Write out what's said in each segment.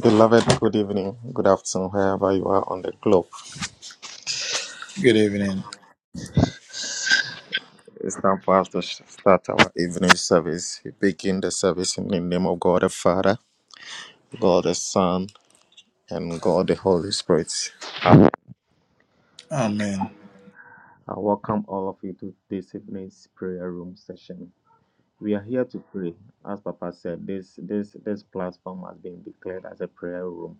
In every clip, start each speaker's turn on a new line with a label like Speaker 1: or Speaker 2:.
Speaker 1: Beloved, good evening, good afternoon, wherever you are on the globe.
Speaker 2: Good evening.
Speaker 1: It's time for us to start our evening service. We begin the service in the name of God the Father, God the Son, and God the Holy Spirit.
Speaker 2: Amen.
Speaker 1: I welcome all of you to this evening's prayer room session. We are here to pray. As Papa said, this this this platform has been declared as a prayer room.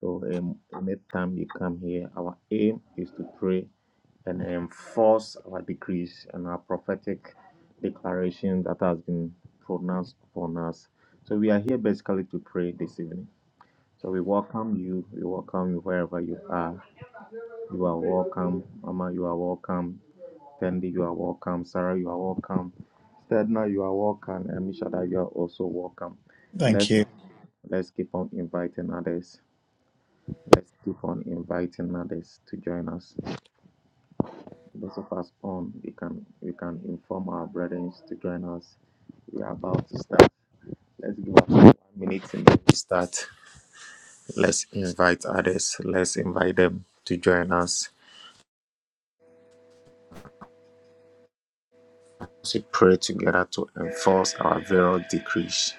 Speaker 1: So um, anytime you come here, our aim is to pray and enforce our decrees and our prophetic declaration that has been pronounced upon us. So we are here basically to pray this evening. So we welcome you. We welcome you wherever you are. You are welcome. Mama, you are welcome. Tendi, you are welcome. Sarah, you are welcome. Stedna, you are welcome. And Mishada, you are also welcome.
Speaker 2: Thank
Speaker 1: Let's
Speaker 2: you.
Speaker 1: let's keep on inviting others. Let's keep on inviting others to join us. Those of us on, we can we can inform our brethren to join us. We are about to start. Let's give us one minute and then we start. Let's invite others. Let's invite them to join us. We pray together to enforce our various decrees.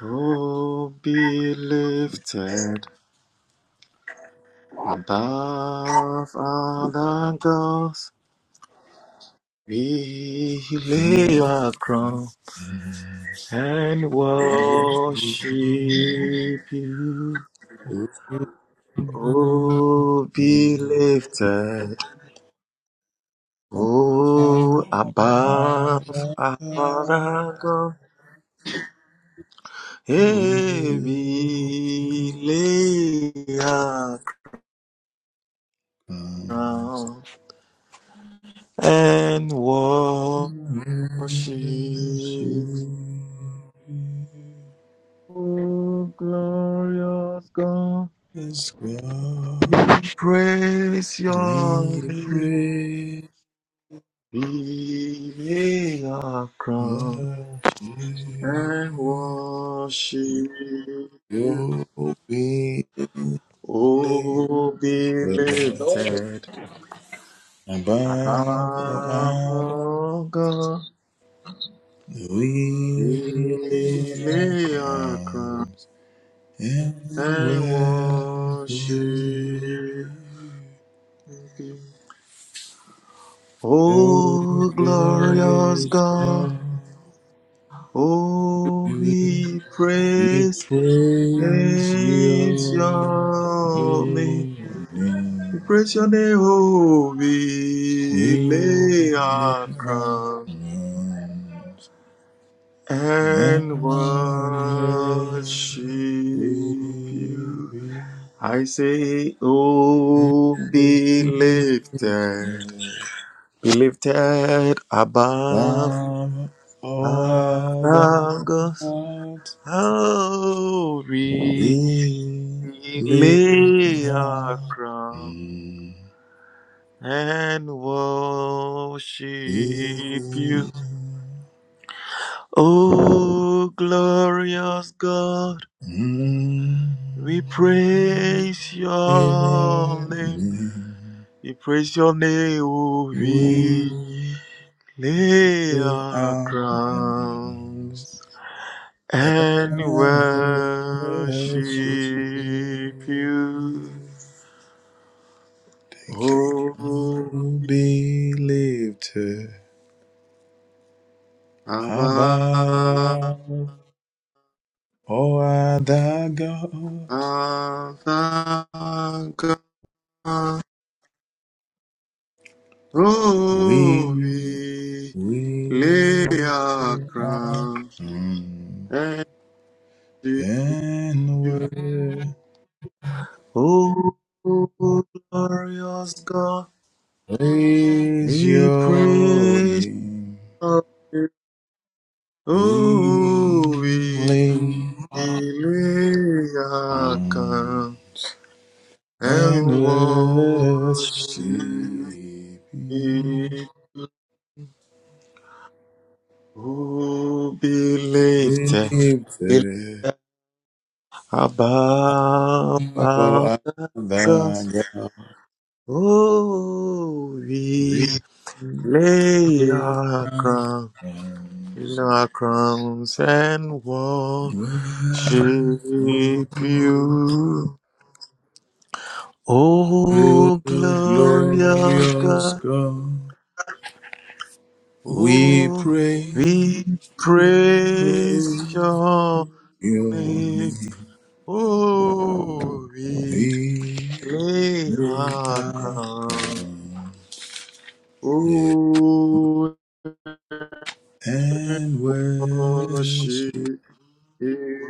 Speaker 1: Oh, be lifted above other gods. We lay our crown and worship you. Oh, be lifted. Oh, above our God. Hey, we lay our crown and worship. Oh, glorious God,
Speaker 2: Yes,
Speaker 1: we
Speaker 2: God,
Speaker 1: praise your
Speaker 2: we
Speaker 1: name.
Speaker 2: pray,
Speaker 1: We lay our crown
Speaker 2: worship
Speaker 1: and
Speaker 2: you.
Speaker 1: worship. you.
Speaker 2: You'll be lifted
Speaker 1: Oh, be
Speaker 3: Oh yeah.
Speaker 1: lifted.
Speaker 2: above all others.
Speaker 1: Our God,
Speaker 2: We lift
Speaker 1: we
Speaker 2: our
Speaker 1: lay our crown
Speaker 2: crowns and
Speaker 1: and
Speaker 2: worship
Speaker 1: worship
Speaker 2: you.
Speaker 1: Thee.
Speaker 2: Oh,
Speaker 1: Oh, glorious
Speaker 2: glorious
Speaker 1: God,
Speaker 2: God,
Speaker 1: oh,
Speaker 2: you-
Speaker 1: we
Speaker 2: we
Speaker 1: praise,
Speaker 2: praise
Speaker 1: praise
Speaker 2: your,
Speaker 1: your name.
Speaker 2: your
Speaker 1: We
Speaker 2: name.
Speaker 1: praise your name, oh, we
Speaker 2: We
Speaker 1: lay
Speaker 2: lift
Speaker 1: our
Speaker 2: our
Speaker 1: crown
Speaker 2: crowns. Thou art
Speaker 1: and worship you. I say, Oh, be lifted, be lifted above our
Speaker 2: the
Speaker 1: gods.
Speaker 2: God
Speaker 1: Oh, we
Speaker 2: we
Speaker 1: we
Speaker 2: live
Speaker 1: lay our
Speaker 2: on.
Speaker 1: crown
Speaker 2: Mm.
Speaker 1: and worship you. Oh, glorious God.
Speaker 2: Mm.
Speaker 1: We praise your name.
Speaker 2: Mm.
Speaker 1: We praise your name. Oh,
Speaker 2: We
Speaker 1: we lay
Speaker 2: we
Speaker 1: our
Speaker 2: are crowned
Speaker 1: crowns and
Speaker 2: And
Speaker 1: worship
Speaker 2: worship. you.
Speaker 1: you.
Speaker 2: Thank you.
Speaker 1: Oh,
Speaker 2: I'll be lifted
Speaker 1: Abba,
Speaker 2: above all other gods.
Speaker 1: Abba, Oh,
Speaker 2: We
Speaker 1: we lay
Speaker 2: will
Speaker 1: our
Speaker 2: our
Speaker 1: crowns
Speaker 2: crown
Speaker 1: and worship
Speaker 2: and
Speaker 1: you.
Speaker 2: will
Speaker 1: O glorious God,
Speaker 2: praise
Speaker 1: we
Speaker 2: your
Speaker 1: praise
Speaker 2: name.
Speaker 1: you.
Speaker 2: We
Speaker 1: O we
Speaker 2: live.
Speaker 1: lay our
Speaker 2: on.
Speaker 1: crown
Speaker 2: And
Speaker 1: and
Speaker 2: let
Speaker 1: worship
Speaker 2: she be
Speaker 1: you. Oh, be lifted, be
Speaker 2: lifted
Speaker 1: lifted above our
Speaker 2: above
Speaker 1: gods.
Speaker 2: the ground.
Speaker 1: Oh, we
Speaker 2: Lift
Speaker 1: lay
Speaker 2: your
Speaker 1: our crown In
Speaker 2: arms.
Speaker 1: our crowns and worship
Speaker 2: Worship,
Speaker 1: you.
Speaker 2: O
Speaker 1: Oh, glorious
Speaker 2: glorious
Speaker 1: God.
Speaker 2: God, we
Speaker 1: Oh,
Speaker 2: pray,
Speaker 1: we praise
Speaker 2: praise
Speaker 1: your
Speaker 2: your
Speaker 1: name.
Speaker 2: name.
Speaker 1: Oh, we
Speaker 2: We
Speaker 1: lay
Speaker 2: may
Speaker 1: our
Speaker 2: our
Speaker 1: crown.
Speaker 2: crown.
Speaker 1: Oh,
Speaker 2: and worship
Speaker 1: worship you.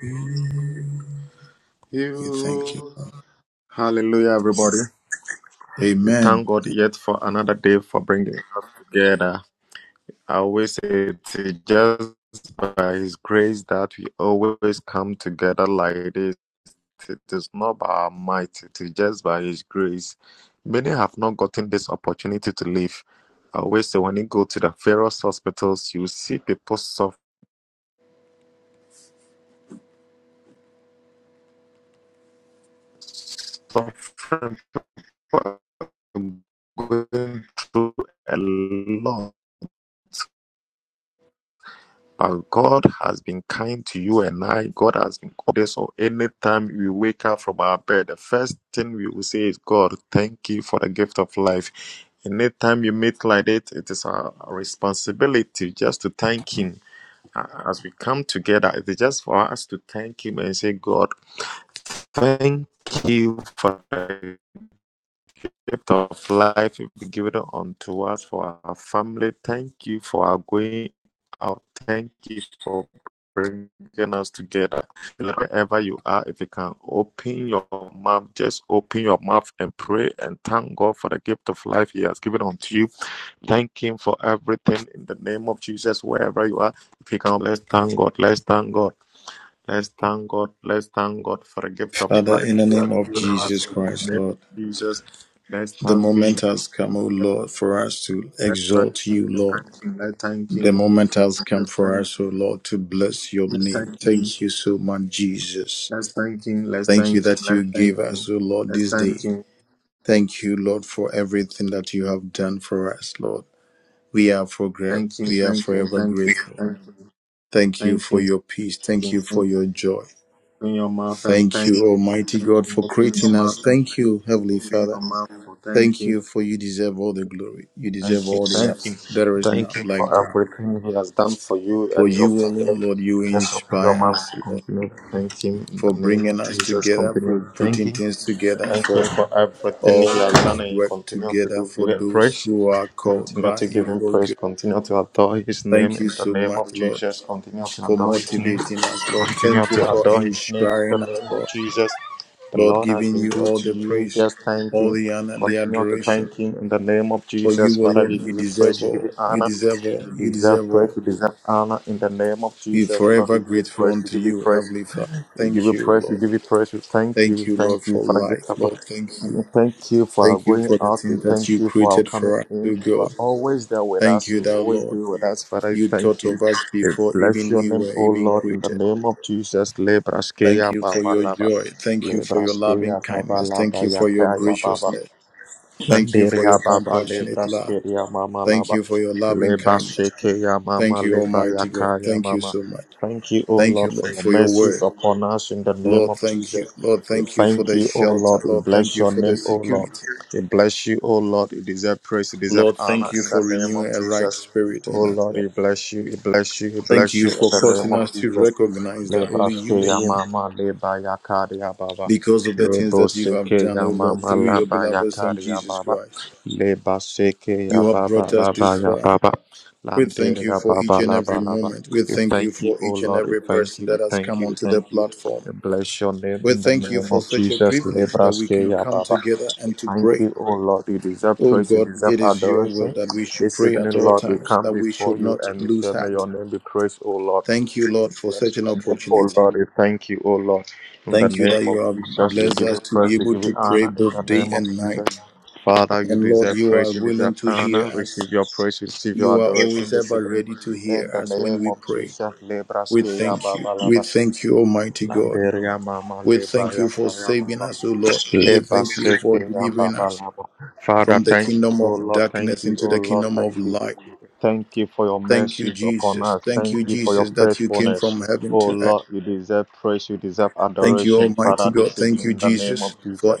Speaker 2: you. We thank you, Lord.
Speaker 1: Hallelujah, everybody. We
Speaker 2: Amen.
Speaker 1: thank God yet for another day for bringing us together. I always say it's just by His grace that we always come together like this. It is not by our might, it is just by His grace. Many have not gotten this opportunity to live. I always say when you go to the various hospitals, you see people suff- suffering, going through a lot. But God has been kind to you and I. God has been good. So anytime we wake up from our bed, the first thing we will say is, God, thank you for the gift of life. Anytime you meet like that, it is our responsibility just to thank Him. As we come together, it is just for us to thank Him and say, God, thank you for the gift of life you be given unto us for our family. Thank you for our going out. Thank you for bringing us together. Wherever you are, if you can open your mouth, just open your mouth and pray and thank God for the gift of life He has given unto you. Thank Him for everything in the name of Jesus, wherever you are. If you can, let's thank God. Let's thank God. Let's thank God. Let's thank God for the gift of
Speaker 2: Father,
Speaker 1: life
Speaker 2: in the
Speaker 1: He
Speaker 2: name
Speaker 1: has
Speaker 2: of
Speaker 1: given us
Speaker 2: Jesus
Speaker 1: in
Speaker 2: Christ,
Speaker 1: the name of
Speaker 2: Lord,
Speaker 1: Jesus. Let's
Speaker 2: the
Speaker 1: thank Him.
Speaker 2: moment has come, O Lord, for us to
Speaker 1: Let's thank
Speaker 2: exalt
Speaker 1: Him.
Speaker 2: you,
Speaker 1: Let's
Speaker 2: Lord.
Speaker 1: thank
Speaker 2: The
Speaker 1: Him.
Speaker 2: moment has come
Speaker 1: Let's
Speaker 2: for
Speaker 1: thank Him.
Speaker 2: us, O Lord, to bless your
Speaker 1: Let's
Speaker 2: name.
Speaker 1: thank Him.
Speaker 2: Thank you so much, Jesus.
Speaker 1: Let's thank Him. Let's
Speaker 2: Thank
Speaker 1: thank
Speaker 2: you
Speaker 1: Him.
Speaker 2: that you
Speaker 1: Let's
Speaker 2: gave
Speaker 1: thank Him.
Speaker 2: us, O Lord,
Speaker 1: Let's
Speaker 2: this
Speaker 1: thank
Speaker 2: day.
Speaker 1: Him.
Speaker 2: Thank you, Lord, for everything that you have done for us, Lord. We are for gra-
Speaker 1: Let's thank Him. Thank Him.
Speaker 2: we are
Speaker 1: Thank Him. Thank
Speaker 2: forever grateful.
Speaker 1: Him.
Speaker 2: Thank you
Speaker 1: Thank
Speaker 2: for
Speaker 1: Him.
Speaker 2: your peace. Thank you
Speaker 1: Thank Him. Thank Him. Thank
Speaker 2: for
Speaker 1: Him.
Speaker 2: your joy.
Speaker 1: Open your mouth and
Speaker 2: Thank
Speaker 1: thank
Speaker 2: you,
Speaker 1: Him.
Speaker 2: Almighty God,
Speaker 1: Thank Him.
Speaker 2: for
Speaker 1: Open your
Speaker 2: creating
Speaker 1: mouth
Speaker 2: us.
Speaker 1: and
Speaker 2: Thank
Speaker 1: thank Him.
Speaker 2: you, Heavenly
Speaker 1: Open
Speaker 2: Father.
Speaker 1: your mouth for
Speaker 2: Thank
Speaker 1: thanking.
Speaker 2: you for you deserve all the glory. You deserve
Speaker 1: Thank you,
Speaker 2: all the honor.
Speaker 1: thank you,
Speaker 2: There is none
Speaker 1: thank you
Speaker 2: like
Speaker 1: for
Speaker 2: thee.
Speaker 1: everything He has done for you
Speaker 2: For
Speaker 1: and your
Speaker 2: you
Speaker 1: family.
Speaker 2: alone, Lord, you
Speaker 1: Just open your
Speaker 2: inspire
Speaker 1: mouth,
Speaker 2: us, Lord,
Speaker 1: continue to thank Him in the
Speaker 2: for
Speaker 1: name
Speaker 2: bringing
Speaker 1: of
Speaker 2: us
Speaker 1: Jesus.
Speaker 2: together,
Speaker 1: Continue
Speaker 2: for
Speaker 1: to thank
Speaker 2: putting
Speaker 1: Him.
Speaker 2: things together,
Speaker 1: Thank Him
Speaker 2: for
Speaker 1: for everything He
Speaker 2: all
Speaker 1: has done
Speaker 2: things
Speaker 1: and He
Speaker 2: work
Speaker 1: continue to
Speaker 2: together
Speaker 1: do.
Speaker 2: for
Speaker 1: Give Him
Speaker 2: those
Speaker 1: praise.
Speaker 2: who are called
Speaker 1: Continue
Speaker 2: by
Speaker 1: to give
Speaker 2: you,
Speaker 1: Him
Speaker 2: oh
Speaker 1: praise.
Speaker 2: God.
Speaker 1: Continue to adore His name
Speaker 2: Thank
Speaker 1: in
Speaker 2: you
Speaker 1: the
Speaker 2: so
Speaker 1: name
Speaker 2: much,
Speaker 1: of
Speaker 2: Lord,
Speaker 1: Jesus. Continue to
Speaker 2: for
Speaker 1: adore His name.
Speaker 2: motivating us, Lord.
Speaker 1: Continue
Speaker 2: Thank you
Speaker 1: to
Speaker 2: for
Speaker 1: adore His name in the
Speaker 2: inspiring us,
Speaker 1: name of
Speaker 2: Lord.
Speaker 1: Jesus. The
Speaker 2: Lord,
Speaker 1: Lord has
Speaker 2: giving
Speaker 1: been
Speaker 2: you
Speaker 1: good
Speaker 2: all
Speaker 1: to
Speaker 2: the
Speaker 1: you.
Speaker 2: praise,
Speaker 1: Just thank
Speaker 2: all
Speaker 1: Him.
Speaker 2: the honor, the
Speaker 1: Continue to
Speaker 2: adoration.
Speaker 1: thank Him in the name of
Speaker 2: For you
Speaker 1: Jesus. Father, we
Speaker 2: alone, you
Speaker 1: give you praise,
Speaker 2: deserve
Speaker 1: we give
Speaker 2: all.
Speaker 1: you
Speaker 2: You
Speaker 1: honor.
Speaker 2: deserve all.
Speaker 1: You
Speaker 2: You
Speaker 1: deserve
Speaker 2: deserve
Speaker 1: praise,
Speaker 2: all.
Speaker 1: you deserve honor in the name of
Speaker 2: We're
Speaker 1: Jesus. Lord,
Speaker 2: forever
Speaker 1: we give you
Speaker 2: grateful
Speaker 1: praise, we
Speaker 2: unto
Speaker 1: give you
Speaker 2: you,
Speaker 1: praise,
Speaker 2: Heavenly Father.
Speaker 1: we give
Speaker 2: Thank
Speaker 1: you
Speaker 2: you,
Speaker 1: praise, we
Speaker 2: Lord.
Speaker 1: give you praise. We thank you, we
Speaker 2: Thank you, Lord,
Speaker 1: thank you
Speaker 2: for
Speaker 1: for the gift
Speaker 2: life.
Speaker 1: of
Speaker 2: Lord, thank
Speaker 1: we
Speaker 2: you.
Speaker 1: Thank you for our
Speaker 2: Thank you
Speaker 1: going
Speaker 2: for the
Speaker 1: out. We
Speaker 2: things that
Speaker 1: thank
Speaker 2: you
Speaker 1: you for our
Speaker 2: created
Speaker 1: coming
Speaker 2: for us,
Speaker 1: in.
Speaker 2: O
Speaker 1: You are
Speaker 2: God.
Speaker 1: always there with
Speaker 2: Thank
Speaker 1: us.
Speaker 2: you,
Speaker 1: You
Speaker 2: thou
Speaker 1: always be
Speaker 2: Lord.
Speaker 1: with us. Father, we
Speaker 2: You
Speaker 1: thank
Speaker 2: thought
Speaker 1: you.
Speaker 2: of us
Speaker 1: We
Speaker 2: before
Speaker 1: bless
Speaker 2: even
Speaker 1: your
Speaker 2: we
Speaker 1: name,
Speaker 2: were
Speaker 1: O
Speaker 2: even
Speaker 1: Lord, in the
Speaker 2: created.
Speaker 1: name of Jesus.
Speaker 2: Thank
Speaker 1: Lebraskeya
Speaker 2: you for
Speaker 1: Baba
Speaker 2: your
Speaker 1: Lava.
Speaker 2: joy. Thank you for your loving
Speaker 1: Lebraskeya Baba
Speaker 2: kindness. Thank
Speaker 1: Lava
Speaker 2: you for your
Speaker 1: Yakaya Baba.
Speaker 2: graciousness. Thank you for
Speaker 1: Landeria
Speaker 2: your
Speaker 1: baba
Speaker 2: compassionate
Speaker 1: lebra
Speaker 2: love.
Speaker 1: skeria mama
Speaker 2: Thank
Speaker 1: laba
Speaker 2: you for your loving
Speaker 1: leba
Speaker 2: kindness.
Speaker 1: sheke ya
Speaker 2: Thank
Speaker 1: mama
Speaker 2: you,
Speaker 1: leba
Speaker 2: Almighty God.
Speaker 1: yaka ya
Speaker 2: Thank you
Speaker 1: mama.
Speaker 2: so much.
Speaker 1: Thank you, O
Speaker 2: Thank you,
Speaker 1: Lord, for
Speaker 2: Lord,
Speaker 1: your
Speaker 2: for your word.
Speaker 1: mercies upon us in the name
Speaker 2: Lord,
Speaker 1: of
Speaker 2: thank you.
Speaker 1: Jesus.
Speaker 2: Lord,
Speaker 1: We
Speaker 2: thank you for
Speaker 1: thank
Speaker 2: the
Speaker 1: you, O
Speaker 2: shelter.
Speaker 1: Lord. We
Speaker 2: Lord, thank
Speaker 1: bless
Speaker 2: you
Speaker 1: your
Speaker 2: for the
Speaker 1: name, O Lord.
Speaker 2: security.
Speaker 1: We bless you, O Lord. You deserve praise. You deserve
Speaker 2: Lord,
Speaker 1: honor
Speaker 2: thank you
Speaker 1: in
Speaker 2: for
Speaker 1: the name of
Speaker 2: renewing a right
Speaker 1: Jesus.
Speaker 2: spirit
Speaker 1: O
Speaker 2: in us,
Speaker 1: Lord,
Speaker 2: Lord.
Speaker 1: we bless you. We bless you. We
Speaker 2: Thank
Speaker 1: bless you
Speaker 2: you
Speaker 1: in
Speaker 2: for
Speaker 1: the name
Speaker 2: causing us
Speaker 1: of
Speaker 2: to
Speaker 1: Jesus.
Speaker 2: recognize that only
Speaker 1: Lebraske
Speaker 2: you alone,
Speaker 1: yamama leba yakari ababa.
Speaker 2: because of the things
Speaker 1: Lebo
Speaker 2: that you have
Speaker 1: seke
Speaker 2: done, O Lord,
Speaker 1: yamama
Speaker 2: through your
Speaker 1: laba
Speaker 2: beloved Son
Speaker 1: yakari
Speaker 2: Jesus
Speaker 1: ababa.
Speaker 2: Christ,
Speaker 1: Leba seke
Speaker 2: you have
Speaker 1: yababa
Speaker 2: brought us
Speaker 1: laba
Speaker 2: this far.
Speaker 1: yababa.
Speaker 2: We thank
Speaker 1: Landere
Speaker 2: you for each
Speaker 1: yababa
Speaker 2: and every
Speaker 1: laba laba.
Speaker 2: moment. We
Speaker 1: We
Speaker 2: thank you
Speaker 1: thank you,
Speaker 2: for
Speaker 1: O
Speaker 2: each and
Speaker 1: Lord. We
Speaker 2: every
Speaker 1: thank
Speaker 2: person
Speaker 1: you.
Speaker 2: that has
Speaker 1: thank
Speaker 2: come
Speaker 1: you.
Speaker 2: onto the
Speaker 1: thank you.
Speaker 2: platform.
Speaker 1: We bless your name
Speaker 2: We
Speaker 1: in the
Speaker 2: thank you
Speaker 1: name
Speaker 2: for
Speaker 1: of
Speaker 2: such a
Speaker 1: Jesus.
Speaker 2: privilege that we
Speaker 1: Lebraske
Speaker 2: can
Speaker 1: ya
Speaker 2: come
Speaker 1: Baba.
Speaker 2: together
Speaker 1: We
Speaker 2: and to
Speaker 1: Thank
Speaker 2: pray.
Speaker 1: you, O Lord. You deserve
Speaker 2: Oh
Speaker 1: praise. You
Speaker 2: God,
Speaker 1: deserve
Speaker 2: it is your will
Speaker 1: adoration.
Speaker 2: that we should
Speaker 1: This
Speaker 2: pray at
Speaker 1: evening,
Speaker 2: all
Speaker 1: Lord, we
Speaker 2: times,
Speaker 1: come
Speaker 2: that we
Speaker 1: before
Speaker 2: should
Speaker 1: you
Speaker 2: not
Speaker 1: and we
Speaker 2: lose
Speaker 1: say, May
Speaker 2: heart.
Speaker 1: your name be praised, O Lord.
Speaker 2: Thank you,
Speaker 1: We
Speaker 2: Lord, for
Speaker 1: bless
Speaker 2: such an
Speaker 1: your name, O
Speaker 2: opportunity.
Speaker 1: Lord. We thank you, O Lord. In the
Speaker 2: Thank you
Speaker 1: name
Speaker 2: that
Speaker 1: of
Speaker 2: you have
Speaker 1: Jesus, we
Speaker 2: blessed
Speaker 1: give
Speaker 2: us
Speaker 1: you
Speaker 2: to
Speaker 1: praise.
Speaker 2: be
Speaker 1: We
Speaker 2: able
Speaker 1: give
Speaker 2: to
Speaker 1: you
Speaker 2: pray
Speaker 1: honor. In
Speaker 2: both
Speaker 1: the
Speaker 2: day
Speaker 1: name of
Speaker 2: and night.
Speaker 1: Jesus. Father, you
Speaker 2: And Lord,
Speaker 1: deserve
Speaker 2: you are
Speaker 1: praise, you
Speaker 2: willing
Speaker 1: deserve
Speaker 2: to hear
Speaker 1: honor.
Speaker 2: us.
Speaker 1: Receive your praise, receive your
Speaker 2: You are
Speaker 1: adoration
Speaker 2: always
Speaker 1: this
Speaker 2: ever
Speaker 1: evening.
Speaker 2: ready to hear
Speaker 1: In the
Speaker 2: us when
Speaker 1: name
Speaker 2: we
Speaker 1: of
Speaker 2: pray.
Speaker 1: Jesus,
Speaker 2: We
Speaker 4: Sino
Speaker 1: Lebraske
Speaker 4: ba
Speaker 2: thank
Speaker 4: yan?
Speaker 2: you.
Speaker 1: Ababa
Speaker 2: We
Speaker 1: Laba.
Speaker 2: thank you, Almighty God.
Speaker 1: Landeria Mama
Speaker 2: We
Speaker 1: Leba
Speaker 2: thank you for
Speaker 1: Yakaya
Speaker 2: saving
Speaker 1: Baba.
Speaker 2: us, O Lord. We
Speaker 1: Leba
Speaker 2: thank you for
Speaker 1: Seke
Speaker 2: delivering us.
Speaker 1: Ababa Laba. Father,
Speaker 2: from the
Speaker 1: thank you,
Speaker 2: kingdom
Speaker 1: oh
Speaker 2: of
Speaker 1: Lord, thank
Speaker 2: darkness
Speaker 1: you,
Speaker 2: into
Speaker 1: oh
Speaker 2: the
Speaker 1: Lord,
Speaker 2: kingdom of
Speaker 1: thank you.
Speaker 2: light.
Speaker 1: Thank you for your
Speaker 2: Thank you,
Speaker 1: mercy upon
Speaker 2: Jesus.
Speaker 1: us.
Speaker 2: Thank
Speaker 1: Thank
Speaker 2: you,
Speaker 1: you for your
Speaker 2: Jesus, that you came
Speaker 1: faithfulness.
Speaker 2: from heaven
Speaker 1: Oh
Speaker 2: to earth.
Speaker 1: Lord, you deserve praise, you deserve
Speaker 2: Thank you,
Speaker 1: adoration,
Speaker 2: Almighty
Speaker 1: Father,
Speaker 2: God.
Speaker 1: this evening
Speaker 2: Thank you,
Speaker 1: in the name of
Speaker 2: Jesus, for
Speaker 1: Jesus.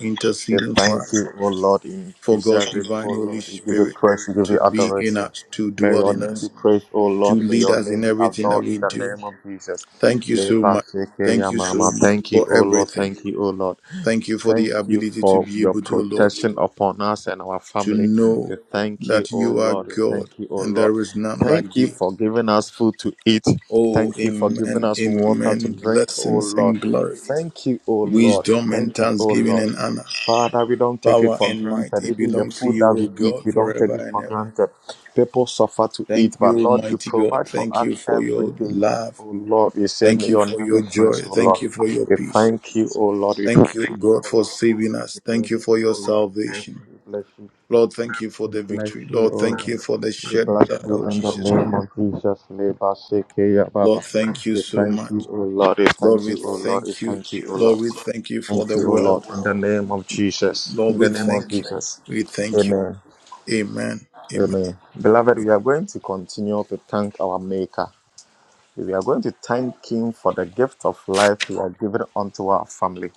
Speaker 1: We thank
Speaker 2: for us,
Speaker 1: you, oh Lord, you
Speaker 2: for God's
Speaker 1: deserve it, oh
Speaker 2: divine Holy
Speaker 1: Lord, we give you
Speaker 2: Spirit
Speaker 1: praise, we give
Speaker 2: to
Speaker 1: you
Speaker 2: be in
Speaker 1: adoration.
Speaker 2: us, to
Speaker 1: May
Speaker 2: dwell
Speaker 1: your
Speaker 2: in
Speaker 1: name be
Speaker 2: us,
Speaker 1: praised, oh
Speaker 2: to
Speaker 1: Lord, may
Speaker 2: lead
Speaker 1: your
Speaker 2: us
Speaker 1: name
Speaker 2: in
Speaker 1: be
Speaker 2: everything that
Speaker 1: adored
Speaker 2: we
Speaker 1: in the
Speaker 2: do.
Speaker 1: name of Jesus.
Speaker 2: Thank you so
Speaker 1: Leba
Speaker 2: much.
Speaker 1: seke
Speaker 2: Thank
Speaker 1: ya
Speaker 2: you so
Speaker 1: mama.
Speaker 2: much
Speaker 1: Thank you,
Speaker 2: for
Speaker 1: oh Lord,
Speaker 2: everything.
Speaker 1: thank you, oh Lord.
Speaker 2: Thank you for the
Speaker 1: Thank you
Speaker 2: ability to
Speaker 1: for
Speaker 2: be
Speaker 1: your
Speaker 2: able to, Lord,
Speaker 1: protection upon us and our
Speaker 2: to
Speaker 1: family.
Speaker 2: know
Speaker 1: We thank you,
Speaker 2: that
Speaker 1: O
Speaker 2: you are
Speaker 1: Lord. We
Speaker 2: God
Speaker 1: thank you, O
Speaker 2: and
Speaker 1: Lord.
Speaker 2: there is none like
Speaker 1: Thank you
Speaker 2: thee.
Speaker 1: for giving us food to eat.
Speaker 2: Oh,
Speaker 1: Thank you for giving
Speaker 2: amen,
Speaker 1: us water to
Speaker 2: amen.
Speaker 1: drink, O
Speaker 2: Blessings
Speaker 1: Lord.
Speaker 2: and glory,
Speaker 1: Thank you, O Lord.
Speaker 2: wisdom and
Speaker 1: Thank you, O
Speaker 2: thanksgiving
Speaker 1: Lord.
Speaker 2: and honor,
Speaker 1: Father, we don't take it
Speaker 2: power
Speaker 1: for
Speaker 2: and might.
Speaker 1: granted.
Speaker 2: It
Speaker 1: Even the
Speaker 2: belongs to
Speaker 1: food that
Speaker 2: you,
Speaker 1: we
Speaker 2: O
Speaker 1: eat,
Speaker 2: God,
Speaker 1: we don't take
Speaker 2: forever
Speaker 1: it
Speaker 2: and
Speaker 1: for
Speaker 2: ever.
Speaker 1: granted. People suffer to
Speaker 2: Thank
Speaker 1: eat, but
Speaker 2: you,
Speaker 1: Lord, you
Speaker 2: mighty God.
Speaker 1: provide for
Speaker 2: Thank
Speaker 1: us
Speaker 2: you for
Speaker 1: every
Speaker 2: your
Speaker 1: day.
Speaker 2: love.
Speaker 1: Oh Lord, we say,
Speaker 2: Thank
Speaker 1: may
Speaker 2: you
Speaker 1: your
Speaker 2: for
Speaker 1: name be
Speaker 2: your joy.
Speaker 1: praised, oh
Speaker 2: Thank
Speaker 1: Lord.
Speaker 2: you for your
Speaker 1: We
Speaker 2: peace.
Speaker 1: thank you, oh Lord. We
Speaker 2: Thank you,
Speaker 1: thank you,
Speaker 2: God,
Speaker 1: oh
Speaker 2: for
Speaker 1: Lord.
Speaker 2: saving us.
Speaker 1: We bless
Speaker 2: Thank you
Speaker 1: you,
Speaker 2: for your
Speaker 1: oh Lord. We bless
Speaker 2: salvation.
Speaker 1: you, we bless you.
Speaker 2: Lord, thank you for
Speaker 1: We
Speaker 2: the
Speaker 1: bless
Speaker 2: victory.
Speaker 1: you,
Speaker 2: Lord,
Speaker 1: O
Speaker 2: thank
Speaker 1: Lord.
Speaker 2: you for the
Speaker 1: We
Speaker 2: shed
Speaker 1: bless
Speaker 2: blood
Speaker 1: you
Speaker 2: of
Speaker 1: in the
Speaker 2: Jesus Christ.
Speaker 1: name of Jesus. Leba Sekeya
Speaker 2: Lord,
Speaker 1: Baba.
Speaker 2: thank you
Speaker 1: We
Speaker 2: so
Speaker 1: thank you,
Speaker 2: much.
Speaker 1: O Lord. We
Speaker 2: Lord,
Speaker 1: thank
Speaker 2: we
Speaker 1: you, O Lord. We
Speaker 2: thank you.
Speaker 1: thank you, O
Speaker 2: Lord,
Speaker 1: Lord.
Speaker 2: we thank you for
Speaker 1: Thank
Speaker 2: the
Speaker 1: you, O
Speaker 2: world.
Speaker 1: Lord. In the name of Jesus.
Speaker 2: Lord,
Speaker 1: In the
Speaker 2: we
Speaker 1: name of
Speaker 2: thank you.
Speaker 1: Jesus.
Speaker 2: We thank you.
Speaker 1: Amen.
Speaker 2: Amen. Amen.
Speaker 1: Amen. Beloved, we are going to continue to thank our Maker. We are going to thank Him for the gift of life He has given unto our family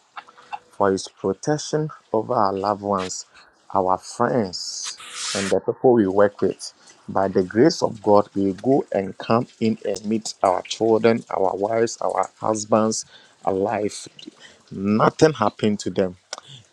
Speaker 1: for His protection over our loved ones, our friends, and the people we work with. By the grace of God, we go and come in and meet our children, our wives, our husbands alive. Nothing happened to them.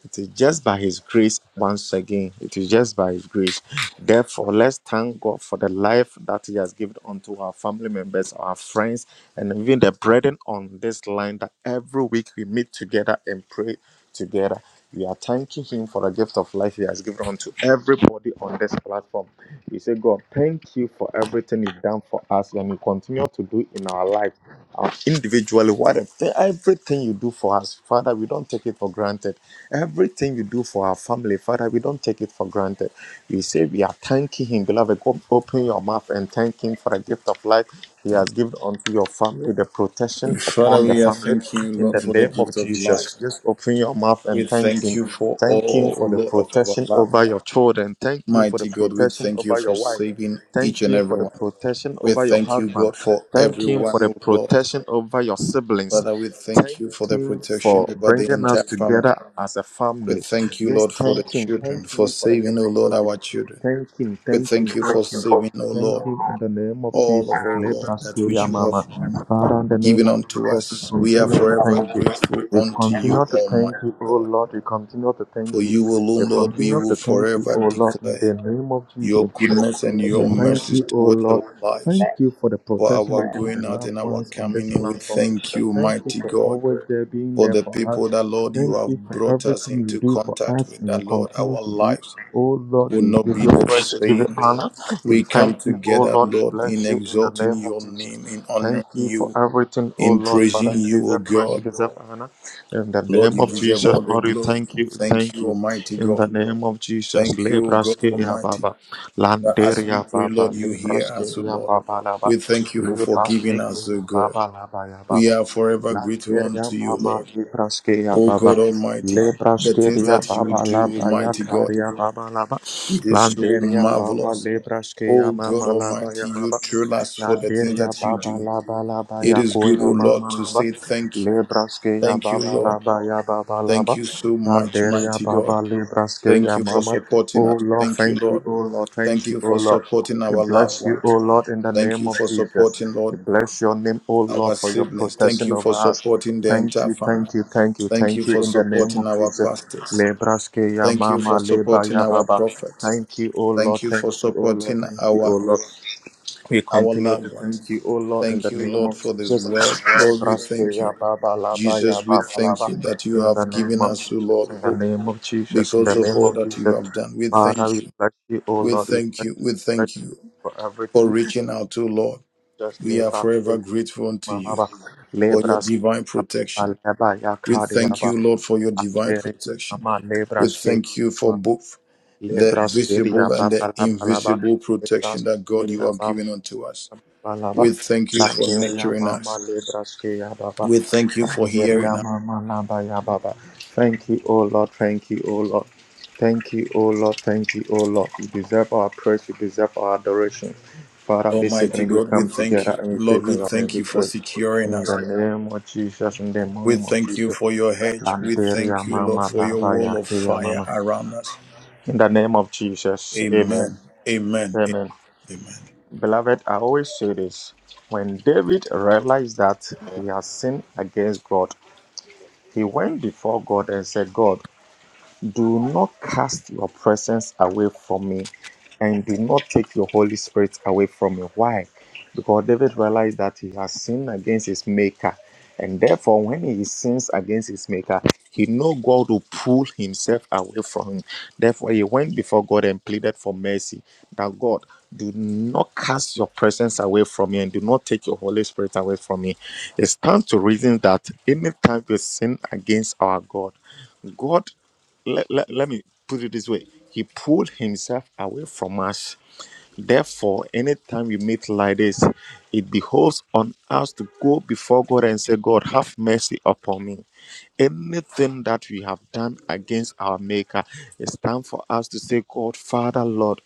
Speaker 1: It is just by His grace, once again, it is just by His grace. Therefore, let's thank God for the life that He has given unto our family members, our friends, and even the brethren on this line that every week we meet together and pray together. We are thanking Him for the gift of life He has given unto everybody on this platform. We say, God, thank you for everything You've done for us and you continue to do in our life uh, in individually, whatever, everything you do for us, Father, we don't take it for granted. Everything you do for our family, Father, we don't take it for granted. We say we are thanking Him, beloved. Go open your mouth and thank Him for the gift of life He has given unto your family, the protection
Speaker 2: Father,
Speaker 1: upon the
Speaker 2: we are
Speaker 1: family.
Speaker 2: thanking you,
Speaker 1: In
Speaker 2: Lord,
Speaker 1: the
Speaker 2: for the
Speaker 1: name
Speaker 2: gift
Speaker 1: of
Speaker 2: of life.
Speaker 1: Jesus, just open your mouth
Speaker 2: We
Speaker 1: and thank
Speaker 2: thank
Speaker 1: Him.
Speaker 2: you for
Speaker 1: Thank Him
Speaker 2: all, O
Speaker 1: for the
Speaker 2: Lord, of our
Speaker 1: protection
Speaker 2: loved
Speaker 1: over
Speaker 2: ones.
Speaker 1: your children. Thank Him for the
Speaker 2: Mighty God, we
Speaker 1: protection
Speaker 2: thank you
Speaker 1: over
Speaker 2: for
Speaker 1: your wife.
Speaker 2: saving each
Speaker 1: Thank
Speaker 2: and
Speaker 1: Him for
Speaker 2: every
Speaker 1: the
Speaker 2: one.
Speaker 1: protection
Speaker 2: We
Speaker 1: over your
Speaker 2: thank you,
Speaker 1: husband.
Speaker 2: God, for
Speaker 1: Thank Him for
Speaker 2: everyone,
Speaker 1: the
Speaker 2: O Lord.
Speaker 1: protection over your siblings.
Speaker 2: Father, we thank
Speaker 1: Thank
Speaker 2: you for the
Speaker 1: Him
Speaker 2: protection
Speaker 1: for
Speaker 2: over the
Speaker 1: bringing us
Speaker 2: entire family.
Speaker 1: together as a
Speaker 2: We
Speaker 1: family.
Speaker 2: thank you, Lord,
Speaker 1: Just
Speaker 2: for the
Speaker 1: thank Him.
Speaker 2: children,
Speaker 1: Thank
Speaker 2: for
Speaker 1: Him for the
Speaker 2: saving, O
Speaker 1: gift of
Speaker 2: Lord,
Speaker 1: life.
Speaker 2: our children.
Speaker 1: Thank Him.
Speaker 2: We
Speaker 1: Thank Him.
Speaker 2: thank you for
Speaker 1: Thank Him.
Speaker 2: saving, O
Speaker 1: Thank
Speaker 2: Lord,
Speaker 1: Him in the name of Jesus.
Speaker 2: all of, O Lord, that which
Speaker 1: Lebraskeya
Speaker 2: you
Speaker 1: mama.
Speaker 2: have
Speaker 1: Father, in the name
Speaker 2: given
Speaker 1: of
Speaker 2: unto
Speaker 1: Jesus, we
Speaker 2: us. We are
Speaker 1: continue to
Speaker 2: forever
Speaker 1: thank you.
Speaker 2: grateful
Speaker 1: We
Speaker 2: unto you,
Speaker 1: continue to thank
Speaker 2: Almighty
Speaker 1: you, oh
Speaker 2: God.
Speaker 1: Lord. We continue to
Speaker 2: For
Speaker 1: thank
Speaker 2: you
Speaker 1: you. We
Speaker 2: alone, Lord, we
Speaker 1: continue
Speaker 2: will
Speaker 1: to thank you,
Speaker 2: forever
Speaker 1: O Lord, in
Speaker 2: declare
Speaker 1: the name of
Speaker 2: your
Speaker 1: Jesus.
Speaker 2: goodness and
Speaker 1: We
Speaker 2: your
Speaker 1: thank
Speaker 2: mercies
Speaker 1: you, O
Speaker 2: towards our
Speaker 1: Lord. Thank
Speaker 2: lives.
Speaker 1: you for the
Speaker 2: For
Speaker 1: protection
Speaker 2: our
Speaker 1: within the
Speaker 2: going out and
Speaker 1: loved
Speaker 2: our
Speaker 1: ones on this
Speaker 2: coming in, we
Speaker 1: platform.
Speaker 2: thank you,
Speaker 1: Thank you
Speaker 2: mighty
Speaker 1: for
Speaker 2: God.
Speaker 1: always there being
Speaker 2: For
Speaker 1: there
Speaker 2: the
Speaker 1: for
Speaker 2: people
Speaker 1: us.
Speaker 2: that, Lord, you
Speaker 1: Thank
Speaker 2: have
Speaker 1: you for
Speaker 2: brought us
Speaker 1: everything you
Speaker 2: into
Speaker 1: do for
Speaker 2: contact
Speaker 1: us
Speaker 2: with,
Speaker 1: and you
Speaker 2: that, Lord,
Speaker 1: continue
Speaker 2: our
Speaker 1: to do.
Speaker 2: lives
Speaker 1: Oh Lord,
Speaker 2: will
Speaker 1: we
Speaker 2: not
Speaker 1: give
Speaker 2: be
Speaker 1: you
Speaker 2: the
Speaker 1: praise, we give you
Speaker 2: same.
Speaker 1: honor. We
Speaker 2: We come
Speaker 1: thank you, oh
Speaker 2: together,
Speaker 1: Lord, we
Speaker 2: Lord, in
Speaker 1: bless you in the
Speaker 2: exalting
Speaker 1: name of
Speaker 2: your
Speaker 1: Jesus.
Speaker 2: name, in
Speaker 1: Thank
Speaker 2: honoring
Speaker 1: you for
Speaker 2: you,
Speaker 1: everything, oh
Speaker 2: in
Speaker 1: Lord, Father.
Speaker 2: praising
Speaker 1: You
Speaker 2: you, O
Speaker 1: deserve praise,
Speaker 2: God.
Speaker 1: you deserve honor. In the
Speaker 2: Lord,
Speaker 1: name
Speaker 2: you
Speaker 1: of
Speaker 2: deserve all
Speaker 1: Jesus,
Speaker 2: the
Speaker 1: Lord, we
Speaker 2: glory.
Speaker 1: thank you,
Speaker 2: Thank
Speaker 1: thank
Speaker 2: you,
Speaker 1: you.
Speaker 2: Almighty
Speaker 1: In the
Speaker 2: God.
Speaker 1: name of Jesus,
Speaker 2: Thank you, God
Speaker 1: Lebraskeya
Speaker 2: Almighty.
Speaker 1: Baba,
Speaker 2: That as we
Speaker 1: Landeria
Speaker 2: pray,
Speaker 1: Baba,
Speaker 2: Lord, you hear us, O
Speaker 1: Lebraskeya
Speaker 2: Lord.
Speaker 1: Baba Laba,
Speaker 2: We thank you for forgiving us, O
Speaker 1: Lebraskeya
Speaker 2: God.
Speaker 1: Baba Laba Ya
Speaker 2: We
Speaker 1: Baba,
Speaker 2: are forever grateful unto
Speaker 1: Landeria
Speaker 2: you,
Speaker 1: Mama
Speaker 2: Lord.
Speaker 1: Lebraskeya
Speaker 2: O
Speaker 1: Baba,
Speaker 2: God Almighty, the things
Speaker 1: Lebraskeya
Speaker 2: that you
Speaker 1: Baba
Speaker 2: do,
Speaker 1: Laba Ya
Speaker 2: Almighty God,
Speaker 1: Karia Baba Laba,
Speaker 2: it is so
Speaker 1: Landeria Baba
Speaker 2: marvelous. O
Speaker 1: Lebraskeya
Speaker 2: God
Speaker 1: Mama Laba Ya
Speaker 2: Almighty, you
Speaker 1: Baba,
Speaker 2: thrill us for the things
Speaker 1: Landeria
Speaker 2: that you
Speaker 1: Baba
Speaker 2: do.
Speaker 1: Laba
Speaker 2: It
Speaker 1: ya
Speaker 2: is good,
Speaker 1: koya
Speaker 2: O Lord,
Speaker 1: mama
Speaker 2: to
Speaker 1: laba
Speaker 2: say thank you.
Speaker 1: lebraske ya
Speaker 2: Thank you,
Speaker 1: baba
Speaker 2: Lord.
Speaker 1: laba ya baba
Speaker 2: Thank
Speaker 1: laba
Speaker 2: you so much,
Speaker 1: yandere ya
Speaker 2: mighty God.
Speaker 1: baba lebraske
Speaker 2: Thank
Speaker 1: ya
Speaker 2: you for
Speaker 1: mama
Speaker 2: supporting us.
Speaker 1: oh lord
Speaker 2: Thank you,
Speaker 1: thank you
Speaker 2: Lord.
Speaker 1: oh lord thank
Speaker 2: Thank
Speaker 1: you
Speaker 2: you
Speaker 1: oh
Speaker 2: for
Speaker 1: lord
Speaker 2: supporting
Speaker 1: we
Speaker 2: our loved
Speaker 1: bless you, O
Speaker 2: ones.
Speaker 1: Lord, in the
Speaker 2: Thank
Speaker 1: name
Speaker 2: you
Speaker 1: of
Speaker 2: for
Speaker 1: Jesus.
Speaker 2: supporting,
Speaker 1: We
Speaker 2: Lord,
Speaker 1: bless your name, O Lord,
Speaker 2: our
Speaker 1: for your
Speaker 2: siblings. Thank
Speaker 1: protection
Speaker 2: you
Speaker 1: over
Speaker 2: for
Speaker 1: us.
Speaker 2: supporting the
Speaker 1: Thank
Speaker 2: entire
Speaker 1: you,
Speaker 2: family.
Speaker 1: thank you, thank you,
Speaker 2: Thank you
Speaker 1: thank
Speaker 2: for
Speaker 1: you, in the name
Speaker 2: supporting
Speaker 1: of
Speaker 2: our
Speaker 1: Jesus.
Speaker 2: pastors.
Speaker 1: Lebraske ya
Speaker 2: Thank you for
Speaker 1: mama leba
Speaker 2: supporting
Speaker 1: ya
Speaker 2: our
Speaker 1: baba.
Speaker 2: prophets.
Speaker 1: Thank you, O Lord,
Speaker 2: Thank you
Speaker 1: thank
Speaker 2: for
Speaker 1: you, O Lord,
Speaker 2: supporting
Speaker 1: thank you, O
Speaker 2: our
Speaker 1: Lord. We
Speaker 2: our
Speaker 1: continue to
Speaker 2: loved ones.
Speaker 1: thank you, O Lord, in
Speaker 2: Thank
Speaker 1: the
Speaker 2: you,
Speaker 1: name
Speaker 2: Lord,
Speaker 1: of
Speaker 2: for this
Speaker 1: Jesus.
Speaker 2: world. Lord, we thank
Speaker 1: Lebrasteya
Speaker 2: you.
Speaker 1: baba laba ya
Speaker 2: Jesus, we
Speaker 1: baba
Speaker 2: thank
Speaker 1: laba.
Speaker 2: you that you
Speaker 1: In the
Speaker 2: have
Speaker 1: name
Speaker 2: given
Speaker 1: of
Speaker 2: us, O Lord,
Speaker 1: Jesus, in the
Speaker 2: hope
Speaker 1: name of Jesus, in
Speaker 2: because
Speaker 1: the
Speaker 2: of
Speaker 1: name
Speaker 2: all
Speaker 1: of
Speaker 2: that you
Speaker 1: Jesus.
Speaker 2: have done. We
Speaker 1: Father,
Speaker 2: thank
Speaker 1: we
Speaker 2: you.
Speaker 1: bless you, O
Speaker 2: We
Speaker 1: Lord. We
Speaker 2: thank
Speaker 1: bless
Speaker 2: you. We
Speaker 1: you, bless
Speaker 2: thank you.
Speaker 1: you for
Speaker 2: for
Speaker 1: everything.
Speaker 2: reaching out to, Lord.
Speaker 1: Just
Speaker 2: We
Speaker 1: lay
Speaker 2: are
Speaker 1: back,
Speaker 2: forever grateful unto you
Speaker 1: Mama.
Speaker 2: for your
Speaker 1: Lebrasteya
Speaker 2: divine protection.
Speaker 1: baba laba ya
Speaker 2: We
Speaker 1: kari ya
Speaker 2: thank
Speaker 1: baba.
Speaker 2: you, Lord, for your divine
Speaker 1: Andere
Speaker 2: protection.
Speaker 1: Mama
Speaker 2: We
Speaker 1: lebrasteya.
Speaker 2: thank you for both the
Speaker 1: Lebrasteya
Speaker 2: visible and the
Speaker 1: baba laba laba.
Speaker 2: invisible protection that God you
Speaker 1: Lebrasteya
Speaker 2: have
Speaker 1: baba.
Speaker 2: given unto us.
Speaker 1: Balaba,
Speaker 2: We thank you for
Speaker 1: Banderia
Speaker 2: nurturing
Speaker 1: Mama
Speaker 2: us.
Speaker 1: Libraske Yababa,
Speaker 2: We thank you for hearing
Speaker 1: Banderia
Speaker 2: us.
Speaker 1: Mama Laba Yababa. Thank you, O Lord, thank you, O Lord. Thank you, O Lord, thank you, O Lord. You deserve our praise, you deserve our adoration. Father, this
Speaker 2: Almighty
Speaker 1: evening we
Speaker 2: God, we
Speaker 1: come
Speaker 2: thank
Speaker 1: together
Speaker 2: you.
Speaker 1: and we
Speaker 2: Lord,
Speaker 1: take
Speaker 2: we
Speaker 1: your name,
Speaker 2: thank
Speaker 1: we
Speaker 2: you for
Speaker 1: pray.
Speaker 2: securing
Speaker 1: In
Speaker 2: us,
Speaker 1: the
Speaker 2: Lord.
Speaker 1: name of Jesus, in the
Speaker 2: We
Speaker 1: name of
Speaker 2: thank you
Speaker 1: Jesus.
Speaker 2: for your hedge. We
Speaker 1: Banderia
Speaker 2: thank you, Lord,
Speaker 1: Mama
Speaker 2: for your
Speaker 1: Laba
Speaker 2: wall of
Speaker 1: Yake
Speaker 2: fire
Speaker 1: Mama.
Speaker 2: around us.
Speaker 1: In the name of Jesus, Amen.
Speaker 2: Amen. Amen.
Speaker 1: amen.
Speaker 2: Amen.
Speaker 1: Beloved, I always say this. When David realized that he has sinned against God, he went before God and said, God. Do not cast your presence away from me and do not take your Holy Spirit away from me. Why? Because David realized that he has sinned against his maker. And therefore, when he sins against his maker, he know God will pull himself away from him. Therefore, he went before God and pleaded for mercy that God, do not cast your presence away from me and do not take your Holy Spirit away from me. It stands to reason that anytime we sin against our God, God let, let, let me put it this way he pulled himself away from us therefore anytime we meet like this it behoves on us to go before god and say god have mercy upon me anything that we have done against our maker it's time for us to say god father lord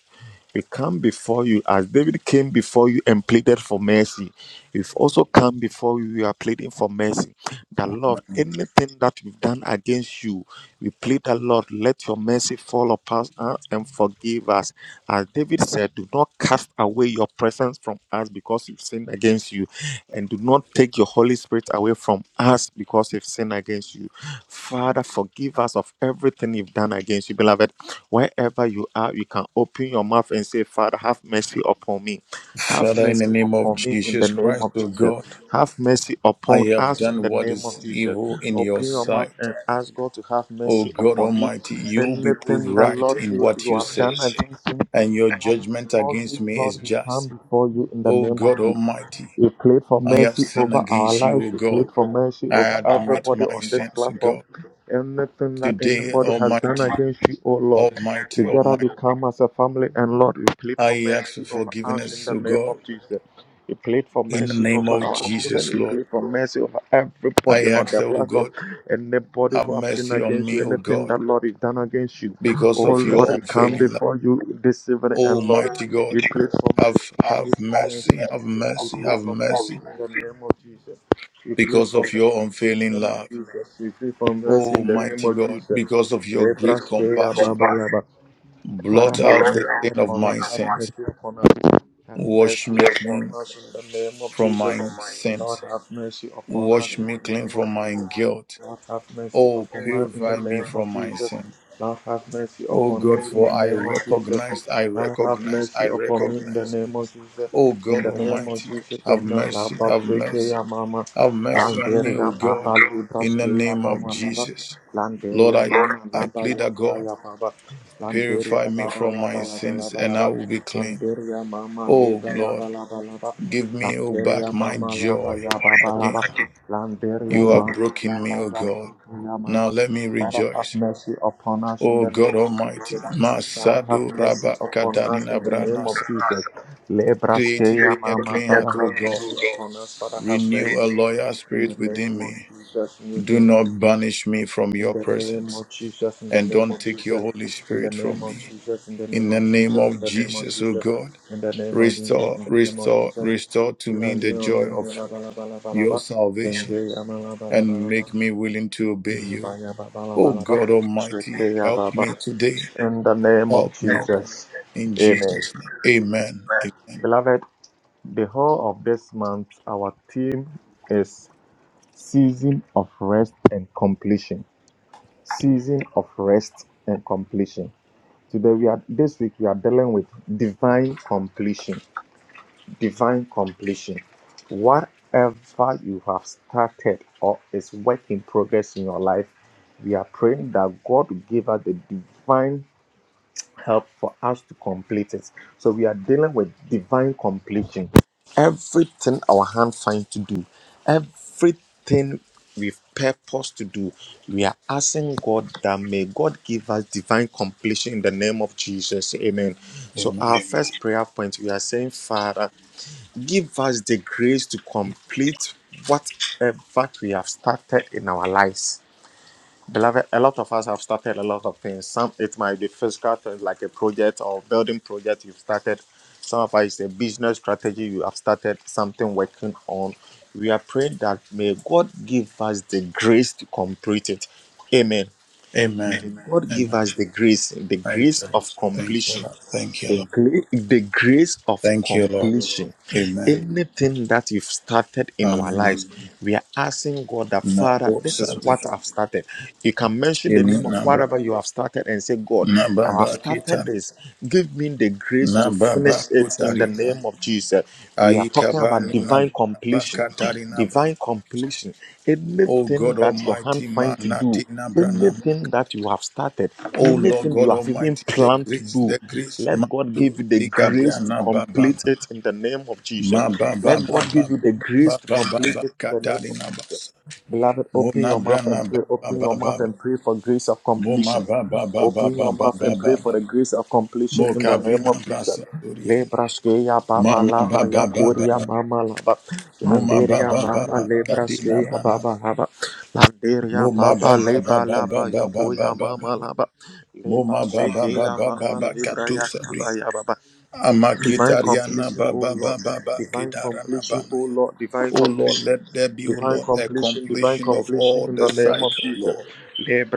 Speaker 1: we come before you as David came before you and pleaded for mercy. We've also come before you. We are pleading for mercy. The Lord,
Speaker 2: Amen.
Speaker 1: anything that we've done against you, we plead the Lord, let your mercy fall upon us and forgive us. As David said, do not cast away your presence from us because we've sinned against you, and do not take your Holy Spirit away from us us because we've sinned against you. Father, forgive us of everything we've done against you, beloved. Wherever you are, you can open your mouth and say, Father, have mercy upon me. Have
Speaker 2: Father, in the
Speaker 1: mercy
Speaker 2: name of
Speaker 1: upon me in the
Speaker 2: Jesus
Speaker 1: name
Speaker 2: Christ,
Speaker 1: of
Speaker 2: O
Speaker 1: Jesus.
Speaker 2: God,
Speaker 1: Have mercy
Speaker 2: I
Speaker 1: upon
Speaker 2: have
Speaker 1: us in
Speaker 2: done
Speaker 1: the
Speaker 2: what
Speaker 1: name of
Speaker 2: is
Speaker 1: Jesus.
Speaker 2: evil in your
Speaker 1: Open your mouth
Speaker 2: sight.
Speaker 1: and ask God to have
Speaker 2: O
Speaker 1: mercy
Speaker 2: God
Speaker 1: upon you.
Speaker 2: Almighty, you will be proved
Speaker 1: Anything that
Speaker 2: right
Speaker 1: Lord
Speaker 2: in
Speaker 1: you,
Speaker 2: what
Speaker 1: you
Speaker 2: you
Speaker 1: have done
Speaker 2: say,
Speaker 1: against me.
Speaker 2: and your
Speaker 1: Father,
Speaker 2: judgment
Speaker 1: before
Speaker 2: against
Speaker 1: this,
Speaker 2: me is
Speaker 1: Lord, we come
Speaker 2: just.
Speaker 1: before you in the
Speaker 2: O
Speaker 1: name of
Speaker 2: God
Speaker 1: Jesus.
Speaker 2: Almighty,
Speaker 1: We plead for
Speaker 2: I have
Speaker 1: mercy
Speaker 2: sinned
Speaker 1: over our
Speaker 2: against you,
Speaker 1: lives.
Speaker 2: O
Speaker 1: We plead
Speaker 2: God.
Speaker 1: for mercy
Speaker 2: I
Speaker 1: over
Speaker 2: admit
Speaker 1: everybody
Speaker 2: my
Speaker 1: on this
Speaker 2: sins, O
Speaker 1: platform.
Speaker 2: God.
Speaker 1: Anything that
Speaker 2: Today,
Speaker 1: anybody has done
Speaker 2: Almighty,
Speaker 1: against you, oh Lord.
Speaker 2: Almighty,
Speaker 1: Together
Speaker 2: Almighty,
Speaker 1: we come as a family and Lord, we plead for
Speaker 2: I ask for
Speaker 1: mercy over us in
Speaker 2: forgiveness,
Speaker 1: the
Speaker 2: O
Speaker 1: name
Speaker 2: God,
Speaker 1: of Jesus. We plead for
Speaker 2: in the
Speaker 1: mercy
Speaker 2: name
Speaker 1: over
Speaker 2: of
Speaker 1: our
Speaker 2: Jesus,
Speaker 1: children. We
Speaker 2: Lord.
Speaker 1: plead for mercy over
Speaker 2: I
Speaker 1: everybody on
Speaker 2: ask
Speaker 1: the
Speaker 2: that, O
Speaker 1: platform.
Speaker 2: God,
Speaker 1: Anybody
Speaker 2: have
Speaker 1: who have sinned
Speaker 2: mercy on
Speaker 1: against you,
Speaker 2: me, O
Speaker 1: anything
Speaker 2: God,
Speaker 1: that Lord you've done against you.
Speaker 2: because
Speaker 1: Oh
Speaker 2: of
Speaker 1: Lord,
Speaker 2: your
Speaker 1: we come
Speaker 2: unfailing love.
Speaker 1: before you this evening and Lord,
Speaker 2: Almighty God,
Speaker 1: we pray for
Speaker 2: have
Speaker 1: mercy,
Speaker 2: have
Speaker 1: we pray for mercy,
Speaker 2: mercy, have
Speaker 1: we pray
Speaker 2: mercy, have
Speaker 1: for mercy
Speaker 2: mercy,
Speaker 1: in the name of Jesus. We pray
Speaker 2: because
Speaker 1: for
Speaker 2: of
Speaker 1: mercy in
Speaker 2: your
Speaker 1: the
Speaker 2: unfailing
Speaker 1: name of
Speaker 2: love.
Speaker 1: Jesus. We pray for mercy in the name
Speaker 2: Almighty
Speaker 1: of
Speaker 2: God,
Speaker 1: Jesus.
Speaker 2: because of your great
Speaker 1: Lebras ke ya
Speaker 2: compassion,
Speaker 1: baba ya ba. Father,
Speaker 2: blot
Speaker 1: have
Speaker 2: out
Speaker 1: mercy
Speaker 2: the stain of
Speaker 1: upon us.
Speaker 2: my
Speaker 1: Have
Speaker 2: sins.
Speaker 1: mercy upon us. Have
Speaker 2: Wash
Speaker 1: mercy
Speaker 2: me clean
Speaker 1: upon us in the name of
Speaker 2: from
Speaker 1: Jesus.
Speaker 2: my
Speaker 1: Lord,
Speaker 2: sins.
Speaker 1: have mercy upon us
Speaker 2: Wash
Speaker 1: in
Speaker 2: me
Speaker 1: the
Speaker 2: clean
Speaker 1: name of
Speaker 2: from my
Speaker 1: Jesus.
Speaker 2: guilt.
Speaker 1: Lord, have mercy
Speaker 2: Oh,
Speaker 1: upon us in the
Speaker 2: purify me
Speaker 1: name
Speaker 2: from
Speaker 1: of
Speaker 2: my
Speaker 1: Jesus.
Speaker 2: sin.
Speaker 1: Lord, have mercy
Speaker 2: Oh
Speaker 1: upon
Speaker 2: God,
Speaker 1: us in
Speaker 2: for
Speaker 1: the
Speaker 2: I
Speaker 1: name of Jesus.
Speaker 2: recognize, I
Speaker 1: Lord, have
Speaker 2: recognize, I
Speaker 1: mercy upon me in the
Speaker 2: recognize.
Speaker 1: name of Jesus.
Speaker 2: Oh
Speaker 1: In
Speaker 2: God
Speaker 1: the name of
Speaker 2: Almighty,
Speaker 5: I'm
Speaker 1: Jesus,
Speaker 2: have
Speaker 1: come Domino, La
Speaker 2: mercy, have mercy,
Speaker 1: Pasekeya Mama,
Speaker 2: have mercy on me, oh
Speaker 1: Landeria
Speaker 2: God,
Speaker 1: Baba,
Speaker 2: in the
Speaker 1: Libraskeya
Speaker 2: name of
Speaker 1: Mama, Mama,
Speaker 2: Jesus. Lord,
Speaker 1: Landeria
Speaker 2: I,
Speaker 1: Mama,
Speaker 2: I
Speaker 1: Laba
Speaker 2: plead that God,
Speaker 1: Yakaya Baba,
Speaker 2: purify
Speaker 1: Landeria
Speaker 2: me
Speaker 1: Baba,
Speaker 2: from
Speaker 1: Laba
Speaker 2: my
Speaker 1: Laba
Speaker 2: sins and
Speaker 1: Laba
Speaker 2: I
Speaker 1: Laba,
Speaker 2: will be clean.
Speaker 1: Landeria Mama, Leba
Speaker 2: Oh Lord,
Speaker 1: Laba Laba Laba,
Speaker 2: give me, oh
Speaker 1: Landeria
Speaker 2: back my
Speaker 1: Mama, Laba
Speaker 2: joy
Speaker 1: Yaba Laba,
Speaker 2: again.
Speaker 1: Landeria
Speaker 2: You have
Speaker 1: Mama,
Speaker 2: broken me, O
Speaker 1: Laba
Speaker 2: God.
Speaker 1: Yakaya
Speaker 2: Now
Speaker 1: Mama,
Speaker 2: let me
Speaker 1: Father, have
Speaker 2: rejoice.
Speaker 1: mercy upon us in
Speaker 2: O
Speaker 1: the
Speaker 2: God
Speaker 1: name of
Speaker 2: Almighty,
Speaker 1: Jesus. God have
Speaker 2: Masado
Speaker 1: mercy
Speaker 2: Rabba
Speaker 1: upon us in
Speaker 2: Kadanina
Speaker 1: the name
Speaker 2: Brana
Speaker 1: of Jesus.
Speaker 2: Create in
Speaker 1: Lebraskeya
Speaker 2: me a
Speaker 1: mama,
Speaker 2: clean
Speaker 1: Father
Speaker 2: heart,
Speaker 1: have
Speaker 2: O God.
Speaker 1: mercy upon us, Father have
Speaker 2: Renew a
Speaker 1: mercy.
Speaker 2: loyal
Speaker 1: In
Speaker 2: spirit
Speaker 1: the
Speaker 2: within
Speaker 1: name of
Speaker 2: me.
Speaker 1: Jesus, in the
Speaker 2: Do
Speaker 1: name of
Speaker 2: not banish me from
Speaker 1: in
Speaker 2: your
Speaker 1: the name
Speaker 2: presence,
Speaker 1: of Jesus, in the
Speaker 2: and
Speaker 1: name
Speaker 2: don't
Speaker 1: of
Speaker 2: take your
Speaker 1: Jesus,
Speaker 2: Holy
Speaker 1: in the
Speaker 2: Spirit
Speaker 1: name
Speaker 2: from
Speaker 1: of
Speaker 2: me.
Speaker 1: Jesus, in the
Speaker 2: In
Speaker 1: name
Speaker 2: the
Speaker 1: of
Speaker 2: name
Speaker 1: Jesus, in
Speaker 2: of
Speaker 1: the name of
Speaker 2: Jesus, O
Speaker 1: Jesus,
Speaker 2: God,
Speaker 1: in the name of Jesus,
Speaker 2: restore,
Speaker 1: in the name of
Speaker 2: restore,
Speaker 1: Jesus.
Speaker 2: restore to
Speaker 1: La- la-
Speaker 2: me the
Speaker 1: la-
Speaker 2: joy of
Speaker 1: la- la- la- la- la- la- la-
Speaker 2: your
Speaker 1: la.
Speaker 2: salvation,
Speaker 1: Dengeya ma- la- la- la- la-
Speaker 2: and
Speaker 1: la-
Speaker 2: make me
Speaker 1: la.
Speaker 2: willing to obey you.
Speaker 1: Ba- ya- ba- ba- la- ba-
Speaker 2: O
Speaker 1: la- ba.
Speaker 2: God Almighty,
Speaker 1: Shekeya
Speaker 2: help
Speaker 1: ba- ba.
Speaker 2: me today.
Speaker 1: In the name of
Speaker 2: Help me, Lord.
Speaker 1: Jesus,
Speaker 2: In
Speaker 1: Amen.
Speaker 2: Jesus' name. Amen. Amen.
Speaker 1: Beloved, The whole of this month, our theme is season of rest and completion. Season of rest and completion. Today we are this week we are dealing with divine completion. Divine completion. Whatever you have started or is work in progress in your life, we are praying that God will give us the divine help for us to complete it. So we are dealing with divine completion. Everything our hand finds to do, everything we've purposed to do, we are asking God that may God give us divine completion in the name of Jesus. Amen. So our
Speaker 2: Amen.
Speaker 1: first prayer point, we are saying, Father, give us the grace to complete whatever we have started in our lives Beloved, a lot of us have started a lot of things. Some it might be physical things like a project or building project you've started. Some of us it's a business strategy you have started something working on. We are praying that may God give us the grace to complete it. Amen. May
Speaker 2: Amen.
Speaker 1: God
Speaker 2: Amen.
Speaker 1: give us the grace, the
Speaker 2: Thank
Speaker 1: grace
Speaker 2: you, Lord.
Speaker 1: of
Speaker 2: Thank you,
Speaker 1: completion.
Speaker 2: Lord. Thank you,
Speaker 1: The,
Speaker 2: Lord.
Speaker 1: gra- the grace of
Speaker 2: Thank you, Lord.
Speaker 1: completion.
Speaker 2: Amen.
Speaker 1: Anything that you've started in our
Speaker 2: Hallelujah.
Speaker 1: lives, we are asking God that
Speaker 2: Na
Speaker 1: Father,
Speaker 2: bo
Speaker 1: this is
Speaker 2: sabi.
Speaker 1: what I've started. You can mention the
Speaker 2: Shini
Speaker 1: name of
Speaker 2: nabra.
Speaker 1: whatever you have started and say, God,
Speaker 2: Na
Speaker 1: I have
Speaker 2: baba
Speaker 1: started
Speaker 2: kitari.
Speaker 1: this. Give me the grace
Speaker 2: Na
Speaker 1: to
Speaker 2: baba
Speaker 1: finish it in the
Speaker 2: kutari. na-
Speaker 1: name of Jesus. We are
Speaker 2: Aika
Speaker 1: talking
Speaker 2: ba
Speaker 1: about
Speaker 2: nu
Speaker 1: divine
Speaker 2: nabra. Ba
Speaker 1: completion.
Speaker 2: katari nabra.
Speaker 1: Divine completion.
Speaker 2: O
Speaker 1: Anything
Speaker 2: God
Speaker 1: that your hand
Speaker 2: Almighty,
Speaker 1: finds to
Speaker 2: manati
Speaker 1: do.
Speaker 2: nabra nam.
Speaker 1: Anything that you have started,
Speaker 2: O Lord
Speaker 1: anything
Speaker 2: God
Speaker 1: you have even
Speaker 2: Almighty, the
Speaker 1: planned to
Speaker 2: grace,
Speaker 1: do,
Speaker 2: the grace,
Speaker 1: let God give
Speaker 2: matu
Speaker 1: you the grace
Speaker 2: ikabra
Speaker 1: to
Speaker 2: nababa.
Speaker 1: complete it in the name of Jesus.
Speaker 2: ma tu ika bra na ba ba ba. Ma ba ba
Speaker 1: Let
Speaker 2: ba
Speaker 1: God give
Speaker 2: ba
Speaker 1: you
Speaker 2: ba
Speaker 1: the grace
Speaker 2: ba
Speaker 1: to
Speaker 2: ba ba
Speaker 1: complete
Speaker 2: ba
Speaker 1: it in the name of
Speaker 2: katari
Speaker 1: Beloved,
Speaker 2: Mo
Speaker 1: open
Speaker 2: na
Speaker 1: your
Speaker 2: bra
Speaker 1: mouth
Speaker 2: na
Speaker 1: and
Speaker 2: ba
Speaker 1: pray.
Speaker 2: ba
Speaker 1: Open
Speaker 2: ba
Speaker 1: your
Speaker 2: ba
Speaker 1: mouth
Speaker 2: ba.
Speaker 1: and pray for grace of
Speaker 2: Mo ma
Speaker 1: completion.
Speaker 2: ba ba ba ba
Speaker 1: Open
Speaker 2: ba ba
Speaker 1: your mouth
Speaker 2: ba
Speaker 1: and
Speaker 2: ba
Speaker 1: pray for
Speaker 2: ba.
Speaker 1: the grace of
Speaker 2: Mo
Speaker 1: completion in the
Speaker 2: kabri
Speaker 1: name
Speaker 2: na
Speaker 1: of
Speaker 2: bra
Speaker 1: Jesus.
Speaker 2: satoria.
Speaker 1: Le braskeya
Speaker 2: Ma
Speaker 1: baba
Speaker 2: ma ba
Speaker 1: laba ya
Speaker 2: ba ba ba
Speaker 1: kuria
Speaker 2: ba.
Speaker 1: mama laba
Speaker 2: Mo ma ba
Speaker 1: landeria
Speaker 2: ba ba
Speaker 1: mama
Speaker 2: ba.
Speaker 1: le
Speaker 2: Kadina
Speaker 1: braskeya
Speaker 2: bra na.
Speaker 1: baba laba
Speaker 2: Mo
Speaker 1: landeria
Speaker 2: ma ba
Speaker 1: baba
Speaker 2: ba
Speaker 1: le
Speaker 2: ba ba ba
Speaker 1: laba ya
Speaker 2: ba ba ba
Speaker 1: kuria
Speaker 2: ba
Speaker 1: mama
Speaker 2: ba.
Speaker 1: laba le
Speaker 2: Mo ma ba ba ba
Speaker 1: baskeya
Speaker 2: ba ba
Speaker 1: baba
Speaker 2: ba.
Speaker 1: le
Speaker 2: Katu
Speaker 1: braya kaba
Speaker 2: sabrina.
Speaker 5: not
Speaker 1: ya baba divine
Speaker 2: Amakitariana
Speaker 1: completion
Speaker 2: ba
Speaker 1: oh
Speaker 2: ba ba
Speaker 1: Lord
Speaker 2: ba ba.
Speaker 1: divine
Speaker 2: Kidarana
Speaker 1: completion oh
Speaker 2: banaya.
Speaker 1: Lord divine
Speaker 2: O Lord,
Speaker 1: completion
Speaker 2: let there be, O
Speaker 1: Divine
Speaker 2: Lord, a
Speaker 1: completion, divine
Speaker 2: completion of
Speaker 1: completion
Speaker 2: all
Speaker 1: in
Speaker 2: the
Speaker 1: the name of
Speaker 2: cycle,
Speaker 1: Jesus.
Speaker 2: Lord.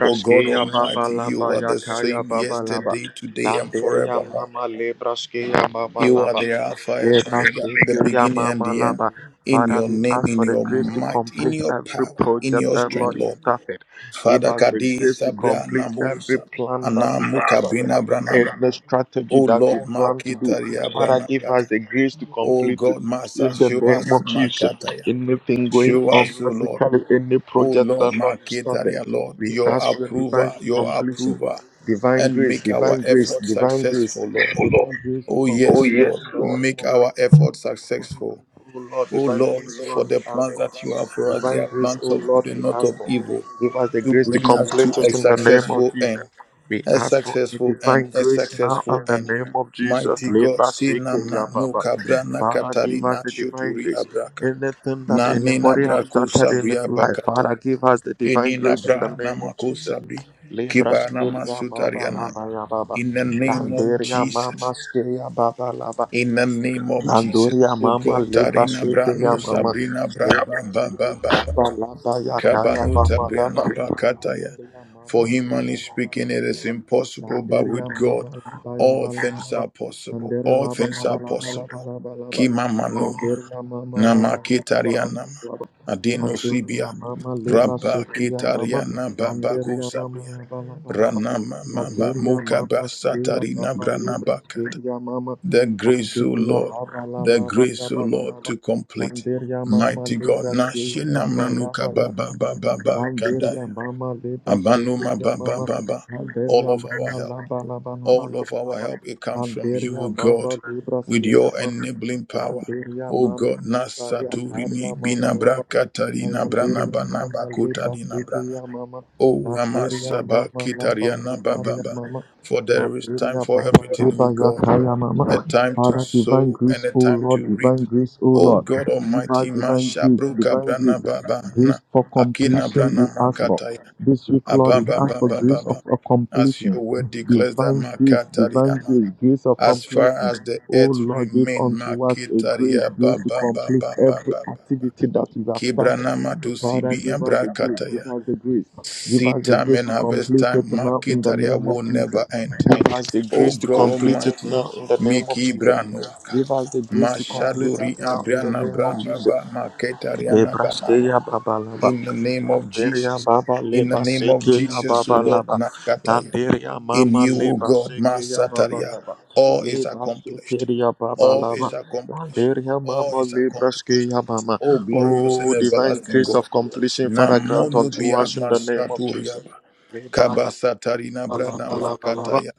Speaker 2: For God
Speaker 1: baba
Speaker 2: Almighty, you
Speaker 1: laba
Speaker 2: are the
Speaker 1: yakaya
Speaker 2: same
Speaker 1: baba laba.
Speaker 2: yesterday, today, and
Speaker 1: Landeria
Speaker 2: forevermore.
Speaker 1: mama lebraskeya
Speaker 5: afraid of
Speaker 1: mama
Speaker 2: You are
Speaker 1: laba.
Speaker 2: the
Speaker 5: heights.
Speaker 2: Alpha and Omega,
Speaker 5: I'm
Speaker 2: the
Speaker 5: gonna
Speaker 1: Lebraskeya
Speaker 2: beginning
Speaker 5: make
Speaker 2: and
Speaker 1: mama
Speaker 2: the end.
Speaker 1: laba.
Speaker 2: In
Speaker 1: Father,
Speaker 2: your
Speaker 1: we
Speaker 2: name,
Speaker 1: ask
Speaker 2: in
Speaker 1: for the
Speaker 2: your
Speaker 1: grace to
Speaker 2: might, in
Speaker 1: complete
Speaker 2: your
Speaker 1: every
Speaker 2: power, in
Speaker 1: project
Speaker 2: your
Speaker 1: that
Speaker 2: strength,
Speaker 1: Lord is
Speaker 2: Lord.
Speaker 1: started. Give
Speaker 2: Father
Speaker 1: us the grace
Speaker 2: Kadisa
Speaker 1: to complete
Speaker 2: Brana
Speaker 1: every
Speaker 2: Musa,
Speaker 1: plan that you have
Speaker 2: Anamuka
Speaker 1: started,
Speaker 2: Bina Branaba.
Speaker 1: every strategy
Speaker 2: O
Speaker 1: that we
Speaker 2: Lord,
Speaker 1: plan to do.
Speaker 2: Makita
Speaker 1: Father, give us
Speaker 2: Riabranakata.
Speaker 1: the grace to
Speaker 2: O
Speaker 1: complete it.
Speaker 2: God, Master,
Speaker 1: In the
Speaker 2: show
Speaker 1: name
Speaker 2: us
Speaker 1: of Jesus,
Speaker 2: Makataya.
Speaker 1: anything going
Speaker 2: Show
Speaker 1: on
Speaker 2: us, O Lord.
Speaker 1: physically, any
Speaker 2: O
Speaker 1: project
Speaker 2: Lord,
Speaker 1: that Lord you started,
Speaker 2: Maketaria, Lord,
Speaker 1: we
Speaker 2: your
Speaker 1: ask for your divine
Speaker 2: approver, your
Speaker 1: completion,
Speaker 2: approver,
Speaker 1: divine
Speaker 2: and
Speaker 1: grace,
Speaker 2: make our
Speaker 1: divine grace,
Speaker 2: effort
Speaker 1: divine grace,
Speaker 2: successful, Lord.
Speaker 1: divine grace to
Speaker 2: Oh,
Speaker 1: complete. Oh
Speaker 2: yes,
Speaker 1: yes,
Speaker 2: Lord,
Speaker 1: Lord.
Speaker 2: make our effort successful.
Speaker 1: O Lord,
Speaker 2: Oh,
Speaker 1: divine
Speaker 2: Lord,
Speaker 1: grace, O
Speaker 2: for
Speaker 1: Lord,
Speaker 2: the
Speaker 1: we ask
Speaker 2: plans
Speaker 1: for.
Speaker 2: that you have for us, they
Speaker 1: Divine
Speaker 2: are
Speaker 1: grace, O
Speaker 2: plans of
Speaker 1: Lord,
Speaker 2: good
Speaker 1: we
Speaker 2: and not
Speaker 1: ask
Speaker 2: of
Speaker 1: for.
Speaker 2: evil,
Speaker 1: Give us the
Speaker 2: to
Speaker 1: grace to
Speaker 2: bring us to
Speaker 1: complete
Speaker 2: a
Speaker 1: it in the
Speaker 5: you mine.
Speaker 1: name of
Speaker 2: successful end,
Speaker 1: Jesus. We
Speaker 5: Thank
Speaker 2: a
Speaker 1: ask for the
Speaker 2: successful end,
Speaker 1: divine
Speaker 2: a
Speaker 1: grace now
Speaker 2: successful
Speaker 1: in the
Speaker 2: end.
Speaker 1: name of Jesus.
Speaker 2: Mighty God,
Speaker 1: Leba seke ya
Speaker 2: Sinamna, no
Speaker 1: baba.
Speaker 2: Kabrana
Speaker 1: Father, give us
Speaker 2: Katarina
Speaker 1: the divine
Speaker 2: Shoturi
Speaker 1: grace.
Speaker 2: Abraka,
Speaker 1: Anything that
Speaker 2: Nanina
Speaker 1: anybody has
Speaker 2: Braku
Speaker 1: started in
Speaker 2: Sabria
Speaker 1: his life,
Speaker 2: Bakata.
Speaker 1: Father, give us the divine
Speaker 2: Enina
Speaker 1: grace in the
Speaker 2: bra
Speaker 1: name of
Speaker 2: namako
Speaker 1: Jesus.
Speaker 2: sabri
Speaker 1: Lebra
Speaker 2: kiba
Speaker 1: seke ya baba
Speaker 2: namasutarianab.
Speaker 1: laba ya baba.
Speaker 2: In the name of
Speaker 1: Landeria mama
Speaker 2: Jesus.
Speaker 1: seke ya baba laba.
Speaker 2: In the name of Jesus.
Speaker 1: Andoria
Speaker 2: O
Speaker 1: mama
Speaker 2: God,
Speaker 1: leba
Speaker 2: Tarina
Speaker 1: shekeya
Speaker 2: Branu
Speaker 1: mama
Speaker 2: Sabrina Bra
Speaker 1: leba
Speaker 2: Ba Ba Ba Ba Ba
Speaker 1: laba
Speaker 2: Ba.
Speaker 1: laba yakaya
Speaker 2: Kabanu
Speaker 1: mama laba.
Speaker 2: Tabriana Bakataya.
Speaker 1: Andoria mama
Speaker 2: For
Speaker 1: leba
Speaker 2: humanly
Speaker 1: laba
Speaker 2: speaking,
Speaker 1: laba.
Speaker 2: it is impossible, but
Speaker 1: Anderia
Speaker 2: with
Speaker 1: mama
Speaker 2: God,
Speaker 1: bala bala
Speaker 2: all things
Speaker 1: bala
Speaker 2: are possible.
Speaker 1: Andere
Speaker 2: All
Speaker 1: baba
Speaker 2: things are
Speaker 1: bala bala
Speaker 2: possible.
Speaker 1: bala bala ba.
Speaker 2: Kimamanu
Speaker 1: Anderia mama la
Speaker 2: Nama
Speaker 1: bala bala
Speaker 2: Ketarianama
Speaker 1: bala bala.
Speaker 2: Adeno
Speaker 1: Anderia mama leba
Speaker 2: Rabba
Speaker 1: shekia mama.
Speaker 2: Ketariana Babako
Speaker 1: Anderia mama
Speaker 2: Sabria
Speaker 1: la bala bala bala
Speaker 2: Ranama Mamba
Speaker 1: Anderia mama
Speaker 2: Mukaba
Speaker 1: shekia
Speaker 2: Satarina
Speaker 1: baba libra
Speaker 2: Branabakat.
Speaker 1: shekia mama.
Speaker 2: The grace, O
Speaker 1: Anderia
Speaker 2: Lord,
Speaker 1: baba la
Speaker 2: the
Speaker 1: la bala
Speaker 2: grace, O
Speaker 1: bala
Speaker 2: Lord,
Speaker 1: ba.
Speaker 2: to complete.
Speaker 1: Anderia mama
Speaker 2: Mighty God,
Speaker 1: libra shekia baba la
Speaker 2: Nashinamnanuka
Speaker 1: bala
Speaker 2: Baba
Speaker 1: ba.
Speaker 2: Baba
Speaker 1: Anderia
Speaker 2: Kadaya.
Speaker 1: mama leba
Speaker 2: Abanuma
Speaker 1: shekia
Speaker 2: Baba
Speaker 1: mama.
Speaker 2: Baba. All
Speaker 1: Anderia
Speaker 2: of our
Speaker 1: mana
Speaker 2: help.
Speaker 1: laba laba laba
Speaker 2: All
Speaker 1: laba
Speaker 2: of our
Speaker 1: laba.
Speaker 2: help, it comes from you,
Speaker 1: Anderia
Speaker 2: O
Speaker 1: baba
Speaker 2: God,
Speaker 1: libra
Speaker 2: with
Speaker 1: skia
Speaker 2: your
Speaker 1: mama.
Speaker 2: enabling power.
Speaker 1: Anderia
Speaker 2: O
Speaker 1: mama
Speaker 2: God,
Speaker 1: laba ya taria
Speaker 2: Nasaturini
Speaker 1: mama laba.
Speaker 2: Binabra Katarina Brana
Speaker 1: Alanderia
Speaker 2: Banaba
Speaker 1: mama liba
Speaker 2: Kotarina Brana.
Speaker 1: tekeya mama
Speaker 2: O
Speaker 1: lateria
Speaker 2: Amasaba
Speaker 1: mama laba
Speaker 2: Kitariana
Speaker 1: yafaria
Speaker 2: Bababa.
Speaker 1: mama
Speaker 2: For there is time
Speaker 1: lateria
Speaker 2: for
Speaker 1: baba
Speaker 2: everything, O
Speaker 1: liba
Speaker 2: God,
Speaker 1: yakaya
Speaker 2: a
Speaker 1: mama
Speaker 2: time to
Speaker 1: Father, divine
Speaker 2: sow and
Speaker 1: grace,
Speaker 2: a
Speaker 1: O
Speaker 2: time
Speaker 1: Lord,
Speaker 2: to reap.
Speaker 1: divine grace, O
Speaker 2: O
Speaker 1: Lord.
Speaker 2: God
Speaker 1: Give us
Speaker 2: Almighty,
Speaker 1: divine grace,
Speaker 2: Mashabruka
Speaker 1: divine
Speaker 2: Brana
Speaker 1: grace,
Speaker 2: Baba na
Speaker 1: grace for
Speaker 2: Akina
Speaker 1: completion we
Speaker 2: Brana
Speaker 1: ask for.
Speaker 2: Makataya
Speaker 1: This week, Lord, we
Speaker 2: Ababa
Speaker 1: ask for
Speaker 2: Baba
Speaker 1: grace of
Speaker 2: Baba.
Speaker 1: a
Speaker 2: As your
Speaker 1: completion,
Speaker 2: word declares
Speaker 1: divine grace, divine
Speaker 2: that
Speaker 1: grace, grace of
Speaker 2: as far
Speaker 1: completion.
Speaker 2: as the
Speaker 1: O
Speaker 2: earth
Speaker 1: Lord, give
Speaker 2: remain,
Speaker 1: unto us a grace,
Speaker 2: makitaria
Speaker 1: grace
Speaker 2: bam
Speaker 1: to
Speaker 2: bam bam
Speaker 1: complete
Speaker 2: bam bam
Speaker 1: every
Speaker 2: bam.
Speaker 1: activity that we have started.
Speaker 2: Kibranama to
Speaker 1: Father,
Speaker 2: CB
Speaker 1: give
Speaker 2: and
Speaker 1: us the grace,
Speaker 2: Brakataya.
Speaker 1: give us the grace, give us
Speaker 2: Seed
Speaker 1: the
Speaker 2: time
Speaker 1: grace
Speaker 2: and
Speaker 1: to
Speaker 2: harvest
Speaker 1: complete
Speaker 2: time,
Speaker 1: it now in the
Speaker 2: makitaria
Speaker 1: name of
Speaker 2: will never
Speaker 1: Jesus.
Speaker 2: end.
Speaker 1: Give us the
Speaker 2: Oh
Speaker 1: grace to
Speaker 5: you.
Speaker 2: God
Speaker 1: complete it
Speaker 2: Almighty,
Speaker 1: now in the name of
Speaker 2: Miki
Speaker 1: Jesus.
Speaker 2: Branovka.
Speaker 1: Give us the grace to complete
Speaker 2: Mashadori
Speaker 1: it now in the
Speaker 2: Abriana
Speaker 1: name of Jesus.
Speaker 2: Bramba Maketariana Banama.
Speaker 1: Ebrasteya babalaba.
Speaker 2: In the name of
Speaker 1: Liberia
Speaker 2: Jesus.
Speaker 1: baba
Speaker 2: In the
Speaker 1: leba
Speaker 2: name of
Speaker 1: seke ya
Speaker 2: Jesus, O
Speaker 1: baba
Speaker 2: Lord
Speaker 1: laba.
Speaker 2: Nakataya.
Speaker 1: Liberia
Speaker 2: In
Speaker 1: mama
Speaker 2: you, O
Speaker 1: leba
Speaker 2: God,
Speaker 1: seke ya baba
Speaker 2: Masataria,
Speaker 1: laba.
Speaker 2: all is
Speaker 1: Leba seke
Speaker 2: accomplished.
Speaker 1: ya baba
Speaker 2: All is
Speaker 1: laba.
Speaker 2: accomplished.
Speaker 1: Liberia
Speaker 2: All
Speaker 1: mama
Speaker 2: is
Speaker 1: leba
Speaker 2: accomplished.
Speaker 1: seke ya mama.
Speaker 2: O glorious
Speaker 1: Oh,
Speaker 2: and
Speaker 1: divine
Speaker 2: everlasting
Speaker 1: grace
Speaker 2: God.
Speaker 1: of completion, Father, grant
Speaker 2: Namono
Speaker 1: unto
Speaker 2: biat
Speaker 1: us in the name of Jesus.
Speaker 2: masaturiaba.
Speaker 1: Leba laba
Speaker 2: Kabasatari
Speaker 1: laba
Speaker 2: nabrana
Speaker 1: laba laba.
Speaker 2: makataya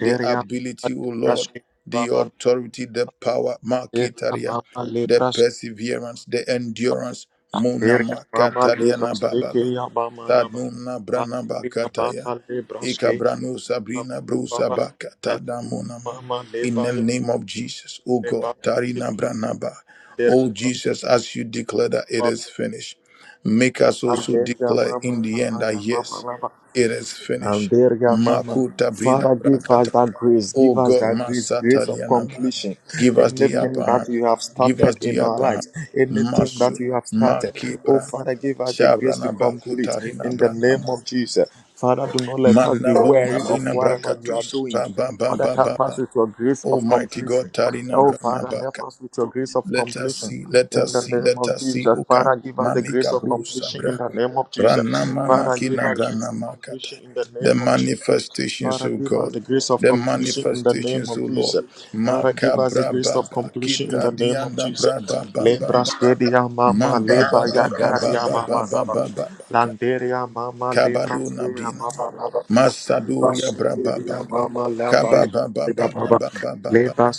Speaker 2: the ability,
Speaker 1: mama
Speaker 2: O
Speaker 1: leba
Speaker 2: Lord,
Speaker 1: seke ya
Speaker 2: the
Speaker 1: baba.
Speaker 2: authority, the power,
Speaker 1: Liberia
Speaker 2: Makitaria,
Speaker 1: mama
Speaker 2: the
Speaker 1: leba seke ya
Speaker 2: perseverance,
Speaker 1: mama.
Speaker 2: the endurance,
Speaker 1: Landeria
Speaker 2: Munama
Speaker 1: mama
Speaker 2: Katariana
Speaker 1: lebraske ke
Speaker 2: Bababa,
Speaker 1: ya mama laba.
Speaker 2: Sadnumna Branaba
Speaker 1: Landeria
Speaker 2: Kataya,
Speaker 1: mama lebraske
Speaker 2: Ikabranu
Speaker 1: mama
Speaker 2: Sabrina Brusa
Speaker 1: baba.
Speaker 2: Bakatada
Speaker 1: Landeria
Speaker 2: Munama.
Speaker 1: mama
Speaker 2: In
Speaker 1: leba
Speaker 2: the
Speaker 1: ya
Speaker 2: name of
Speaker 1: ya
Speaker 2: Jesus, O
Speaker 1: leba
Speaker 2: God,
Speaker 1: ke.
Speaker 2: Tarina Branaba.
Speaker 1: Landeria
Speaker 2: O
Speaker 1: mama
Speaker 2: Jesus, as you
Speaker 1: lebraske
Speaker 2: declare that it
Speaker 1: mama
Speaker 2: is
Speaker 1: le.
Speaker 2: finished, make us also
Speaker 1: Landeria
Speaker 2: declare
Speaker 1: mama
Speaker 2: in the
Speaker 1: mama
Speaker 2: end that
Speaker 1: ya mama
Speaker 2: yes,
Speaker 1: laba.
Speaker 2: it is
Speaker 1: And
Speaker 2: finished.
Speaker 1: there, yeah, Mama.
Speaker 2: Makuta brina
Speaker 1: Father, give us that grace.
Speaker 2: Oh
Speaker 1: Give us
Speaker 2: God,
Speaker 1: that grace, grace of
Speaker 2: Masatarianaba,
Speaker 1: completion.
Speaker 2: give us the
Speaker 1: Anything
Speaker 2: upper
Speaker 1: that
Speaker 2: hand.
Speaker 1: you have
Speaker 2: Give
Speaker 1: started
Speaker 2: us the
Speaker 1: in our
Speaker 2: upper hand.
Speaker 1: lives, anything that
Speaker 2: Masu,
Speaker 1: you have started. Oh,
Speaker 2: Makipra,
Speaker 1: Father, give us the grace to
Speaker 2: Shabranaba
Speaker 1: complete
Speaker 2: Kutarina
Speaker 1: in the name
Speaker 2: Branama,
Speaker 1: of Jesus. Father, do not let us be weary
Speaker 2: Manabuna
Speaker 1: of
Speaker 2: Bina
Speaker 1: whatever we are
Speaker 2: Brakatus,
Speaker 1: doing.
Speaker 2: Baba
Speaker 1: Father,
Speaker 2: Baba
Speaker 1: help us
Speaker 2: Baba.
Speaker 1: with your grace of
Speaker 2: Almighty God,
Speaker 1: completion.
Speaker 2: Tarina
Speaker 1: Oh, Father, help
Speaker 2: Branabaka.
Speaker 1: us with your grace of
Speaker 2: Let us
Speaker 1: completion.
Speaker 2: see, let
Speaker 1: In
Speaker 2: us
Speaker 1: the
Speaker 2: see,
Speaker 1: name
Speaker 2: let
Speaker 1: of
Speaker 2: us see.
Speaker 1: Jesus,
Speaker 2: Uka,
Speaker 1: Father, give us the grace
Speaker 2: Manika
Speaker 1: of completion.
Speaker 2: Bruce,
Speaker 1: In the name of Jesus, Father, give
Speaker 2: Branamamakina
Speaker 1: us grace of
Speaker 2: branamakata.
Speaker 1: completion. In the
Speaker 2: The
Speaker 1: name of Jesus,
Speaker 2: manifestations,
Speaker 1: Father,
Speaker 2: O
Speaker 1: give us
Speaker 2: God.
Speaker 1: the grace of
Speaker 2: The
Speaker 1: completion. In the name
Speaker 2: manifestations, O
Speaker 1: of
Speaker 2: Lord.
Speaker 1: Jesus, Father, give us the
Speaker 2: Makabra
Speaker 1: grace of
Speaker 2: baba
Speaker 1: completion. In
Speaker 2: kita
Speaker 1: the name of
Speaker 2: dianda
Speaker 1: Jesus,
Speaker 2: braba baba
Speaker 1: Lebra
Speaker 2: baba
Speaker 1: stedia mama
Speaker 2: mamba
Speaker 1: leba
Speaker 2: baba baba
Speaker 1: yakaria
Speaker 2: baba
Speaker 1: baba
Speaker 2: baba
Speaker 1: lava,
Speaker 2: baba
Speaker 1: landeria mama lebra
Speaker 2: kabanu
Speaker 1: stedia
Speaker 2: nabina ma
Speaker 1: baba lava. Leba
Speaker 2: masaduria braba
Speaker 1: seke
Speaker 2: baba
Speaker 1: ababa
Speaker 2: kababa baba baba baba baba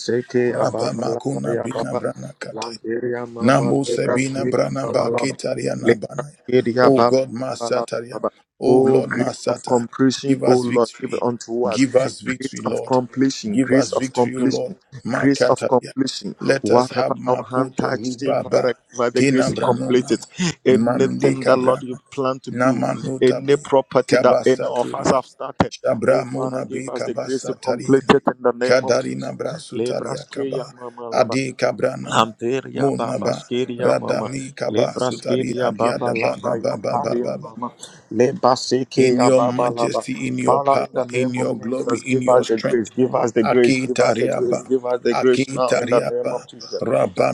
Speaker 2: raba
Speaker 1: laba
Speaker 2: makuna
Speaker 1: ya
Speaker 2: brina
Speaker 1: baba
Speaker 2: brana kata.
Speaker 1: landeria mama
Speaker 2: Namo
Speaker 1: leba
Speaker 2: Sebina
Speaker 1: seke
Speaker 2: Brana
Speaker 1: mama
Speaker 2: Ba
Speaker 1: laba
Speaker 2: Ketariana
Speaker 1: leba
Speaker 2: Bana.
Speaker 1: seke ya
Speaker 2: Oh
Speaker 1: baba
Speaker 2: God,
Speaker 1: laba laba.
Speaker 2: Masataria.
Speaker 1: laba.
Speaker 2: Oh
Speaker 1: Oh,
Speaker 2: Lord,
Speaker 1: grace of
Speaker 2: Masata.
Speaker 1: completion,
Speaker 2: Give
Speaker 1: oh
Speaker 2: us
Speaker 1: Lord, give it
Speaker 2: victory.
Speaker 1: unto us.
Speaker 2: Give us
Speaker 1: Grace
Speaker 2: victory,
Speaker 1: of
Speaker 2: Lord.
Speaker 1: completion,
Speaker 2: Give
Speaker 1: grace
Speaker 2: us
Speaker 1: of
Speaker 2: victory, O Lord.
Speaker 1: completion, grace of
Speaker 2: Makataria.
Speaker 1: completion.
Speaker 2: Let us have
Speaker 1: Whatever our hand
Speaker 2: Makoto
Speaker 1: touches, in
Speaker 2: Rubaba.
Speaker 1: Father, give us the grace
Speaker 2: Tina
Speaker 1: to complete
Speaker 2: Branoma.
Speaker 1: it.
Speaker 2: Mandi
Speaker 1: Anything that Lord
Speaker 2: Cabra.
Speaker 1: you plan to do, any
Speaker 2: Namanotabi.
Speaker 1: property that any of us
Speaker 2: Kabasaturia.
Speaker 1: have started.
Speaker 2: Shabra
Speaker 1: Oh, Father, give
Speaker 2: Munabi
Speaker 1: us the grace to
Speaker 2: Kabasatari.
Speaker 1: complete it in the name of Jesus.
Speaker 2: Kadarina Brasutaria
Speaker 1: Lebras keya
Speaker 2: Kaba
Speaker 1: mama laba.
Speaker 2: Adi Kabranama
Speaker 1: Lamperia Baba
Speaker 2: Munaba
Speaker 1: Skiria Mama
Speaker 2: Radami Kaba
Speaker 1: Lebra
Speaker 2: Sutari
Speaker 1: Skiria Baba
Speaker 2: Adiada Baba
Speaker 1: Laba
Speaker 2: Baba
Speaker 1: Yakaria
Speaker 2: Baba
Speaker 1: Mama Leba
Speaker 2: in
Speaker 1: Sekia
Speaker 2: your
Speaker 1: Baba Laba
Speaker 2: majesty, in your
Speaker 1: Father, in the
Speaker 2: power, in
Speaker 1: name of
Speaker 2: your glory,
Speaker 1: Jesus,
Speaker 2: in
Speaker 1: give
Speaker 2: your
Speaker 1: us the
Speaker 2: strength.
Speaker 1: grace, give us the grace, give us the grace,
Speaker 2: Akitariaba,
Speaker 1: give us the grace now in the name of
Speaker 2: Akitariaba,
Speaker 1: Jesus.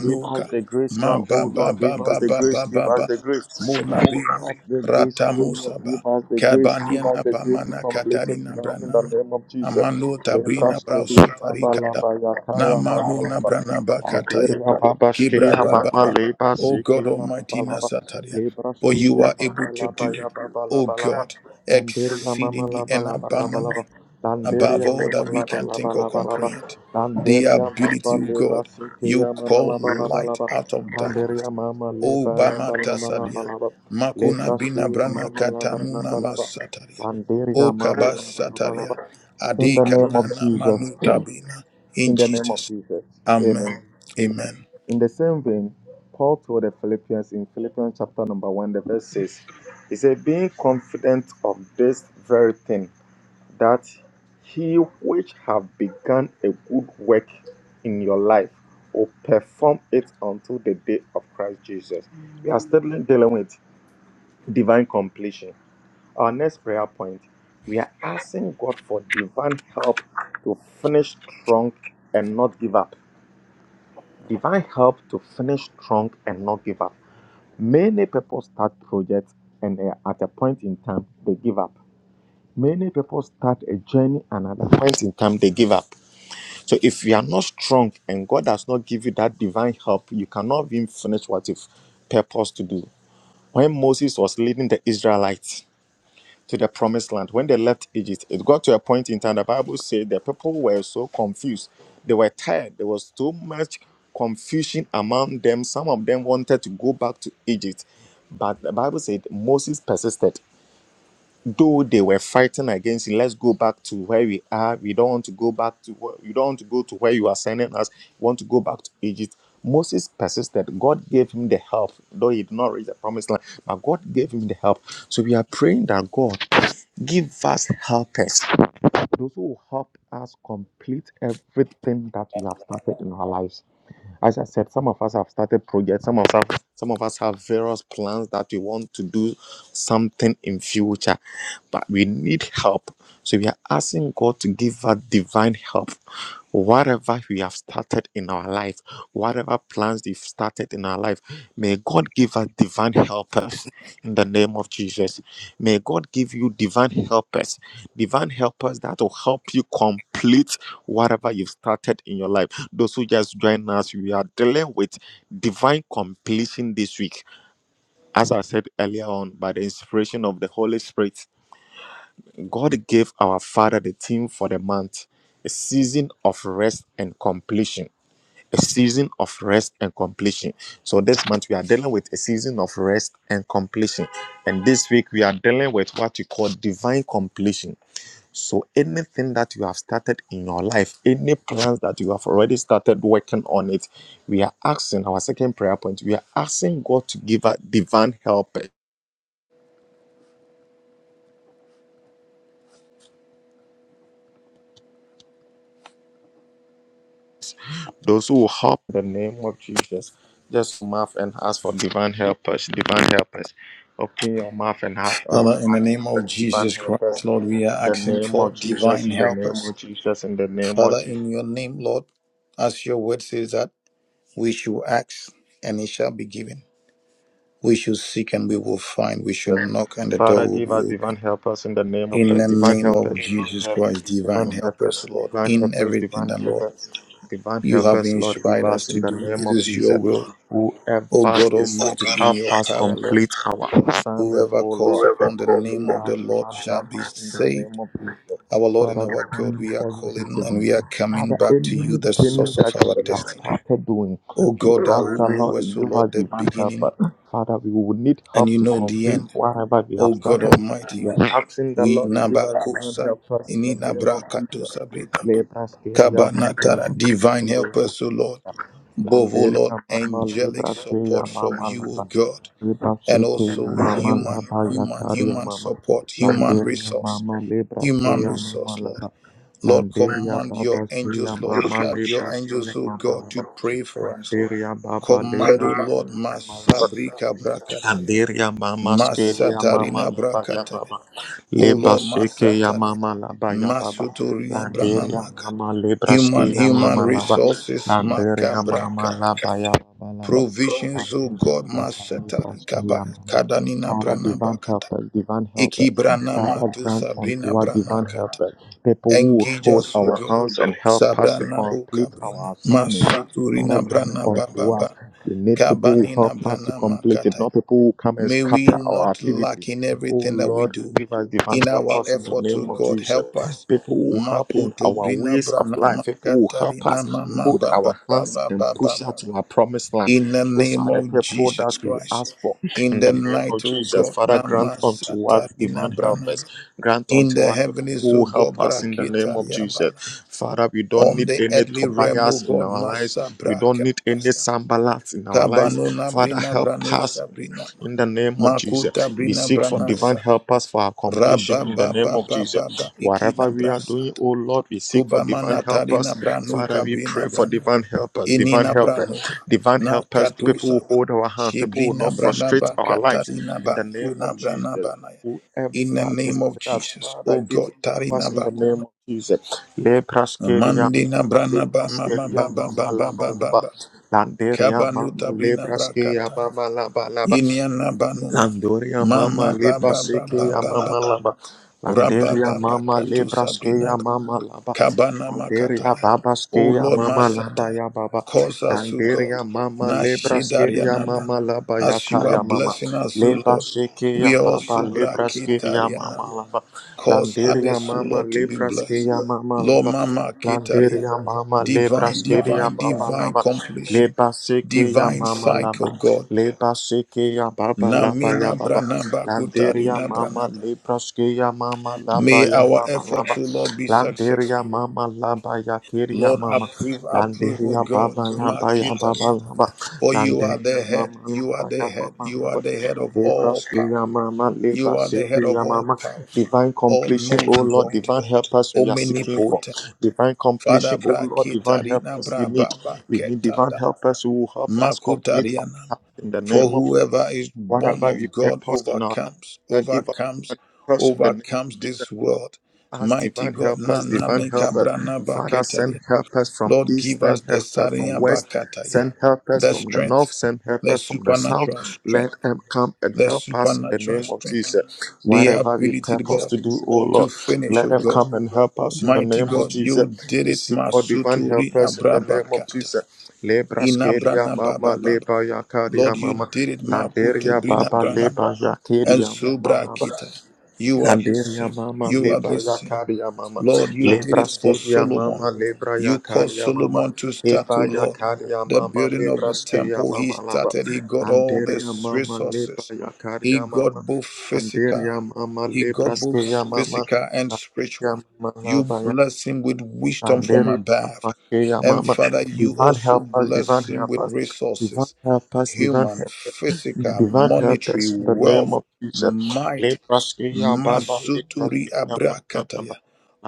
Speaker 1: Give us the grace now, O
Speaker 2: mababa,
Speaker 1: Lord, give us the grace, give us
Speaker 2: Mabababababababa,
Speaker 1: the grace. Give
Speaker 2: Munabina,
Speaker 1: us the grace, O Lord,
Speaker 2: Ratamusaba,
Speaker 1: give us the grace, give us
Speaker 2: Kabanyana
Speaker 1: the grace to
Speaker 2: Bamana
Speaker 1: complete it
Speaker 2: Katarina
Speaker 1: now in the
Speaker 2: Branama,
Speaker 1: name of Jesus.
Speaker 2: Amanu
Speaker 1: Lebra
Speaker 2: Tabrina
Speaker 1: Skiria Baba
Speaker 2: Brasutarikata,
Speaker 1: Laba Yakaya Mama
Speaker 2: Namanu
Speaker 1: Laba.
Speaker 2: Nabrana
Speaker 1: Mangeria baba shkia
Speaker 2: Kibra
Speaker 1: baba
Speaker 2: Baba.
Speaker 1: leba
Speaker 2: O God
Speaker 1: sikia
Speaker 2: Almighty
Speaker 1: baba
Speaker 2: Nasataria, for you are able to do,
Speaker 1: ya baba
Speaker 2: O God,
Speaker 1: Danderia mama
Speaker 2: exceedingly and abundantly above
Speaker 1: Danderia
Speaker 2: all
Speaker 1: mama
Speaker 2: that we can think or comprehend. The
Speaker 1: Danderia baba
Speaker 2: ability, O
Speaker 1: leba
Speaker 2: God, you
Speaker 1: sikia
Speaker 2: call light out of darkness.
Speaker 1: Danderia mama
Speaker 2: O
Speaker 1: leba laba
Speaker 2: Bama
Speaker 1: laba
Speaker 2: Tasadian, Makuna Bina Brana Katanuna Masataria, O
Speaker 1: Danderia mama
Speaker 2: Kabasataria,
Speaker 1: In the
Speaker 2: Adika
Speaker 1: name of
Speaker 2: Brana
Speaker 1: Jesus,
Speaker 2: Manutabina, in
Speaker 1: in the name of
Speaker 2: Jesus.
Speaker 1: Jesus,
Speaker 2: Amen.
Speaker 1: Amen.
Speaker 2: Amen.
Speaker 1: In the same vein, Paul told the Philippians in Philippians chapter number 1, the verse 6, he said, Being confident of this very thing, that he which have begun a good work in your life will perform it until the day of Christ Jesus. We are still dealing with divine completion. Our next prayer point, we are asking God for divine help to finish strong and not give up Divine help to finish strong and not give up. Many people start projects and uh, at a point in time they give up. Many people start a journey and at a point in time they give up. So if you are not strong and God does not give you that divine help, you cannot even finish what you've purposed to do. When Moses was leading the Israelites, to the promised land. When they left Egypt, it got to a point in time the Bible said the people were so confused. They were tired. There was too much confusion among them. Some of them wanted to go back to Egypt. But the Bible said Moses persisted though they were fighting against it let's go back to where we are we don't want to go back to where you don't want to go to where you are sending us we want to go back to egypt moses persisted god gave him the help though he did not reach the promised land but god gave him the help so we are praying that god give us helpers those who helped us complete everything that we have started in our lives. As I said, some of us have started projects, some of us have, some of us have various plans that we want to do something in future, but we need help. So we are asking God to give us divine help. Whatever we have started in our life, whatever plans we've started in our life. May God give us divine helpers in the name of Jesus. May God give you divine helpers, divine helpers that will help you complete whatever you've started in your life. Those who just joined us, we are dealing with divine completion this week. As I said earlier on, by the inspiration of the Holy Spirit, God gave our Father the theme for the month a season of rest and completion a season of rest and completion. So this month we are dealing with a season of rest and completion. And this week we are dealing with what we call divine completion. So anything that you have started in your life, any plans that you have already started working on it, we are asking our second prayer point. We are asking God to give us divine help Those who will in the name of Jesus, just mouth and ask for divine helpers, divine helpers. Open your mouth and ask for
Speaker 2: Father, in the
Speaker 1: divine
Speaker 2: name of
Speaker 1: helpers, divine
Speaker 2: Jesus Christ,
Speaker 1: helpers.
Speaker 2: Lord, we
Speaker 1: In
Speaker 2: are
Speaker 1: the
Speaker 2: asking
Speaker 1: name
Speaker 2: for
Speaker 1: of
Speaker 2: divine
Speaker 1: Jesus, in the name
Speaker 2: helpers.
Speaker 1: of Jesus, in the name of
Speaker 2: Father,
Speaker 1: Jesus.
Speaker 2: in your name, Lord, as your word says that we should ask and it shall be given. We should seek and we will find. We should knock and the door
Speaker 1: Father,
Speaker 2: will
Speaker 1: give
Speaker 2: be
Speaker 1: us
Speaker 2: open.
Speaker 1: divine helpers in the name of
Speaker 2: In
Speaker 1: the
Speaker 2: the
Speaker 1: divine
Speaker 2: name
Speaker 1: helpers,
Speaker 2: of
Speaker 1: divine
Speaker 2: Jesus
Speaker 1: help-
Speaker 2: Christ, divine
Speaker 1: divine
Speaker 2: helpers,
Speaker 1: helpers,
Speaker 2: Lord,
Speaker 1: divine
Speaker 2: in
Speaker 1: helpers,
Speaker 2: everything
Speaker 1: divine
Speaker 2: that, Lord,
Speaker 1: helpers, divine
Speaker 2: you have
Speaker 1: helpers, Lord, give
Speaker 2: inspired us
Speaker 1: us in
Speaker 2: to
Speaker 1: the
Speaker 2: do.
Speaker 1: name
Speaker 2: It
Speaker 1: of
Speaker 2: is your
Speaker 1: Jesus.
Speaker 2: will, O
Speaker 1: Whoever
Speaker 2: God
Speaker 1: is to
Speaker 2: Almighty, in
Speaker 1: help
Speaker 2: your
Speaker 1: us
Speaker 2: power, Lord.
Speaker 1: complete our assignment,
Speaker 2: Whoever
Speaker 1: O
Speaker 2: calls
Speaker 1: Lord,
Speaker 2: upon the
Speaker 1: give
Speaker 2: name of the
Speaker 1: us
Speaker 2: Lord
Speaker 1: divine
Speaker 2: shall be
Speaker 1: helpers in the
Speaker 2: saved.
Speaker 1: name of Jesus.
Speaker 2: Our Lord and
Speaker 1: Father, we
Speaker 2: our
Speaker 1: come
Speaker 2: God, we are
Speaker 1: before you this
Speaker 2: calling and
Speaker 1: evening.
Speaker 2: we are coming
Speaker 1: Father,
Speaker 2: back to you, the
Speaker 1: anything
Speaker 2: source of
Speaker 1: that
Speaker 2: our
Speaker 1: we have
Speaker 2: destiny.
Speaker 1: started doing,
Speaker 2: O
Speaker 1: we
Speaker 2: God, thou
Speaker 1: ask
Speaker 2: who
Speaker 1: the Lord,
Speaker 2: knowest, O
Speaker 1: give us
Speaker 2: Lord, the
Speaker 1: divine helpers.
Speaker 2: beginning
Speaker 1: Father, we will need
Speaker 2: and
Speaker 1: help
Speaker 2: you
Speaker 1: to
Speaker 2: know the
Speaker 1: complete
Speaker 2: end.
Speaker 1: whatever we have
Speaker 2: O God
Speaker 1: started. We
Speaker 2: Almighty,
Speaker 1: are asking the
Speaker 2: we
Speaker 1: Lord to give us divine
Speaker 2: nabakosa,
Speaker 1: help us in the name of Jesus.
Speaker 2: ininabrakatosa brina.
Speaker 1: Lebraskeria baba
Speaker 2: Kabanatara,
Speaker 1: labala
Speaker 2: divine help
Speaker 1: koyama.
Speaker 2: us, O Lord. Both, O Lord,
Speaker 1: Landeria mama
Speaker 2: angelic support
Speaker 1: lebraskeria
Speaker 2: from
Speaker 1: mama
Speaker 2: you, O
Speaker 1: laba.
Speaker 2: God, and
Speaker 1: Lebraskeria
Speaker 2: also
Speaker 1: mama
Speaker 2: human,
Speaker 1: laba
Speaker 2: human,
Speaker 1: yakaria
Speaker 2: human
Speaker 1: mama.
Speaker 2: support, human
Speaker 1: Landeria
Speaker 2: resource,
Speaker 1: mama
Speaker 2: human
Speaker 1: lebraskeria
Speaker 2: resource,
Speaker 1: mama
Speaker 2: Lord.
Speaker 1: laba.
Speaker 2: Lord,
Speaker 1: Landeria
Speaker 2: command your
Speaker 1: baba
Speaker 2: angels,
Speaker 1: skeria
Speaker 2: Lord,
Speaker 1: mama
Speaker 2: charge your angels,
Speaker 1: lebraskeria
Speaker 2: oh
Speaker 1: mama
Speaker 2: God,
Speaker 1: laba.
Speaker 2: to pray for us.
Speaker 1: Landeria baba
Speaker 2: Command, oh Lord,
Speaker 1: lebraskeria mama laba.
Speaker 2: Masabrika Brakataya,
Speaker 1: Landeria mama skeria mama
Speaker 2: Masatarina
Speaker 1: laba ya
Speaker 2: Brakataya,
Speaker 1: baba.
Speaker 2: oh
Speaker 1: Leba
Speaker 2: Lord,
Speaker 1: sheke ya
Speaker 2: Masataria,
Speaker 1: mama laba ya baba.
Speaker 2: Masuturina
Speaker 1: Landeria
Speaker 2: Branamaka,
Speaker 1: mama lebra
Speaker 2: human,
Speaker 1: ya
Speaker 2: human
Speaker 1: mama laba.
Speaker 2: resources,
Speaker 1: Landeria mama
Speaker 2: Makabrakataya,
Speaker 1: laba ya baba laba.
Speaker 2: provisions, oh
Speaker 1: Landeria
Speaker 2: God,
Speaker 1: baba lebra
Speaker 2: Masatari Kaba,
Speaker 1: skeria mama.
Speaker 2: Kadanina
Speaker 1: Father, divine help
Speaker 2: Branabakata,
Speaker 1: us, divine help us.
Speaker 2: Iki
Speaker 1: Father,
Speaker 2: Branamatu
Speaker 1: grant
Speaker 2: Sabrina
Speaker 1: unto us divine
Speaker 2: Branakata.
Speaker 1: help us. People who will
Speaker 2: Engage
Speaker 1: hold
Speaker 2: us, O
Speaker 1: our
Speaker 2: God.
Speaker 1: hands and help us to
Speaker 2: Sabrana
Speaker 1: complete
Speaker 2: Bukabrina,
Speaker 1: our assignment. Father,
Speaker 2: Masuturina
Speaker 1: grant
Speaker 2: Brana
Speaker 1: unto us.
Speaker 2: Bababa,
Speaker 1: We need people who help
Speaker 2: Kabanina
Speaker 1: us to
Speaker 2: Brana
Speaker 1: complete it,
Speaker 2: Makatai.
Speaker 1: not people who come and
Speaker 2: May we
Speaker 1: scatter our
Speaker 2: not lack
Speaker 1: activities.
Speaker 2: in
Speaker 1: Oh
Speaker 2: everything that we
Speaker 1: Lord,
Speaker 2: do.
Speaker 1: give us divine
Speaker 2: In
Speaker 1: help
Speaker 2: our
Speaker 1: us in the
Speaker 2: effort to
Speaker 1: name of
Speaker 2: God,
Speaker 1: Jesus.
Speaker 2: help us.
Speaker 1: People who help in
Speaker 2: Makuto
Speaker 1: our
Speaker 2: Brina
Speaker 1: ways of
Speaker 2: Brana
Speaker 1: life, people who help
Speaker 2: Makatarina
Speaker 1: us
Speaker 2: Mama
Speaker 1: hold
Speaker 2: Baba
Speaker 1: our hands
Speaker 2: Baba
Speaker 1: and
Speaker 2: Baba
Speaker 1: push us
Speaker 2: Baba.
Speaker 1: to our promised land.
Speaker 2: In the
Speaker 1: These
Speaker 2: name
Speaker 1: are the
Speaker 2: of
Speaker 1: people that
Speaker 2: Jesus
Speaker 1: we
Speaker 2: Christ.
Speaker 1: ask for.
Speaker 2: In
Speaker 1: In
Speaker 2: the
Speaker 1: the name
Speaker 2: night,
Speaker 1: of
Speaker 2: O
Speaker 1: Jesus,
Speaker 2: God,
Speaker 1: Father, grant unto us divine
Speaker 2: Namasatarina Brana.
Speaker 1: helpers. Grant
Speaker 2: In
Speaker 1: unto
Speaker 2: the
Speaker 1: us people
Speaker 2: heavens,
Speaker 1: who
Speaker 2: O
Speaker 1: will help
Speaker 2: God,
Speaker 1: us in the name of
Speaker 2: Brakitalia
Speaker 1: Jesus. Father, we don't
Speaker 2: on
Speaker 1: need
Speaker 2: the
Speaker 1: any
Speaker 2: earthly realm, O
Speaker 1: Tobias in
Speaker 2: God,
Speaker 1: our lives.
Speaker 2: Masa
Speaker 1: We don't
Speaker 2: Braka,
Speaker 1: need any
Speaker 2: Sasa,
Speaker 1: Sambalat in our lives.
Speaker 2: Kabanuna
Speaker 1: Father,
Speaker 2: Brina
Speaker 1: help us
Speaker 2: Branusa Brina Ma,
Speaker 1: in the name of Jesus.
Speaker 2: Makuta
Speaker 1: Jesus. We
Speaker 2: Brina
Speaker 1: seek for divine
Speaker 2: Branasa,
Speaker 1: helpers for our
Speaker 2: Rabba
Speaker 1: completion in the
Speaker 2: Baba
Speaker 1: name of
Speaker 2: Baba baba.
Speaker 1: Jesus.
Speaker 2: Ikina
Speaker 1: Whatever we are doing,
Speaker 2: Brasata,
Speaker 1: oh Lord, we seek for divine
Speaker 2: Kubamana Tarina
Speaker 1: helpers. Father,
Speaker 2: Branuka
Speaker 1: we pray
Speaker 2: Brina
Speaker 1: for
Speaker 2: Brana,
Speaker 1: divine helpers, divine
Speaker 2: Inina
Speaker 1: helpers,
Speaker 2: Branuka,
Speaker 1: divine helpers, people who
Speaker 2: Nakatusaba,
Speaker 1: hold our hands, people who will not
Speaker 2: Shibrina
Speaker 1: frustrate
Speaker 2: Branaba
Speaker 1: our lives
Speaker 2: Katarina
Speaker 1: in
Speaker 2: Ba,
Speaker 1: the name
Speaker 2: Kuna
Speaker 1: of Jesus.
Speaker 2: Branabanaya. In the
Speaker 1: Whoever is
Speaker 2: name of
Speaker 1: with us,
Speaker 2: Jesus,
Speaker 1: Father,
Speaker 2: O
Speaker 1: give
Speaker 2: God, Tarina
Speaker 1: us in the
Speaker 2: Bakuna,
Speaker 1: name of Jesus. Lepraskeria
Speaker 2: Mandina
Speaker 1: mama,
Speaker 2: Branaba, Mama
Speaker 1: lepraskeria
Speaker 2: baba
Speaker 1: mama,
Speaker 2: Baba
Speaker 1: laba,
Speaker 2: Baba
Speaker 1: laba.
Speaker 2: Baba
Speaker 1: Landeria mama,
Speaker 2: Kabanuta bina
Speaker 1: lepraskeria
Speaker 2: brakataya.
Speaker 1: mama, laba, laba.
Speaker 2: Inyana banuma.
Speaker 1: Landoria mama
Speaker 2: Mama
Speaker 1: lebra
Speaker 2: baba
Speaker 1: seke
Speaker 2: baba
Speaker 1: ya
Speaker 2: baba.
Speaker 1: mama laba.
Speaker 2: Rabba
Speaker 1: Landeria
Speaker 2: baba
Speaker 1: mama
Speaker 2: katu
Speaker 1: lebra ske
Speaker 2: sabrina.
Speaker 1: ya
Speaker 2: ba-
Speaker 1: mama laba.
Speaker 2: Kabana
Speaker 1: Landeria
Speaker 2: makataya.
Speaker 1: baba ske
Speaker 2: O
Speaker 1: ya
Speaker 2: Lord
Speaker 1: mama laba
Speaker 2: Masataya.
Speaker 1: ya baba.
Speaker 2: Cause us to
Speaker 1: Landeria
Speaker 2: God.
Speaker 1: mama lebra ske ya
Speaker 2: Nashidarianaban.
Speaker 1: mama laba ya
Speaker 2: As
Speaker 1: ka
Speaker 2: you are
Speaker 1: ya mama.
Speaker 2: blessing us, O
Speaker 1: Lebra
Speaker 2: Lord,
Speaker 1: seke ya
Speaker 2: we are
Speaker 1: baba
Speaker 2: also
Speaker 1: lebra ske ya mama
Speaker 2: brakitarianam.
Speaker 1: laba.
Speaker 2: Cause
Speaker 1: Landeria
Speaker 2: others, O
Speaker 1: mama
Speaker 2: Lord, to be
Speaker 1: lebra ske
Speaker 2: blessed.
Speaker 1: ya mama
Speaker 2: Lord
Speaker 1: laba.
Speaker 2: Mama Kitaria,
Speaker 1: Landeria mama lebra
Speaker 2: divine,
Speaker 1: steria
Speaker 2: divine,
Speaker 1: baba
Speaker 2: divine
Speaker 1: laba
Speaker 2: completion,
Speaker 1: leba seke ya
Speaker 2: divine
Speaker 1: mama laba
Speaker 2: cycle, God.
Speaker 1: leba seke ya baba laba ya
Speaker 2: Namina
Speaker 1: baba
Speaker 2: Branaba
Speaker 1: landeria
Speaker 2: Kutarina
Speaker 1: mama
Speaker 2: Branaba.
Speaker 1: lebra ske ya mama laba
Speaker 2: May
Speaker 1: ya
Speaker 2: our
Speaker 1: baba laba
Speaker 2: efforts, O Lord, be
Speaker 1: landeria
Speaker 2: successful.
Speaker 1: mama laba ya keria
Speaker 2: Lord,
Speaker 1: mama
Speaker 2: approve, approve, O
Speaker 1: landeria
Speaker 2: God.
Speaker 1: baba laba ya baba
Speaker 2: Makitaria.
Speaker 1: laba
Speaker 2: For you are
Speaker 1: landeria
Speaker 2: the head,
Speaker 1: mama
Speaker 2: you are
Speaker 1: laba
Speaker 2: the
Speaker 1: ya
Speaker 2: head,
Speaker 1: baba
Speaker 2: you are
Speaker 1: laba
Speaker 2: the head of
Speaker 1: lebra
Speaker 2: all
Speaker 1: ske
Speaker 2: power.
Speaker 1: ya mama
Speaker 2: You
Speaker 1: leba
Speaker 2: are the head
Speaker 1: seke
Speaker 2: of
Speaker 1: ya
Speaker 2: all
Speaker 1: mama
Speaker 2: power,
Speaker 1: divine
Speaker 2: all
Speaker 1: completion oh
Speaker 2: knowing
Speaker 1: Lord
Speaker 2: God,
Speaker 1: divine help us we are seeking for
Speaker 2: omnipotent.
Speaker 1: divine
Speaker 2: Father
Speaker 1: completion. Oh
Speaker 2: bra
Speaker 1: Lord, divine help
Speaker 2: ketarina
Speaker 1: us. We
Speaker 2: bra
Speaker 1: need,
Speaker 2: baba
Speaker 1: we need divine
Speaker 2: ketada
Speaker 1: help us who will help us complete our
Speaker 2: makutariana.
Speaker 1: task in the
Speaker 2: For
Speaker 1: name of
Speaker 2: whoever is born
Speaker 1: whatever we
Speaker 2: of God
Speaker 1: purpose in our life.
Speaker 2: overcomes,
Speaker 1: That give us
Speaker 2: overcomes,
Speaker 1: divine help us in the name of
Speaker 2: overcomes
Speaker 1: Jesus.
Speaker 2: this world.
Speaker 1: As
Speaker 2: Mighty
Speaker 1: divine
Speaker 2: God, na
Speaker 1: helpers,
Speaker 2: na
Speaker 1: divine
Speaker 2: ne
Speaker 1: helpers.
Speaker 2: kabrana
Speaker 1: Father, send
Speaker 2: baketaria.
Speaker 1: helpers from
Speaker 2: Lord,
Speaker 1: east,
Speaker 2: give us
Speaker 1: send
Speaker 2: the
Speaker 1: helpers from
Speaker 2: sarina
Speaker 1: west,
Speaker 2: bakataya,
Speaker 1: send helpers
Speaker 2: the
Speaker 1: from the north,
Speaker 2: strength,
Speaker 1: send
Speaker 2: the
Speaker 1: helpers from the south.
Speaker 2: supernatural
Speaker 1: Let
Speaker 2: strength,
Speaker 1: them come and
Speaker 2: the
Speaker 1: help us in the
Speaker 2: supernatural
Speaker 1: name of
Speaker 2: strength,
Speaker 1: Jesus.
Speaker 2: the
Speaker 1: Whatever we
Speaker 2: ability,
Speaker 1: purpose
Speaker 2: God,
Speaker 1: to do, oh
Speaker 2: to
Speaker 1: Lord,
Speaker 2: finish,
Speaker 1: let
Speaker 2: oh
Speaker 1: them
Speaker 2: God
Speaker 1: come and help us in the
Speaker 2: Mighty
Speaker 1: name of
Speaker 2: God,
Speaker 1: Jesus.
Speaker 2: you did
Speaker 1: We
Speaker 2: it,
Speaker 1: seek for divine
Speaker 2: Masuturi
Speaker 1: helpers in the
Speaker 2: Abraba
Speaker 1: name of
Speaker 2: Kata.
Speaker 1: Jesus. Lebra skeria
Speaker 2: Inabrana
Speaker 1: mama,
Speaker 2: Baba Baba.
Speaker 1: lebra
Speaker 2: Lord,
Speaker 1: yakaria
Speaker 2: you
Speaker 1: mama.
Speaker 2: did it, Makuto
Speaker 1: Landeria
Speaker 2: Brina
Speaker 1: Baba
Speaker 2: Brana.
Speaker 1: Leba
Speaker 2: And
Speaker 1: Yakaria
Speaker 2: Subra
Speaker 1: Mama
Speaker 2: Kita. You are the
Speaker 1: Kandiria
Speaker 2: same.
Speaker 1: mama
Speaker 2: You are
Speaker 1: libra
Speaker 2: the same.
Speaker 1: yakaria mama
Speaker 2: Lord, you did
Speaker 1: libra
Speaker 2: it for
Speaker 1: skiria
Speaker 2: Solomon.
Speaker 1: mama libra
Speaker 2: You caused
Speaker 1: yakaria mama
Speaker 2: Solomon to start to,
Speaker 1: eba
Speaker 2: Lord.
Speaker 1: yakaria
Speaker 2: The
Speaker 1: mama
Speaker 2: building of
Speaker 1: libra
Speaker 2: the
Speaker 1: skiria
Speaker 2: temple, he
Speaker 1: mama laba
Speaker 2: started, he got all
Speaker 1: Kandiria
Speaker 2: these
Speaker 1: mama libra
Speaker 2: resources. He
Speaker 1: yakaria mama
Speaker 2: got both physical,
Speaker 1: Kandiria mama
Speaker 2: he
Speaker 1: libra
Speaker 2: got both
Speaker 1: skiria mama
Speaker 2: physical and
Speaker 1: Kandiria
Speaker 2: spiritual.
Speaker 1: mama
Speaker 2: You
Speaker 1: laba ya
Speaker 2: bless him with wisdom from
Speaker 1: Kandiria
Speaker 2: above.
Speaker 1: mama skiria
Speaker 2: And
Speaker 1: mama
Speaker 2: Father, you
Speaker 1: divine
Speaker 2: also
Speaker 1: help us
Speaker 2: bless
Speaker 1: divine
Speaker 2: him
Speaker 1: help
Speaker 2: with
Speaker 1: us
Speaker 2: resources
Speaker 1: divine help us divine help us
Speaker 2: human, physical,
Speaker 1: Divine help
Speaker 2: monetary,
Speaker 1: us in the name
Speaker 2: wealth,
Speaker 1: of Jesus.
Speaker 2: might.
Speaker 1: Lepraskia Baba,
Speaker 2: Masuturi
Speaker 1: Lepraskia
Speaker 2: abrakataya.
Speaker 1: Baba,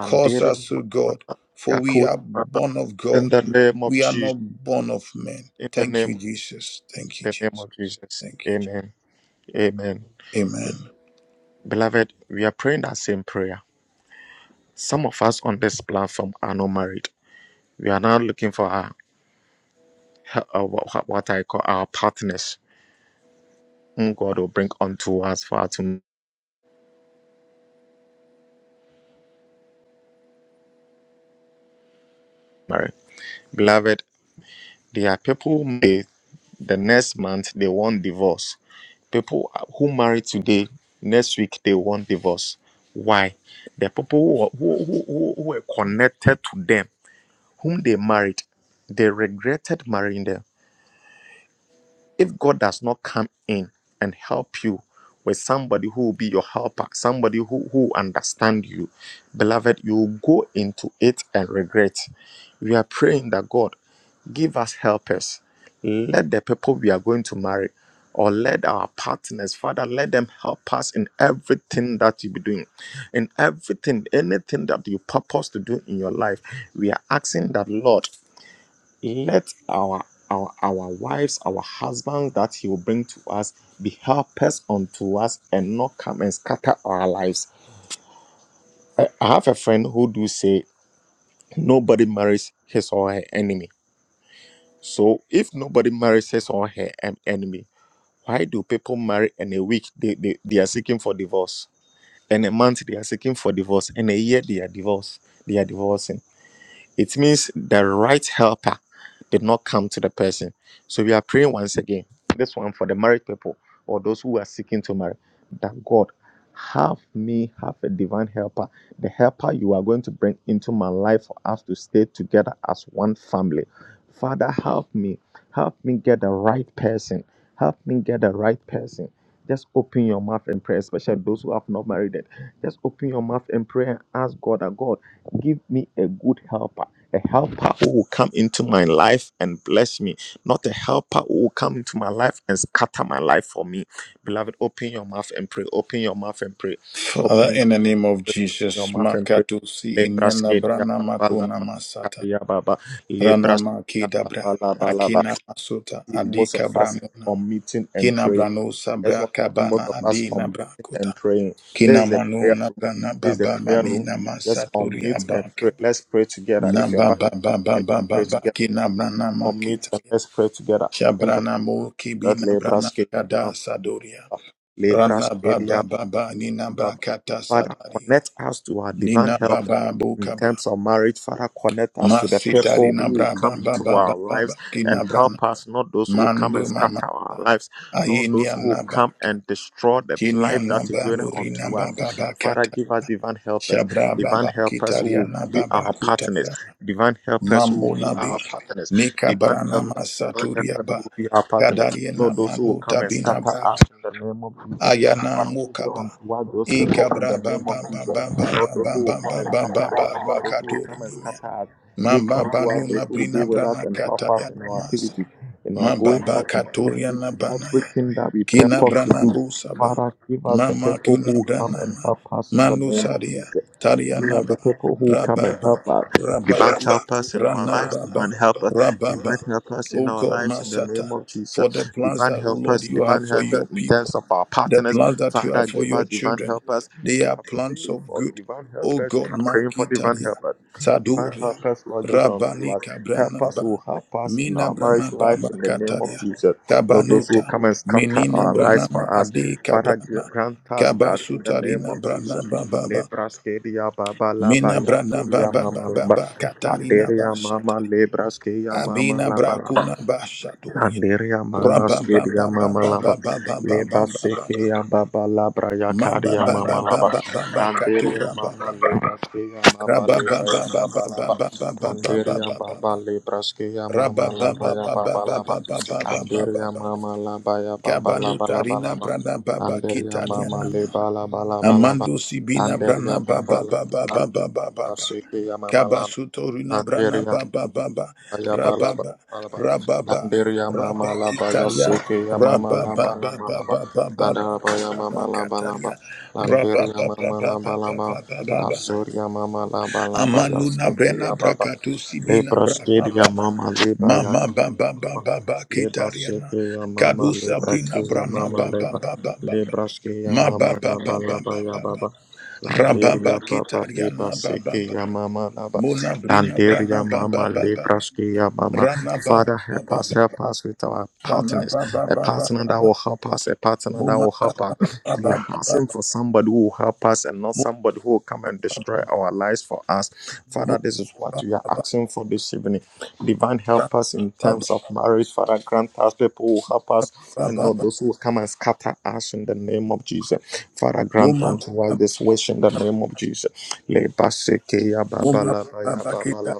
Speaker 2: Cause us to
Speaker 1: Baba,
Speaker 2: God, for we
Speaker 1: Yakui
Speaker 2: are
Speaker 1: Baba.
Speaker 2: born of
Speaker 1: In
Speaker 2: God.
Speaker 1: the name of
Speaker 2: We are not
Speaker 1: Jesus.
Speaker 2: born of men.
Speaker 1: In the
Speaker 2: Thank
Speaker 1: name,
Speaker 2: you, Jesus. Thank you,
Speaker 1: in the name
Speaker 2: Jesus.
Speaker 1: of Jesus.
Speaker 2: Thank you.
Speaker 1: Amen. Amen.
Speaker 2: Jesus. Amen.
Speaker 1: Beloved, we are praying that same prayer. Some of us on this platform are not married. We are now looking for our, our what what I call our partners, whom God will bring unto us for us to marry. Beloved, there are people. the next month they want divorce people who marry today next week they want divorce why the people who, who, who, who who were connected to them whom they married they regretted marrying them if God does not come in and help you with somebody who will be your helper, somebody who who understand you, beloved, you will go into it and regret. We are praying that God give us helpers. Let the people we are going to marry or let our partners, Father, let them help us in everything that you be doing, in everything, anything that you purpose to do in your life. We are asking that, Lord. Let our, our our wives, our husbands that He will bring to us be helpers unto us and not come and scatter our lives. I, I have a friend who do say nobody marries his or her enemy. So if nobody marries his or her en- enemy, why do people marry in a week they, they, they are seeking for divorce? in a month they are seeking for divorce, in a year they are divorced, they are divorcing. It means the right helper did not come to the person. So we are praying once again, this one for the married people or those who are seeking to marry, that God have me have a divine helper, the helper you are going to bring into my life for us to stay together as one family. Father, help me. Help me get the right person. Help me get the right person. Just open your mouth and pray, especially those who have not married yet. Just open your mouth and pray and ask God that God give me a good helper a helper who will come into my life and bless me, not a helper who will come into my life and scatter my life for me. Beloved, open your mouth and pray. Open your mouth and pray.
Speaker 2: Father,
Speaker 1: Open
Speaker 2: in
Speaker 1: your,
Speaker 2: the name of
Speaker 1: open your
Speaker 2: Jesus,
Speaker 1: mouth and pray.
Speaker 2: Makatusi inyana
Speaker 1: Lebraske
Speaker 2: brana
Speaker 1: diababa
Speaker 2: makuna
Speaker 1: laba
Speaker 2: masata
Speaker 1: kariababa.
Speaker 2: rana
Speaker 1: Lebraske
Speaker 2: makida bra
Speaker 1: diababa laba laba.
Speaker 2: akina masuta
Speaker 1: Most
Speaker 2: adika
Speaker 1: of us
Speaker 2: branuna
Speaker 1: are meeting and
Speaker 2: kina
Speaker 1: praying.
Speaker 2: brano
Speaker 1: I just
Speaker 2: sabra
Speaker 1: want to see most
Speaker 2: kabana
Speaker 1: of us on
Speaker 2: adina
Speaker 1: meeting
Speaker 2: brakuta.
Speaker 1: and praying.
Speaker 2: Kina
Speaker 1: This is the
Speaker 2: manu
Speaker 1: prayer
Speaker 2: na
Speaker 1: room.
Speaker 2: prana
Speaker 1: This is the
Speaker 2: baba
Speaker 1: prayer
Speaker 2: mani
Speaker 1: room.
Speaker 2: nama
Speaker 1: Just
Speaker 2: saturi
Speaker 1: unmute and
Speaker 2: abaka.
Speaker 1: pray. Let's pray together.
Speaker 2: Na
Speaker 1: If you're
Speaker 2: baba baba
Speaker 1: Okay, let's
Speaker 2: baba
Speaker 1: pray
Speaker 2: ba
Speaker 1: together.
Speaker 2: kina brana
Speaker 1: Unmute and
Speaker 2: makitaria.
Speaker 1: let's pray together. In the
Speaker 2: Shabrana mo kibina
Speaker 1: name
Speaker 2: brana kada
Speaker 1: of
Speaker 2: sadoria.
Speaker 1: that
Speaker 2: Rana
Speaker 1: Lebraske,
Speaker 2: baba baba nina
Speaker 1: Baba.
Speaker 2: bakata
Speaker 1: Father,
Speaker 2: sadari.
Speaker 1: connect us to our divine
Speaker 2: Nina
Speaker 1: help
Speaker 2: baba
Speaker 1: in
Speaker 2: bukaba.
Speaker 1: terms of marriage. Father, connect us to the
Speaker 2: Masitari
Speaker 1: people
Speaker 2: na
Speaker 1: who will
Speaker 2: braba
Speaker 1: come
Speaker 2: baba
Speaker 1: into
Speaker 2: baba
Speaker 1: our
Speaker 2: baba
Speaker 1: lives and
Speaker 2: kina brana.
Speaker 1: help us, not those who will come and
Speaker 2: Mandu mama.
Speaker 1: scatter our lives, not those
Speaker 2: Ayinia
Speaker 1: who will come
Speaker 2: nabaka.
Speaker 1: and destroy the
Speaker 2: Kinia
Speaker 1: life that is
Speaker 2: baba
Speaker 1: going on to us.
Speaker 2: nababa
Speaker 1: Father, give us divine helpers,
Speaker 2: Shabra
Speaker 1: divine
Speaker 2: baba
Speaker 1: helpers who will
Speaker 2: kitariana
Speaker 1: be
Speaker 2: baba
Speaker 1: our partners,
Speaker 2: kutaya
Speaker 1: divine helpers who will be our
Speaker 2: mamunabi
Speaker 1: partners,
Speaker 2: nika
Speaker 1: divine
Speaker 2: barana
Speaker 1: helpers. divine
Speaker 2: masaturia
Speaker 1: helpers who
Speaker 2: ba
Speaker 1: will be our partners,
Speaker 2: kadariana
Speaker 1: not those who will come
Speaker 2: manuta
Speaker 1: and scatter us
Speaker 2: binabraka
Speaker 1: in the name of Jesus.
Speaker 2: ayana
Speaker 1: Father, give it
Speaker 2: mukaba
Speaker 1: unto us those people in the
Speaker 2: ikabra
Speaker 1: name of
Speaker 2: baba
Speaker 1: Jesus.
Speaker 2: baba
Speaker 1: Not
Speaker 2: baba
Speaker 1: those who will
Speaker 2: baba
Speaker 1: come and
Speaker 2: baba
Speaker 1: scatter us,
Speaker 2: baba
Speaker 1: not those who will
Speaker 2: bakadur
Speaker 1: come and
Speaker 2: nimia
Speaker 1: scatter us. Give
Speaker 2: mamba
Speaker 1: unto us those
Speaker 2: banuna
Speaker 1: who will be
Speaker 2: brina
Speaker 1: with us
Speaker 2: brana
Speaker 1: and help us
Speaker 2: kataya
Speaker 1: in our
Speaker 2: masa
Speaker 1: activity, in our
Speaker 2: mamba
Speaker 1: going out, in our coming,
Speaker 2: bakaturiana banaya
Speaker 1: everything that we
Speaker 2: Kina
Speaker 1: purpose to
Speaker 2: brana
Speaker 1: do.
Speaker 2: busaba.
Speaker 1: Father, give us the
Speaker 2: Mama
Speaker 1: people who
Speaker 2: kuna
Speaker 1: will come and
Speaker 2: branama.
Speaker 1: help us in the
Speaker 2: Manu
Speaker 1: name of
Speaker 2: saria.
Speaker 1: Jesus. Give us
Speaker 2: Tarianaba.
Speaker 1: the people who will come and
Speaker 2: Rababa.
Speaker 1: help us. Divine
Speaker 2: Rabaku.
Speaker 1: help us in our lives,
Speaker 2: Ranababa.
Speaker 1: divine help us, divine
Speaker 2: Rababa.
Speaker 1: help us in
Speaker 2: O
Speaker 1: our
Speaker 2: God
Speaker 1: lives in the name
Speaker 2: Masata.
Speaker 1: of Jesus.
Speaker 2: For the plans
Speaker 1: Divine
Speaker 2: that, O
Speaker 1: help
Speaker 2: Lord,
Speaker 1: us,
Speaker 2: you have
Speaker 1: divine
Speaker 2: for
Speaker 1: help us
Speaker 2: your
Speaker 1: in
Speaker 2: people.
Speaker 1: terms of our
Speaker 2: The
Speaker 1: partners
Speaker 2: plans that you have
Speaker 1: Father,
Speaker 2: for
Speaker 1: give
Speaker 2: your
Speaker 1: us divine
Speaker 2: children,
Speaker 1: helpers.
Speaker 2: they
Speaker 1: We
Speaker 2: are
Speaker 1: are
Speaker 2: plans
Speaker 1: praying
Speaker 2: of
Speaker 1: for
Speaker 2: good.
Speaker 1: divine
Speaker 2: O
Speaker 1: helpers. We
Speaker 2: God,
Speaker 1: are praying for divine
Speaker 2: Makitaria,
Speaker 1: helpers. Divine
Speaker 2: Saduria,
Speaker 1: helpers, Lord, give unto
Speaker 2: Rabani
Speaker 1: us. Help us
Speaker 2: Kabranaba,
Speaker 1: who help us in
Speaker 2: Mina
Speaker 1: our marriage
Speaker 2: Branaba
Speaker 1: life in the name of
Speaker 2: Makataria,
Speaker 1: Jesus. Not those who
Speaker 2: Kabanuta,
Speaker 1: come and scatter
Speaker 2: Menina
Speaker 1: our lives for
Speaker 2: Branama
Speaker 1: us.
Speaker 2: Ade
Speaker 1: Father,
Speaker 2: Kabrana,
Speaker 1: grant us that in the name
Speaker 2: Kabasutarina
Speaker 1: of Jesus.
Speaker 2: Branaba Baba,
Speaker 1: Lebras kedia baba laba
Speaker 2: Mina
Speaker 1: ya
Speaker 2: Branaba
Speaker 1: kodia
Speaker 2: Baba
Speaker 1: mama laba.
Speaker 2: Baba Katarina
Speaker 1: Laberia mama
Speaker 2: Bashatari,
Speaker 1: lebras kedia mama
Speaker 2: Abina
Speaker 1: laba laba.
Speaker 2: Brakuna Bashaduria,
Speaker 1: Kandiria mama
Speaker 2: Rabba
Speaker 1: skidia
Speaker 2: Baba Baba
Speaker 1: mama laba
Speaker 2: Baba Baba
Speaker 1: leba
Speaker 2: Baba Baba
Speaker 1: sekia baba labra ya
Speaker 2: Mamba
Speaker 1: karia
Speaker 2: ba
Speaker 1: mama
Speaker 2: ba ba
Speaker 1: laba Kandiria
Speaker 2: katura ba
Speaker 1: mama leba skia mama
Speaker 2: Kraba ba
Speaker 1: lebra
Speaker 2: ba
Speaker 1: ya
Speaker 2: ba ba
Speaker 1: baba
Speaker 2: ba
Speaker 1: laba
Speaker 2: ba
Speaker 1: Kandiria baba lebra skia
Speaker 2: Raba
Speaker 1: mama
Speaker 2: ba
Speaker 1: labra
Speaker 2: ba
Speaker 1: ya
Speaker 2: ba ba ba
Speaker 1: baba
Speaker 2: ba
Speaker 1: laba
Speaker 2: ba
Speaker 1: Kandiria mama laba ya baba laba laba laba
Speaker 2: brana ba
Speaker 1: Kandiria
Speaker 2: kitania
Speaker 1: mama
Speaker 2: nama.
Speaker 1: leba laba laba
Speaker 5: Thank
Speaker 1: laba
Speaker 5: you.
Speaker 2: Amando Sibina Brana
Speaker 1: Kandiria baba
Speaker 2: Baba Baba
Speaker 1: laba
Speaker 2: Baba Baba
Speaker 1: ya
Speaker 2: Baba
Speaker 1: sekia mama laba
Speaker 2: Kabasuto Rina Brana Baba Baba
Speaker 5: Thank
Speaker 1: Ayabalaba,
Speaker 2: Rababa
Speaker 5: you.
Speaker 1: balaba.
Speaker 2: Rababa
Speaker 1: Lamberia mama
Speaker 2: Rabba
Speaker 1: laba
Speaker 2: Kitaria
Speaker 1: yaseke ya mama
Speaker 2: Rababa
Speaker 1: laba
Speaker 2: Baba
Speaker 1: laba laba.
Speaker 2: Baba Baba
Speaker 1: Adaraba ya mama
Speaker 2: Baba
Speaker 1: laba laba.
Speaker 2: Kataria Rababa
Speaker 1: Lamberia mama
Speaker 2: Baba
Speaker 1: laba
Speaker 2: Baba
Speaker 1: laba.
Speaker 2: Baba Baba
Speaker 1: Lazuria mama laba laba
Speaker 2: Amanuna
Speaker 1: yaseke
Speaker 2: Brena
Speaker 1: ya baba.
Speaker 2: Brakatu Sibina Brana
Speaker 1: Lebraskid ya
Speaker 2: Baba
Speaker 1: mama
Speaker 2: Mama Baba Baba Baba
Speaker 1: Leba
Speaker 2: Kitariana
Speaker 1: sete ya mama,
Speaker 2: Kadu
Speaker 1: leba
Speaker 2: Sabrina
Speaker 1: se ya
Speaker 2: Brana
Speaker 1: mama,
Speaker 2: Baba
Speaker 1: leba
Speaker 2: Baba Baba
Speaker 1: lebra ske ya
Speaker 2: Ma ba
Speaker 1: mama,
Speaker 2: ba
Speaker 1: laba
Speaker 2: ba ba ba
Speaker 1: laba ya
Speaker 2: ba ba
Speaker 1: baba. Landeri
Speaker 2: Rababa
Speaker 1: ya papa, leba
Speaker 2: kitariana baba
Speaker 1: seke ya
Speaker 2: baba.
Speaker 1: mama, laba.
Speaker 2: Muna brina
Speaker 1: Landeri
Speaker 2: brana
Speaker 1: ya
Speaker 2: baba
Speaker 1: mama,
Speaker 2: baba
Speaker 1: lebra
Speaker 2: baba.
Speaker 1: ske ya mama.
Speaker 2: Rana baba
Speaker 1: Father, help
Speaker 2: baba
Speaker 1: us,
Speaker 2: baba.
Speaker 1: help us with our
Speaker 2: Rana
Speaker 1: partners.
Speaker 2: baba
Speaker 1: A
Speaker 2: baba
Speaker 1: partner that
Speaker 2: baba.
Speaker 1: will help us, a partner that
Speaker 2: Muma
Speaker 1: will
Speaker 2: baba
Speaker 1: help us. We are
Speaker 2: baba
Speaker 1: asking
Speaker 2: baba.
Speaker 1: for somebody who will help us and not somebody who will come and destroy our lives for us. Father, this is what we are asking for this evening. Divine help us in
Speaker 2: baba
Speaker 1: terms of marriage, Father. Grant us people who help us
Speaker 2: baba
Speaker 1: and not
Speaker 2: baba.
Speaker 1: those who come and scatter us in the name of Jesus. Father, grant
Speaker 2: Muma
Speaker 1: unto us
Speaker 2: baba
Speaker 1: this wish in the name of Jesus. Leba sekeya baba
Speaker 2: muma
Speaker 1: ya
Speaker 2: baba
Speaker 1: baba
Speaker 2: kita.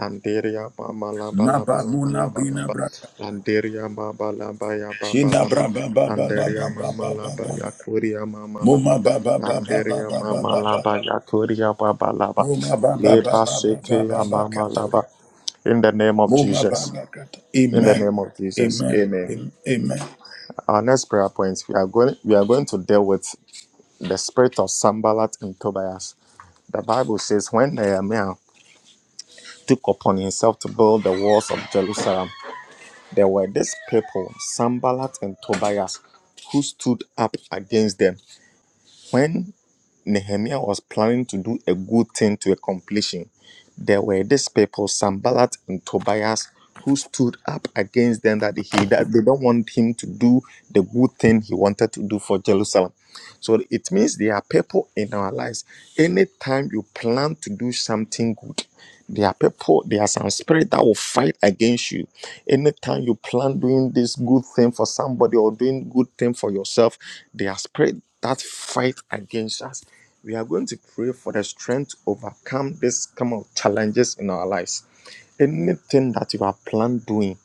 Speaker 1: Landeria mama laba laba
Speaker 2: Maba
Speaker 1: laba
Speaker 2: muna
Speaker 1: laba
Speaker 2: brina braka.
Speaker 1: Landeria baba ya baba
Speaker 2: Shina braba baba baba
Speaker 1: Landeria
Speaker 2: baba
Speaker 1: mama
Speaker 2: baba.
Speaker 1: laba ya kuria mama
Speaker 2: Muma
Speaker 1: laba.
Speaker 2: baba baba baba
Speaker 1: Landeria
Speaker 2: baba
Speaker 1: mama
Speaker 2: baba.
Speaker 1: laba ya kuria baba
Speaker 2: Muma baba baba
Speaker 1: Leba
Speaker 2: baba baba
Speaker 1: sekeya mama
Speaker 2: baba.
Speaker 1: laba. In the name of
Speaker 2: Muma
Speaker 1: Jesus.
Speaker 2: Baba
Speaker 1: In the
Speaker 2: Amen.
Speaker 1: name of Jesus.
Speaker 2: Amen.
Speaker 1: Amen.
Speaker 2: Am- Amen.
Speaker 1: Our next prayer point, we are going we are going to deal with the spirit of Sambalat and Tobias. The Bible says when Nehemiah took upon himself to build the walls of Jerusalem, there were these people, Sambalat and Tobias, who stood up against them. When Nehemiah was planning to do a good thing to a completion, there were these people, Sambalat and Tobias, who stood up against them that he that they don't want him to do the good thing he wanted to do for Jerusalem. So it means there are people in our lives. Anytime you plan to do something good, there are people, there are some spirit that will fight against you. Anytime you plan doing this good thing for somebody or doing good thing for yourself, their spirit that fight against us. We are going to pray for the strength to overcome this kind of challenges in our lives anything that you are planned doing,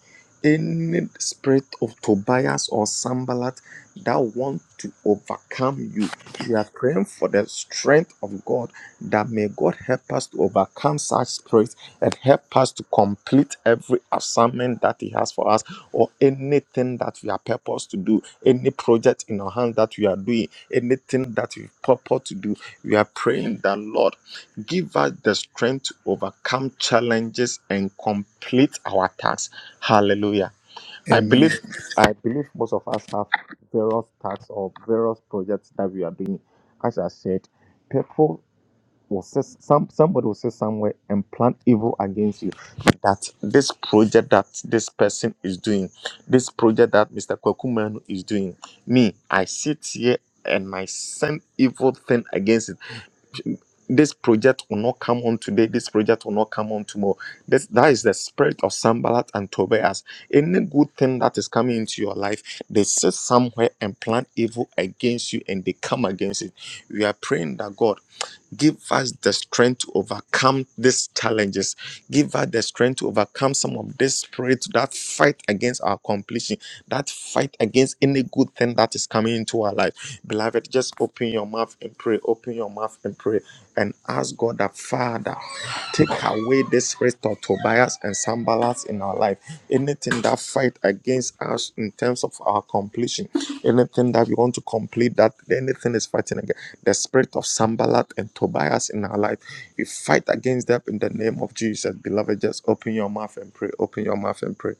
Speaker 1: any spirit of Tobias or Sambalat that want to overcome you, we are praying for the strength of God that may God help us to overcome such spirits and help us to complete every assignment that He has for us or anything that we are purposed to do any project in our hand that we are doing, anything that we purport to do, we are praying that, Lord, give us the strength to overcome challenges and complete our tasks. Hallelujah. I
Speaker 2: Amen.
Speaker 1: believe I believe most of us have various tasks or various projects that we are doing. As I said, people will sit some somebody will sit somewhere and plan evil against you that this project that this person is doing this project that mr kwakumanu is doing me i sit here and i send evil thing against it this project will not come on today this project will not come on tomorrow this, that is the spirit of sambalat and tobias any good thing that is coming into your life they sit somewhere and plan evil against you and they come against it we are praying that god Give us the strength to overcome these challenges. Give us the strength to overcome some of these spirits that fight against our completion, that fight against any good thing that is coming into our life. Beloved, just open your mouth and pray. Open your mouth and pray and ask God that Father, take away this spirit of Tobias and Sambalas in our life. Anything that fight fight against us in terms of our completion. Anything that we want to complete, that anything is fighting against the spirit of Sambalat and Tobias in our life. We fight against them in the name of Jesus. Beloved, just open your mouth and pray. Open your mouth and pray.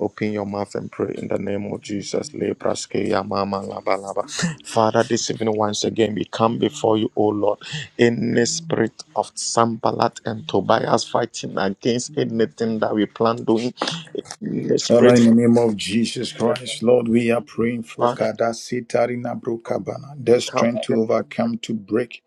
Speaker 1: Open your mouth and pray in the name of Jesus. Lebraske yamama laba laba. Father, this evening once again we come before you, O Lord, in the spirit of Sambalat and Tobias fighting against anything that we plan doing. In the
Speaker 2: Father,
Speaker 1: spirit
Speaker 2: in the name of Jesus
Speaker 1: that
Speaker 2: Christ, Lord,
Speaker 1: we-
Speaker 2: we are praying for
Speaker 1: Father,
Speaker 2: kadasi tarina Brukabana, the
Speaker 1: come
Speaker 2: strength to
Speaker 1: against them,
Speaker 2: overcome, to break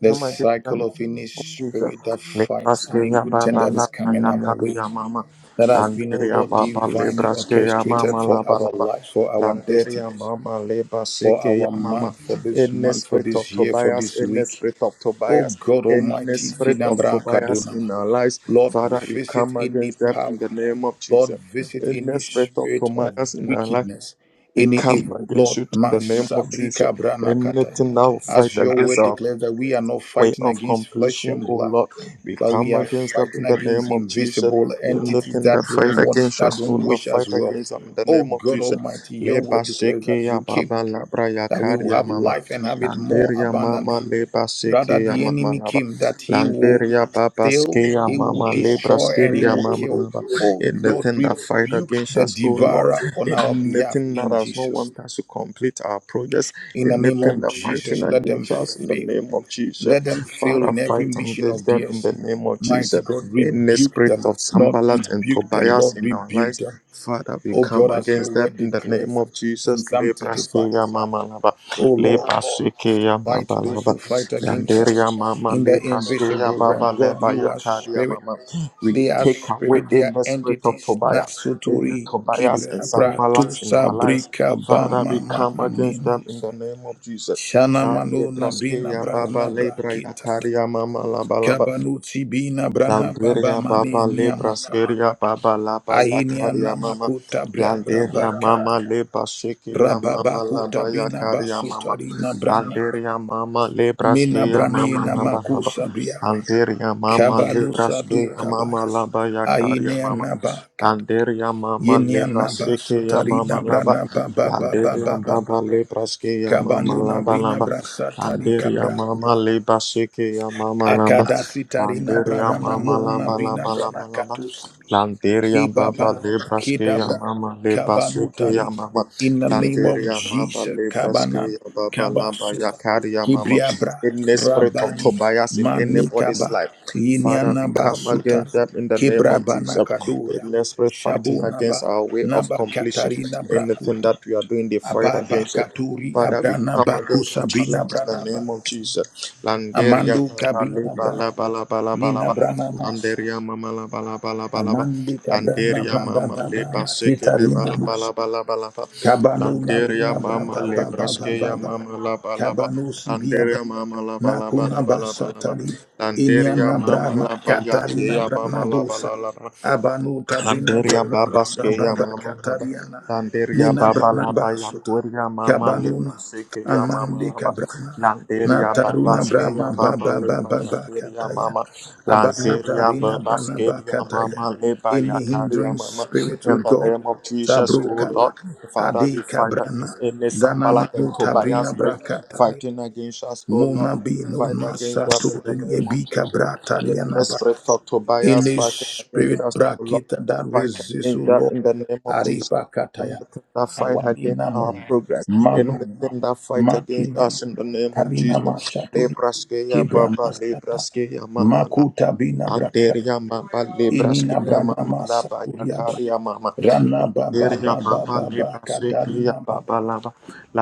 Speaker 2: the
Speaker 1: come against them,
Speaker 2: cycle of any
Speaker 1: oh Jesus.
Speaker 2: spirit that
Speaker 1: Let
Speaker 2: fights
Speaker 1: us get
Speaker 2: any
Speaker 1: ya
Speaker 2: good thing
Speaker 1: baba
Speaker 2: that
Speaker 1: la
Speaker 2: is
Speaker 1: ba
Speaker 2: coming
Speaker 1: ya
Speaker 2: our
Speaker 1: kali
Speaker 2: way.
Speaker 1: ya mama.
Speaker 2: That has been, oh
Speaker 1: Landere ya
Speaker 2: Lord,
Speaker 1: baba le
Speaker 2: divinely
Speaker 1: braske ya
Speaker 2: orchestrated
Speaker 1: mama la
Speaker 2: for
Speaker 1: ba
Speaker 2: our
Speaker 1: la ba.
Speaker 2: lives, for our
Speaker 1: Landere ya
Speaker 2: destinies,
Speaker 1: mama le
Speaker 2: for
Speaker 1: basike ya
Speaker 2: our
Speaker 1: mama.
Speaker 2: month, for this
Speaker 1: In the
Speaker 2: month, for
Speaker 1: spirit of
Speaker 2: this year, for
Speaker 1: Tobias,
Speaker 2: this
Speaker 1: in the
Speaker 2: week.
Speaker 1: spirit of
Speaker 2: Oh
Speaker 1: Tobias,
Speaker 2: God
Speaker 1: in the
Speaker 5: Thank
Speaker 2: Almighty,
Speaker 5: you.
Speaker 1: spirit of
Speaker 2: Sidambra
Speaker 1: Tobias
Speaker 2: Kadona.
Speaker 1: in our lives,
Speaker 2: Lord,
Speaker 1: Father, we
Speaker 2: visit
Speaker 1: come
Speaker 2: any
Speaker 1: against them in
Speaker 2: power.
Speaker 1: the name of
Speaker 2: Lord,
Speaker 1: Jesus.
Speaker 2: visit
Speaker 1: In the
Speaker 2: any
Speaker 1: spirit of
Speaker 2: spirit of
Speaker 1: Tobias in our life.
Speaker 2: wickedness,
Speaker 1: We
Speaker 2: any
Speaker 1: come
Speaker 2: evil.
Speaker 1: against
Speaker 2: Lord,
Speaker 1: you in the name of Jesus.
Speaker 2: Masabrika Branakataya.
Speaker 1: Anything that will fight
Speaker 2: As your
Speaker 1: against
Speaker 2: word
Speaker 1: our
Speaker 2: declares that we are not
Speaker 1: way
Speaker 2: fighting
Speaker 1: of
Speaker 2: against flesh
Speaker 1: completion,
Speaker 2: and
Speaker 1: O
Speaker 2: blood,
Speaker 1: Lord. We
Speaker 2: but we
Speaker 1: come
Speaker 2: are
Speaker 1: against them
Speaker 2: fighting
Speaker 1: in the
Speaker 2: against
Speaker 1: name of Jesus.
Speaker 2: invisible entities
Speaker 1: Anything that
Speaker 2: that
Speaker 1: fight
Speaker 2: don't want,
Speaker 1: against
Speaker 2: that
Speaker 1: us, O
Speaker 2: don't
Speaker 1: Lord,
Speaker 2: wish us
Speaker 1: fight
Speaker 2: well.
Speaker 1: against them in the
Speaker 2: Oh
Speaker 1: name of
Speaker 2: God
Speaker 1: Jesus.
Speaker 2: Almighty, your
Speaker 1: Leba
Speaker 2: word declares
Speaker 1: seke
Speaker 2: that
Speaker 1: ya
Speaker 2: you came,
Speaker 1: baba labra ya
Speaker 2: that we will
Speaker 1: kari ya
Speaker 2: have
Speaker 1: mama.
Speaker 2: life and have it more
Speaker 1: Landeria mama
Speaker 2: abundantly.
Speaker 1: leba
Speaker 2: Rather,
Speaker 1: seke ya
Speaker 2: the
Speaker 1: mama
Speaker 2: enemy
Speaker 1: laba.
Speaker 2: came that he will
Speaker 1: Landeria baba
Speaker 2: still,
Speaker 1: ske ya
Speaker 2: he will
Speaker 1: mama lebra
Speaker 2: destroy
Speaker 1: ske
Speaker 2: and he
Speaker 1: ya
Speaker 2: will
Speaker 1: mama
Speaker 2: kill.
Speaker 1: laba.
Speaker 2: Oh God,
Speaker 1: Anything that fight
Speaker 2: rebuke
Speaker 1: against
Speaker 2: the
Speaker 1: us, O Lord.
Speaker 2: devourer on our behalf
Speaker 1: Anything that
Speaker 2: in
Speaker 1: does not
Speaker 2: Jesus.
Speaker 1: want us to complete our projects.
Speaker 2: In the name
Speaker 1: Anything
Speaker 2: of
Speaker 1: that fighting
Speaker 2: Jesus, let them
Speaker 1: against us, in the
Speaker 2: fail.
Speaker 1: name of Jesus.
Speaker 2: Let them fail
Speaker 1: Father,
Speaker 2: in every
Speaker 1: fight
Speaker 2: mission
Speaker 1: against
Speaker 2: of
Speaker 1: them in
Speaker 2: theirs.
Speaker 1: the name of
Speaker 2: Mighty
Speaker 1: Jesus.
Speaker 2: God,
Speaker 1: Any
Speaker 2: rebuke
Speaker 1: spirit
Speaker 2: them.
Speaker 1: of
Speaker 2: Not
Speaker 1: Sambalat and
Speaker 2: rebuke them,
Speaker 1: Tobias
Speaker 2: Lord,
Speaker 1: in our
Speaker 2: rebuke
Speaker 1: lives,
Speaker 2: them.
Speaker 1: Father, we
Speaker 2: Oh
Speaker 1: come
Speaker 2: God, as your
Speaker 1: against them
Speaker 2: word
Speaker 1: in the name
Speaker 2: declares
Speaker 1: of
Speaker 2: in
Speaker 1: Jesus.
Speaker 2: Psalm 35.
Speaker 1: Lebraskeya mama laba,
Speaker 2: Oh Lord,
Speaker 1: lebraskeya
Speaker 2: fight
Speaker 1: baba
Speaker 2: those
Speaker 1: laba,
Speaker 2: who fight against us
Speaker 1: yanderia mama
Speaker 2: in the
Speaker 1: lebraskeya
Speaker 2: invisible realm.
Speaker 1: baba
Speaker 2: God,
Speaker 1: leba
Speaker 2: you are
Speaker 1: yakaria
Speaker 2: spirit.
Speaker 1: mama. We
Speaker 2: They are
Speaker 1: take away
Speaker 2: spirit, they
Speaker 1: in
Speaker 2: are
Speaker 1: the spirit of
Speaker 2: entities.
Speaker 1: Tobias, in the
Speaker 2: Nasuturi
Speaker 1: Tobias
Speaker 2: kibre
Speaker 1: and
Speaker 2: abra tu
Speaker 1: Sambalat in our lives.
Speaker 2: sabrika
Speaker 1: Father,
Speaker 2: bama
Speaker 1: we
Speaker 2: ma
Speaker 1: come against
Speaker 2: anina.
Speaker 1: them in the name of Jesus.
Speaker 2: Shana
Speaker 1: Shakti
Speaker 2: manu nabrina
Speaker 1: Praskeya Baba
Speaker 2: brana
Speaker 1: Lebraya
Speaker 2: brakita.
Speaker 1: Karya Mama Laba Laba
Speaker 2: Kabanu tibina brana baba
Speaker 1: Landeria
Speaker 2: mani
Speaker 1: Baba
Speaker 2: niamakado.
Speaker 1: Lebraskeria Baba Laba
Speaker 2: Ahinia
Speaker 1: Yakarya Mama
Speaker 2: namakuta bra
Speaker 1: Landeria Mama
Speaker 2: brabakata.
Speaker 1: Leba Shekeya Mama Laba
Speaker 2: Rababakuta bina
Speaker 1: Yakarya Mama
Speaker 2: basutari na brana.
Speaker 1: Landeria Mama
Speaker 2: Mina
Speaker 1: Lebraskeya
Speaker 2: brani
Speaker 1: Mama Laba Laba
Speaker 2: namakusa briaba.
Speaker 1: Landeria Mama
Speaker 2: Kabanu sadu
Speaker 1: Lebraskeya Mama
Speaker 2: kabaya.
Speaker 1: Laba Yakarya
Speaker 2: Ahinia
Speaker 1: Mama
Speaker 2: nabakata.
Speaker 1: Landeria Mama Leba
Speaker 2: Yeniana ba
Speaker 1: Shekeya
Speaker 2: sutari na
Speaker 1: Mama
Speaker 2: bra na
Speaker 1: Laba
Speaker 2: ba ba ba ba
Speaker 1: Landeria
Speaker 2: ba ba ba.
Speaker 1: mama le braske ya mama
Speaker 2: Kabanu na
Speaker 1: lamba
Speaker 2: brina
Speaker 1: lamba.
Speaker 2: bra satari
Speaker 1: Landeria
Speaker 2: kabra kuba.
Speaker 1: mama le basike ya mama lamba.
Speaker 2: Akada sitari na bra na
Speaker 1: Landeria
Speaker 2: na
Speaker 1: mama
Speaker 2: mu na
Speaker 1: lamba
Speaker 2: brina
Speaker 1: lamba
Speaker 2: bra na
Speaker 1: lamba lamba.
Speaker 2: katusi.
Speaker 1: Landeria baba
Speaker 2: Ibaba
Speaker 1: le braske ya
Speaker 2: Kedabra
Speaker 1: mama le basike
Speaker 2: Kabanutari.
Speaker 1: ya mama.
Speaker 2: In the name of
Speaker 1: Landeria baba
Speaker 2: Jesus,
Speaker 1: le braske
Speaker 2: Kabanan,
Speaker 1: ya baba lamba ya
Speaker 2: Kabasuta,
Speaker 1: kari ya mama.
Speaker 2: Kibriabra,
Speaker 1: In the spirit of
Speaker 2: Rabani,
Speaker 1: Tobias in anybody's
Speaker 2: Manikaba,
Speaker 1: life. Father, we
Speaker 2: Yinyanaba
Speaker 1: come
Speaker 2: Sutar,
Speaker 1: against them in the name of
Speaker 2: Kibrabana
Speaker 1: Jesus. In
Speaker 2: Kadura,
Speaker 1: the spirit fighting against
Speaker 2: Shabunaba,
Speaker 1: our our way of
Speaker 2: Naba
Speaker 1: completion.
Speaker 2: Katarina
Speaker 1: Anything
Speaker 2: Brakuta,
Speaker 1: that we are doing, they fight
Speaker 2: Ababa
Speaker 1: against it.
Speaker 2: Katuri,
Speaker 1: Father, we
Speaker 2: Abrana
Speaker 1: come
Speaker 2: Baku
Speaker 1: against our
Speaker 2: Sabrina
Speaker 1: challenge in the
Speaker 2: Branaba,
Speaker 1: name of Jesus. Landeria
Speaker 2: Amandu Kabina Bra,
Speaker 1: bala bala bala bala
Speaker 2: Nina
Speaker 1: laba.
Speaker 2: Brana Masa,
Speaker 1: Landeria mama la bala bala bala laba.
Speaker 2: Amandi Kabrana
Speaker 1: Landeria
Speaker 2: Baba
Speaker 1: mama leba
Speaker 2: Baba,
Speaker 1: seke
Speaker 2: Kitarina
Speaker 1: bala
Speaker 2: Masa.
Speaker 1: laba laba laba laba.
Speaker 2: Kabano na
Speaker 1: Landeria
Speaker 2: bina bra
Speaker 1: mama
Speaker 2: ba ba ba ba ba
Speaker 1: lebraskeya
Speaker 2: ba.
Speaker 1: mama la bala laba.
Speaker 2: Kabano sibia bra
Speaker 1: Landeria mama la
Speaker 2: na
Speaker 1: bala
Speaker 2: kuna
Speaker 1: bala bala laba laba.
Speaker 2: basatari. Inya
Speaker 1: Landeria
Speaker 2: na bra
Speaker 1: mama
Speaker 2: ma
Speaker 1: laba
Speaker 2: katari na
Speaker 1: yakeya
Speaker 2: bra
Speaker 1: mama laba laba.
Speaker 2: Abanuta Brina
Speaker 1: Kanderia
Speaker 2: brana
Speaker 1: baba skeya
Speaker 2: Baba
Speaker 1: mama baba.
Speaker 2: Katariana
Speaker 1: Landeria
Speaker 2: Nina
Speaker 1: baba
Speaker 2: brana
Speaker 1: laba
Speaker 2: basuta
Speaker 1: yakuria mama leba
Speaker 2: Kabanuna
Speaker 1: sekeya mama
Speaker 2: Amandi
Speaker 1: laba.
Speaker 2: Kabrana
Speaker 1: Landeria baba
Speaker 2: Nataruna Brahma
Speaker 1: skeya baba
Speaker 2: Baba Baba
Speaker 1: leba
Speaker 2: Baba
Speaker 1: yakuria
Speaker 2: Kataya
Speaker 1: mama.
Speaker 2: Abanuta
Speaker 1: Lanzeria
Speaker 2: Rina
Speaker 1: baba
Speaker 2: Branaba
Speaker 1: skeya mama leba
Speaker 2: Any
Speaker 1: yakaria
Speaker 2: hindering
Speaker 1: mama.
Speaker 2: spirit O
Speaker 1: In the
Speaker 2: God
Speaker 1: name of Jesus,
Speaker 2: Sabru
Speaker 1: O
Speaker 2: Kaba
Speaker 1: Lord, Father,
Speaker 2: Adi
Speaker 1: we fight against
Speaker 2: Kabrana
Speaker 1: any
Speaker 2: Dana
Speaker 1: Sambalat and
Speaker 2: manu
Speaker 1: Tobias
Speaker 2: tabrina
Speaker 1: break,
Speaker 2: Brakatari
Speaker 1: fighting against us, O Lord.
Speaker 2: Muna Bino
Speaker 1: Fight against that in the
Speaker 2: Masaturi
Speaker 1: name of
Speaker 2: Ebika
Speaker 1: Jesus. In the
Speaker 2: Bratariana
Speaker 1: spirit of Tobias,
Speaker 2: any
Speaker 1: fighting against
Speaker 2: spirit
Speaker 1: us, O Lord
Speaker 2: bracket that
Speaker 1: fight
Speaker 2: resists, O
Speaker 1: against that
Speaker 2: Lord,
Speaker 1: in the name of Jesus.
Speaker 2: Aribakataya,
Speaker 1: Anything that fight against our
Speaker 2: Awadinamun,
Speaker 1: progress,
Speaker 2: Manun,
Speaker 1: anything that fight against
Speaker 2: Makinam,
Speaker 1: us in the name of
Speaker 2: Tarinama
Speaker 1: Jesus.
Speaker 2: Shaturi,
Speaker 1: Lebraskeya Baba,
Speaker 2: Kibramasata,
Speaker 1: Lebraskeya Mama,
Speaker 2: Makuta Bina Braka,
Speaker 1: Anderia mama
Speaker 2: Inina
Speaker 1: lebraskia mama
Speaker 2: Branama
Speaker 1: labaya
Speaker 2: Saturiaba,
Speaker 1: karia mama.
Speaker 2: Rana Baba
Speaker 1: Landeria
Speaker 2: Baba
Speaker 1: baba
Speaker 2: Baba
Speaker 1: lebraskia
Speaker 2: Katarinaba,
Speaker 1: baba laba.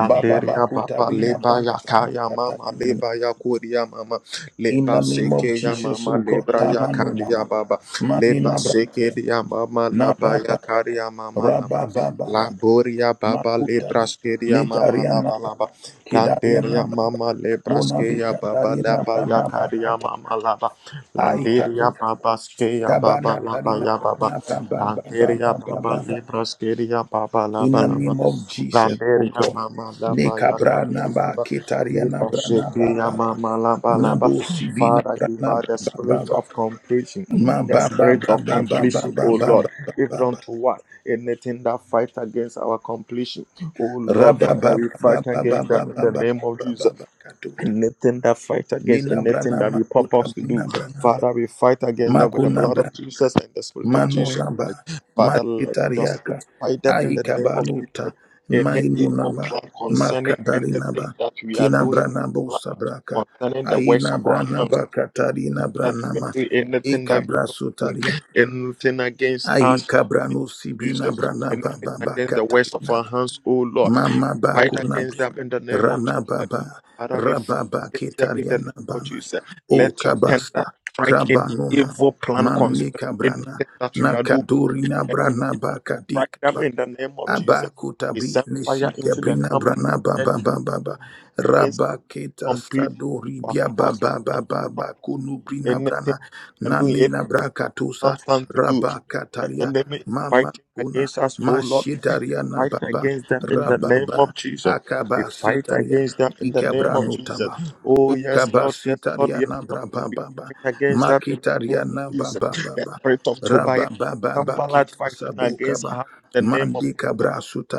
Speaker 2: Baba Bakuta
Speaker 1: baba
Speaker 2: Bina
Speaker 1: lebaya
Speaker 2: Brana
Speaker 1: kaya mama
Speaker 2: Katarini.
Speaker 1: lebaya kuria mama.
Speaker 2: In the name of
Speaker 1: Lebaskia
Speaker 2: Jesus, O
Speaker 1: mama
Speaker 2: God,
Speaker 1: lebraya
Speaker 2: Tamanunama,
Speaker 1: karia baba.
Speaker 2: Maninabra,
Speaker 1: Lebaskia mama labaya karia mama laba.
Speaker 2: Rabba Baba Baba
Speaker 1: Laboria baba
Speaker 2: Makutabi
Speaker 1: lebraskia mama
Speaker 2: Nitariana
Speaker 1: laba
Speaker 2: Baba
Speaker 1: laba. Landeria
Speaker 2: Kidariana Baba
Speaker 1: mama
Speaker 2: Monabi
Speaker 1: lebraskia baba
Speaker 2: Katarina
Speaker 1: labaya
Speaker 2: Bana
Speaker 1: karia
Speaker 2: Bakata
Speaker 1: mama laba. Landeria
Speaker 2: Aikabu
Speaker 1: Baba Skeya Baba
Speaker 2: Tabana
Speaker 1: Laba
Speaker 2: Tarina
Speaker 1: Ya Baba
Speaker 2: Bana Baba Baba
Speaker 1: Landeria
Speaker 2: Baba
Speaker 1: Baba
Speaker 2: Baba
Speaker 1: Libra Skeria Baba
Speaker 2: In
Speaker 1: Laba
Speaker 2: the
Speaker 1: Lama
Speaker 2: name of Jesus, O
Speaker 1: Landeria
Speaker 2: God.
Speaker 1: Mama Laba Ya
Speaker 2: Nekabra Naba
Speaker 1: Baba
Speaker 2: Kitariana
Speaker 1: Libra
Speaker 2: Brana
Speaker 1: Shekia
Speaker 2: Baba Baba
Speaker 1: Mama Laba Laba
Speaker 2: Nabu Sibina
Speaker 1: Father give
Speaker 2: Brana
Speaker 1: us the
Speaker 2: Baba
Speaker 1: spirit
Speaker 2: Baba
Speaker 1: of completion
Speaker 2: Ma
Speaker 1: the
Speaker 2: Baba
Speaker 1: spirit
Speaker 2: Baba
Speaker 1: of
Speaker 2: Baba
Speaker 1: completion O
Speaker 2: Baba
Speaker 1: Lord
Speaker 2: Baba
Speaker 1: even
Speaker 2: Baba
Speaker 1: unto what anything that fight against our completion O Lord
Speaker 2: Rabba
Speaker 1: Father
Speaker 2: Baba
Speaker 1: we
Speaker 2: Baba
Speaker 1: fight
Speaker 2: Baba
Speaker 1: against that
Speaker 2: Baba
Speaker 1: in the
Speaker 2: Baba
Speaker 1: name of Jesus
Speaker 2: Baba Katuta
Speaker 1: Anything that fight against
Speaker 2: Nina
Speaker 1: anything
Speaker 2: brana
Speaker 1: that you
Speaker 2: makuta
Speaker 1: purpose to do,
Speaker 2: bina brana ba.
Speaker 1: Father, we fight against them with the
Speaker 2: Makuna
Speaker 1: blood of
Speaker 2: brana.
Speaker 1: Jesus and the spirit of Jesus
Speaker 2: Manuna ba.
Speaker 1: Christ. Father, let just
Speaker 2: Mashitariaka.
Speaker 1: fight them in the name of
Speaker 2: Aikabanuta.
Speaker 1: Jesus. Any
Speaker 2: Mainuna
Speaker 1: evil
Speaker 2: ba.
Speaker 1: plan concerning
Speaker 2: Makatarina
Speaker 1: anything
Speaker 2: ba.
Speaker 1: that we are
Speaker 2: Kina
Speaker 1: doing,
Speaker 2: brana
Speaker 1: like,
Speaker 2: bosa braka.
Speaker 1: concerning the works
Speaker 2: Aina
Speaker 1: of our
Speaker 2: brana
Speaker 1: hands
Speaker 2: ba katarina
Speaker 1: that
Speaker 2: brana
Speaker 1: you are
Speaker 2: ma.
Speaker 1: doing anything
Speaker 2: Ika
Speaker 1: that you are doing,
Speaker 2: brasutaria.
Speaker 1: anything against us,
Speaker 2: Aika branu
Speaker 1: Jesus,
Speaker 2: sibina brana
Speaker 1: anything
Speaker 2: ba ba ba
Speaker 1: against the works of
Speaker 2: katarina
Speaker 1: our hands, oh Lord.
Speaker 2: Mama
Speaker 1: Fight
Speaker 2: bakuna
Speaker 1: against them in the name of
Speaker 2: rana
Speaker 1: Jesus.
Speaker 2: baba
Speaker 1: Father, we fight
Speaker 2: rababa
Speaker 1: against them in the name
Speaker 2: ketariana
Speaker 1: of
Speaker 2: bana
Speaker 1: Jesus.
Speaker 2: o
Speaker 1: Let your
Speaker 2: kabasta
Speaker 1: tender strike in
Speaker 2: krabanona
Speaker 1: evil plan
Speaker 2: manne
Speaker 1: concerning anything
Speaker 2: kabrana
Speaker 1: that you are doing.
Speaker 2: nakaduri na
Speaker 1: And
Speaker 2: brana
Speaker 1: strike them in the name of Jesus. We
Speaker 2: Abakutabi
Speaker 1: send fire
Speaker 2: nesika
Speaker 1: into the
Speaker 2: brina
Speaker 1: camp
Speaker 2: brana
Speaker 1: of
Speaker 2: ba
Speaker 1: the enemy
Speaker 2: ba ba ba ba
Speaker 1: against
Speaker 2: rabaketa
Speaker 1: completion
Speaker 2: sadori
Speaker 1: of our
Speaker 2: bia ba
Speaker 1: taxes
Speaker 2: ba ba
Speaker 1: and our
Speaker 2: ba ba
Speaker 1: property.
Speaker 2: kunu brina brana
Speaker 1: Anything that we are doing,
Speaker 2: nani
Speaker 1: anything
Speaker 2: na
Speaker 1: that our
Speaker 2: brakatusa
Speaker 1: hands stand to do, the
Speaker 2: rabakataria
Speaker 1: enemy is
Speaker 2: mama
Speaker 1: fighting
Speaker 2: kuna
Speaker 1: against us, oh Lord. We
Speaker 2: mashidaria na
Speaker 1: fight
Speaker 2: baba
Speaker 1: against them in the name
Speaker 2: rababa
Speaker 1: of Jesus. We
Speaker 2: akaba
Speaker 1: fight
Speaker 2: sitaria
Speaker 1: against them in the name of
Speaker 2: ikabranu
Speaker 1: Jesus.
Speaker 2: taba
Speaker 1: Oh, yes,
Speaker 2: ukaba
Speaker 1: Lord, yes, Lord,
Speaker 2: sitaria
Speaker 1: yes,
Speaker 2: na
Speaker 1: Lord. We
Speaker 2: brababa
Speaker 1: fight against them in the name
Speaker 2: makitaria
Speaker 1: of
Speaker 2: na
Speaker 1: Jesus.
Speaker 2: baba
Speaker 1: The
Speaker 2: baba
Speaker 1: spirit of Tobiah, Sambalat
Speaker 2: Rababababakit
Speaker 1: fighting against
Speaker 2: asabukaba
Speaker 1: us in the name of
Speaker 2: mandika
Speaker 1: Jesus.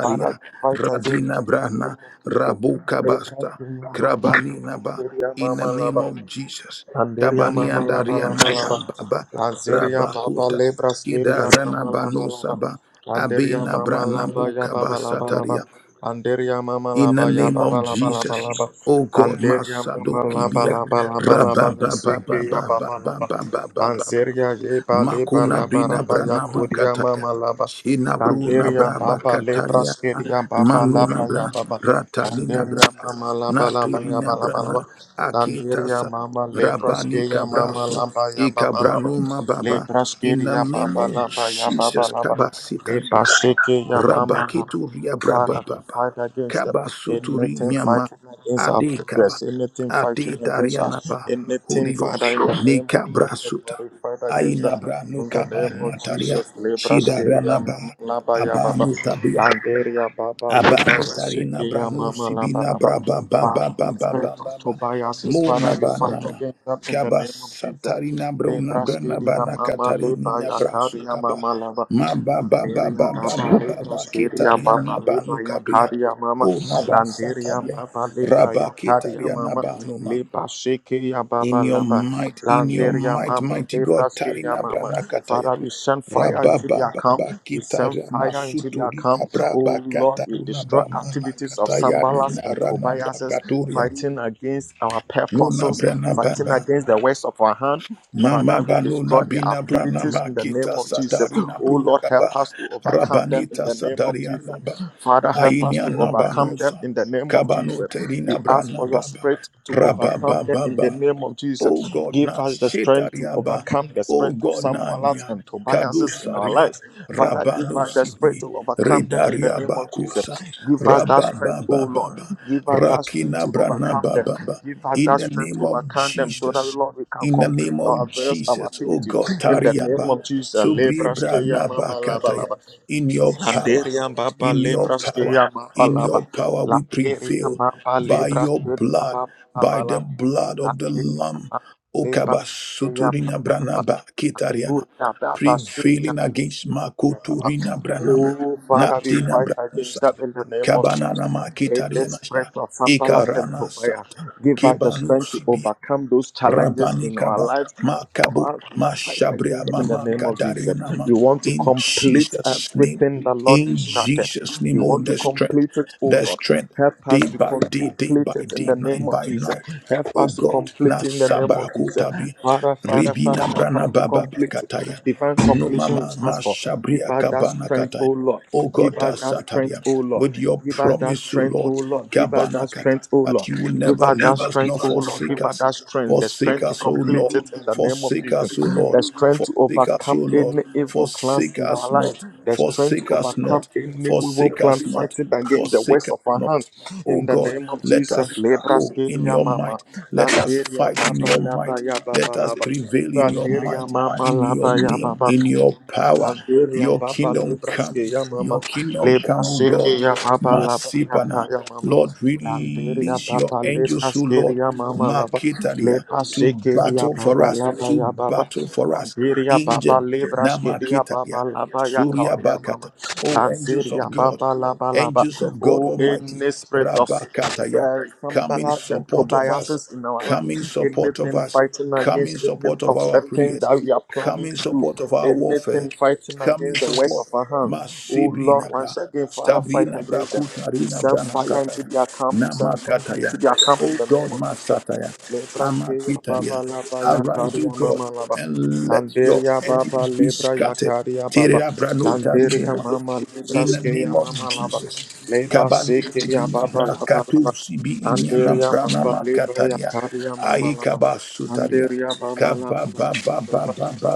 Speaker 1: Para we fight against them
Speaker 2: radina
Speaker 1: in the
Speaker 2: brana
Speaker 1: name of Jesus.
Speaker 2: rabukabasta
Speaker 1: Lekaseya baba,
Speaker 2: krabani naba
Speaker 1: lekaseya
Speaker 2: in the
Speaker 1: mama
Speaker 2: name
Speaker 1: laba,
Speaker 2: of Jesus
Speaker 1: anderia mama laba
Speaker 2: kabaniandaria
Speaker 1: laba
Speaker 2: naba
Speaker 1: laba,
Speaker 2: baba
Speaker 1: lanzeria baba
Speaker 2: rabakuta
Speaker 1: lebraskeria
Speaker 2: kidarana
Speaker 1: mama laba laba,
Speaker 2: banusaba
Speaker 1: anderia
Speaker 2: abina
Speaker 1: mama
Speaker 2: brana
Speaker 1: laba ya baba laba laba,
Speaker 2: bukabasataria
Speaker 1: anderia mama
Speaker 2: in the
Speaker 1: laba ya
Speaker 2: name
Speaker 1: baba
Speaker 2: of
Speaker 1: laba laba
Speaker 2: Jesus
Speaker 1: laba,
Speaker 2: Oh God,
Speaker 1: anderia mama laba
Speaker 2: Masadokibia,
Speaker 1: laba laba laba,
Speaker 2: Rabba
Speaker 1: ya
Speaker 2: Baba
Speaker 1: seke ya
Speaker 2: Baba
Speaker 1: baba laba.
Speaker 2: Baba Baba
Speaker 1: Lanseria Yeba Leba
Speaker 2: Makuna Brina
Speaker 1: Labaraba
Speaker 2: Branama
Speaker 1: Yakuria
Speaker 2: Kataya.
Speaker 1: Mama Laba
Speaker 2: Shina Bruna
Speaker 1: Landeria
Speaker 2: Braba
Speaker 1: Baba Lebra
Speaker 2: Kataria.
Speaker 1: Skedia Baba
Speaker 2: Manuna
Speaker 1: Laba
Speaker 2: Bra.
Speaker 1: Yababa
Speaker 2: Ratanina
Speaker 1: Landeria
Speaker 2: Braga.
Speaker 1: Mama Laba Laba
Speaker 2: Naturina
Speaker 1: Yaba Laba Laba
Speaker 2: Brana.
Speaker 1: Landeria
Speaker 2: Akitasa.
Speaker 1: Mama Lebra
Speaker 2: Rabani
Speaker 1: Skedia Mama
Speaker 2: Kabrasu.
Speaker 1: Laba Yababa Laba
Speaker 2: Ikabranuma Baba.
Speaker 1: Lebra
Speaker 2: In the
Speaker 1: Skedia
Speaker 2: name
Speaker 1: Baba
Speaker 2: of
Speaker 1: Laba Yababa
Speaker 2: Jesus
Speaker 1: Laba
Speaker 2: Kabasitari.
Speaker 1: Lebra Skedia Mama Laba
Speaker 2: Rabaketuria
Speaker 1: Father, we
Speaker 2: brababa.
Speaker 1: fight against them.
Speaker 2: Kabasuturi
Speaker 1: Anything
Speaker 2: miama.
Speaker 1: fighting against our
Speaker 2: Ade kaba.
Speaker 1: progress, anything fighting
Speaker 2: Ade
Speaker 1: against us,
Speaker 2: darianaba.
Speaker 1: anything,
Speaker 2: Holy
Speaker 1: Father,
Speaker 2: Ghost.
Speaker 1: in the name of Jesus,
Speaker 2: Nekabrasuta.
Speaker 1: Lord, we fight against that.
Speaker 2: Ainabra
Speaker 1: In the
Speaker 2: nukaba
Speaker 1: name of
Speaker 2: nataria.
Speaker 1: Jesus, Lebraskelia
Speaker 2: Shidaranaba.
Speaker 1: Laba Yababa,
Speaker 2: Abanutabia.
Speaker 1: Landeria Baba,
Speaker 2: Abanitarina
Speaker 1: Lebraskelia Mama
Speaker 2: branusi
Speaker 1: Laba
Speaker 2: bina
Speaker 1: Laba.
Speaker 2: braba ba
Speaker 1: Father,
Speaker 2: ba ba
Speaker 1: we
Speaker 2: ba
Speaker 1: pray
Speaker 2: ba
Speaker 1: to Tobias, Father,
Speaker 2: mona
Speaker 1: we
Speaker 2: ba
Speaker 1: fight
Speaker 2: nama
Speaker 1: against that in the
Speaker 2: kaba
Speaker 1: name of Jesus.
Speaker 2: satarina brona brana
Speaker 1: Lebraskidia
Speaker 2: bana
Speaker 1: mama leba
Speaker 2: katarina brasu
Speaker 1: yakaria
Speaker 2: kaba
Speaker 1: mama lava.
Speaker 2: ma ba ba ba
Speaker 1: Landeria
Speaker 2: ba ba
Speaker 1: baba
Speaker 2: ba ba ba
Speaker 1: lebraskidia baba
Speaker 2: ketariana
Speaker 1: leba
Speaker 2: banu kabria
Speaker 1: yakaria mama.
Speaker 2: o naba
Speaker 1: Landeria
Speaker 2: sataria
Speaker 1: baba lebra
Speaker 2: raba
Speaker 1: yakaria
Speaker 2: ketariana
Speaker 1: mama. Leba shekia
Speaker 2: in
Speaker 1: baba
Speaker 2: your
Speaker 1: lava.
Speaker 2: might, in your
Speaker 1: Landeria
Speaker 2: might,
Speaker 1: mama
Speaker 2: mighty God.
Speaker 1: lebraskia
Speaker 2: Tarina
Speaker 1: mama.
Speaker 2: Branakataya.
Speaker 1: Father, we send fire into their camp.
Speaker 2: Rabababa
Speaker 1: We send
Speaker 2: Kitara
Speaker 1: fire into their
Speaker 2: Masuturi
Speaker 1: camp.
Speaker 2: Abraba
Speaker 1: Oh Lord, we
Speaker 2: Kataruna
Speaker 1: destroy
Speaker 2: Bama
Speaker 1: activities of
Speaker 2: Nakataya Nina
Speaker 1: Sambalas and
Speaker 2: Rana
Speaker 1: Tobiases
Speaker 2: Bakaturia
Speaker 1: fighting against our
Speaker 2: Muna
Speaker 1: purposes,
Speaker 2: Brana
Speaker 1: fighting
Speaker 2: Baba
Speaker 1: against the works of our hand.
Speaker 2: Mama
Speaker 1: Father, we
Speaker 2: Banuna
Speaker 1: destroy the
Speaker 2: Bina Brana
Speaker 1: activities in the name
Speaker 2: Makita
Speaker 1: of Jesus. Oh
Speaker 2: Sadarina
Speaker 1: Lord, help
Speaker 2: Brukaba
Speaker 1: us to overcome them in
Speaker 2: Rabanita
Speaker 1: the name of Jesus.
Speaker 2: Sadariana Ba
Speaker 1: Father, help us
Speaker 2: Ainia
Speaker 1: to overcome them
Speaker 2: Nabanusa
Speaker 1: in the name of
Speaker 2: Kabano
Speaker 1: Jesus. We
Speaker 2: Terina
Speaker 1: ask
Speaker 2: Brana
Speaker 1: for your
Speaker 2: Baba
Speaker 1: spirit to overcome them in the
Speaker 2: Rabababa
Speaker 1: name of Jesus.
Speaker 2: Oh God,
Speaker 1: Give
Speaker 2: na
Speaker 1: us the strength to
Speaker 2: shetariaba.
Speaker 1: overcome the
Speaker 2: Oh
Speaker 1: spirit of
Speaker 2: God,
Speaker 1: Sambalats
Speaker 2: nania
Speaker 1: and Tobiases in our
Speaker 2: kadosaria
Speaker 1: lives. Father, give
Speaker 2: rabano
Speaker 1: us the spirit
Speaker 2: sidi
Speaker 1: to overcome them in the
Speaker 2: redaria
Speaker 1: name of Jesus.
Speaker 2: bakosa
Speaker 1: Give us that
Speaker 2: rababa
Speaker 1: strength, O Lord.
Speaker 2: baba
Speaker 1: Give us that strength
Speaker 2: rakina
Speaker 1: to
Speaker 2: brana
Speaker 1: overcome them.
Speaker 2: baba.
Speaker 1: Give us
Speaker 2: In
Speaker 1: that
Speaker 2: the
Speaker 1: strength
Speaker 2: name
Speaker 1: to
Speaker 2: of
Speaker 1: overcome them so that,
Speaker 2: Jesus,
Speaker 1: Lord, we can
Speaker 2: in the
Speaker 1: complete
Speaker 2: name of
Speaker 1: our various our
Speaker 2: Jesus, oh
Speaker 1: activities.
Speaker 2: God,
Speaker 1: In the name
Speaker 2: tariaba.
Speaker 1: of Jesus.
Speaker 2: Subri
Speaker 1: Lebraskeya
Speaker 2: brana
Speaker 1: mama laba
Speaker 2: bakataya.
Speaker 1: laba.
Speaker 2: In your power,
Speaker 1: Landeria baba
Speaker 2: in your power,
Speaker 1: lebraskeya mama
Speaker 2: in
Speaker 1: laba.
Speaker 2: your power we
Speaker 1: Landeria
Speaker 2: prevail
Speaker 1: baba
Speaker 2: by your
Speaker 1: lebraskeya
Speaker 2: blood,
Speaker 1: baba
Speaker 2: by
Speaker 1: laba laba.
Speaker 2: the blood of the
Speaker 1: Landeria
Speaker 2: Lamb.
Speaker 1: baba
Speaker 2: Okaba
Speaker 1: lebraskeya
Speaker 2: suturina
Speaker 1: baba laba.
Speaker 2: branaba kitariana.
Speaker 1: Ura baba skeya
Speaker 2: Prevailing against Makoturina branama.
Speaker 1: Oh, Father, we
Speaker 2: Natina
Speaker 1: fight against that
Speaker 2: branusaba.
Speaker 1: in the name of Jesus.
Speaker 2: Kabanana
Speaker 1: In this
Speaker 2: makitariana
Speaker 1: spirit
Speaker 2: sha.
Speaker 1: of unbalanced and
Speaker 2: Ikarana
Speaker 1: prayer,
Speaker 2: sata.
Speaker 1: give us the
Speaker 2: Kebanu
Speaker 1: strength to
Speaker 2: sibia.
Speaker 1: overcome those challenges in our
Speaker 2: Rabanikaba,
Speaker 1: lives.
Speaker 2: Makabu,
Speaker 1: For us, we fight
Speaker 2: Mashabria,
Speaker 1: against them in the
Speaker 2: Mama,
Speaker 1: name of Jesus.
Speaker 2: Kadarianama.
Speaker 1: You want to
Speaker 2: In
Speaker 1: complete
Speaker 2: Jesus' name,
Speaker 1: everything the Lord you
Speaker 2: in
Speaker 1: started.
Speaker 2: Jesus' name,
Speaker 1: You
Speaker 2: oh,
Speaker 1: want to
Speaker 2: the strength,
Speaker 1: complete it, oh
Speaker 2: the
Speaker 1: Lord.
Speaker 2: strength,
Speaker 1: Help us
Speaker 2: day
Speaker 1: to
Speaker 2: by day, day
Speaker 1: complete
Speaker 2: by
Speaker 1: it in
Speaker 2: day,
Speaker 1: the name
Speaker 2: night
Speaker 1: of
Speaker 2: by
Speaker 1: Jesus.
Speaker 2: night.
Speaker 1: Help
Speaker 2: Oh
Speaker 1: us to
Speaker 2: God,
Speaker 1: complete it in the name of
Speaker 2: Nasaba
Speaker 1: Jesus.
Speaker 2: Kotabi,
Speaker 1: Father, Father, Father,
Speaker 2: Ribina
Speaker 1: help us
Speaker 2: Brana
Speaker 1: to
Speaker 2: Baba
Speaker 1: complete it.
Speaker 2: Kataya,
Speaker 1: Divine
Speaker 2: No
Speaker 1: completion
Speaker 2: Mama,
Speaker 1: asked for. Give
Speaker 2: Mashabria
Speaker 1: us that
Speaker 2: Kabana
Speaker 1: strength,
Speaker 2: Kataya.
Speaker 1: O Lord.
Speaker 2: Oh
Speaker 1: Give
Speaker 2: God,
Speaker 1: us
Speaker 2: that
Speaker 1: that strength,
Speaker 2: Sataria,
Speaker 1: O Lord.
Speaker 2: with your
Speaker 1: Give us that
Speaker 2: promise, O
Speaker 1: strength, O
Speaker 2: Lord,
Speaker 1: Lord. Give us that
Speaker 2: Kabanakat,
Speaker 1: strength, O
Speaker 2: that
Speaker 1: Lord.
Speaker 2: you will
Speaker 1: Give
Speaker 2: never
Speaker 1: us that
Speaker 2: leave us
Speaker 1: strength,
Speaker 2: nor
Speaker 1: O Lord.
Speaker 2: forsake
Speaker 1: Give us
Speaker 2: us.
Speaker 1: that strength, the
Speaker 2: Forsake
Speaker 1: strength to
Speaker 2: us, O
Speaker 1: complete
Speaker 2: Lord.
Speaker 1: it in the name of
Speaker 2: Forsake
Speaker 1: Jesus.
Speaker 2: us, O
Speaker 1: The
Speaker 2: Lord.
Speaker 1: strength to
Speaker 2: Forsake us, O
Speaker 1: overcome
Speaker 2: Lord.
Speaker 1: any evil plans
Speaker 2: Forsake
Speaker 1: in our
Speaker 2: us
Speaker 1: life.
Speaker 2: not.
Speaker 1: The strength to
Speaker 2: Forsake us not.
Speaker 1: overcome any evil
Speaker 2: Forsake us
Speaker 1: plan
Speaker 2: not.
Speaker 1: fighting against the
Speaker 2: Forsake
Speaker 1: works
Speaker 2: us
Speaker 1: of our
Speaker 2: not.
Speaker 1: hands.
Speaker 2: O
Speaker 1: In the
Speaker 2: God,
Speaker 1: name of
Speaker 2: let
Speaker 1: Jesus.
Speaker 2: us go in
Speaker 1: Lebraskeria
Speaker 2: your
Speaker 1: mama.
Speaker 2: might. Let us
Speaker 1: Landeria
Speaker 2: fight in
Speaker 1: baba
Speaker 2: your might.
Speaker 1: laba ya
Speaker 2: Let
Speaker 1: baba
Speaker 2: us
Speaker 1: laba.
Speaker 2: prevail in your
Speaker 1: Landeria
Speaker 2: might,
Speaker 1: mama
Speaker 2: in your
Speaker 1: laba ya
Speaker 2: name,
Speaker 1: baba.
Speaker 2: in your power.
Speaker 1: Algeria
Speaker 2: Your
Speaker 1: Baba
Speaker 2: kingdom come.
Speaker 1: Lebraske ya mama
Speaker 2: Your kingdom come, O God.
Speaker 1: Lebraseke ya Baba Labrayaka
Speaker 2: Masipana.
Speaker 1: ya mama
Speaker 2: Lord,
Speaker 1: Landeria
Speaker 2: release your
Speaker 1: Baba
Speaker 2: angels, O
Speaker 1: Lebraske
Speaker 2: Lord.
Speaker 1: ya mama Laba
Speaker 2: Makitaria to
Speaker 1: Lebraseke ya
Speaker 2: battle for
Speaker 1: Baba
Speaker 2: us,
Speaker 1: Laba
Speaker 2: to
Speaker 1: ya Baba
Speaker 2: battle for us.
Speaker 1: Landeria Baba
Speaker 2: Injed
Speaker 5: Yes.
Speaker 1: Lebraske ya
Speaker 2: Namakitaria,
Speaker 1: Baba Laba ya
Speaker 2: Surya
Speaker 1: Kauri ya
Speaker 2: Bakata.
Speaker 1: mama
Speaker 2: Oh, angels
Speaker 1: Landeria
Speaker 2: of God,
Speaker 1: Baba Laba Laba
Speaker 2: angels of God
Speaker 1: Oh
Speaker 2: Almighty,
Speaker 1: any spirit of
Speaker 2: Rabakataya,
Speaker 1: uh, some
Speaker 2: come in
Speaker 1: balance and
Speaker 2: support of us,
Speaker 1: Tobiases in our life.
Speaker 2: come in support of
Speaker 1: Anything
Speaker 2: us,
Speaker 1: fighting
Speaker 2: come in
Speaker 1: against the any
Speaker 2: support of
Speaker 1: of
Speaker 2: our
Speaker 1: the things
Speaker 2: prayers,
Speaker 1: that we are
Speaker 2: come
Speaker 1: planning
Speaker 2: in
Speaker 1: to do.
Speaker 2: support of our warfare,
Speaker 1: Anything fighting
Speaker 2: come in
Speaker 1: against the works
Speaker 2: support.
Speaker 1: of our hand. Oh
Speaker 2: Masibri
Speaker 1: Lord,
Speaker 2: Nabra,
Speaker 1: once again, Father,
Speaker 2: Sabri
Speaker 1: fight
Speaker 2: Nabra
Speaker 1: against them.
Speaker 2: Kutari
Speaker 1: We send fire into
Speaker 2: Nabra
Speaker 1: their camp. We send thunder
Speaker 2: Namakataya.
Speaker 1: into their camp in
Speaker 2: O
Speaker 1: the
Speaker 2: God,
Speaker 1: name of Jesus.
Speaker 2: Masataya,
Speaker 1: Lebraskeya baba
Speaker 2: Amakitaria,
Speaker 1: laba
Speaker 2: arise, O
Speaker 1: yakaria
Speaker 2: God,
Speaker 1: mama laba.
Speaker 2: and let your
Speaker 1: Landeria
Speaker 2: enemies
Speaker 1: baba
Speaker 2: be
Speaker 1: lebra
Speaker 2: scattered.
Speaker 1: yakaria baba.
Speaker 2: Terera branota binu
Speaker 1: Landeria
Speaker 2: mama.
Speaker 1: mama
Speaker 2: In the
Speaker 1: lebraskeya
Speaker 2: name of
Speaker 1: mama laba.
Speaker 2: Jesus.
Speaker 1: Leba
Speaker 2: Kabanuti
Speaker 1: sekeya baba
Speaker 2: binabra
Speaker 1: laba laba.
Speaker 2: katu sibi inyana
Speaker 1: Landeria baba
Speaker 2: pranama
Speaker 1: lebra
Speaker 2: kataria.
Speaker 1: yakaria mama laba.
Speaker 2: Aikaba sutaria.
Speaker 1: Landeria baba laba laba.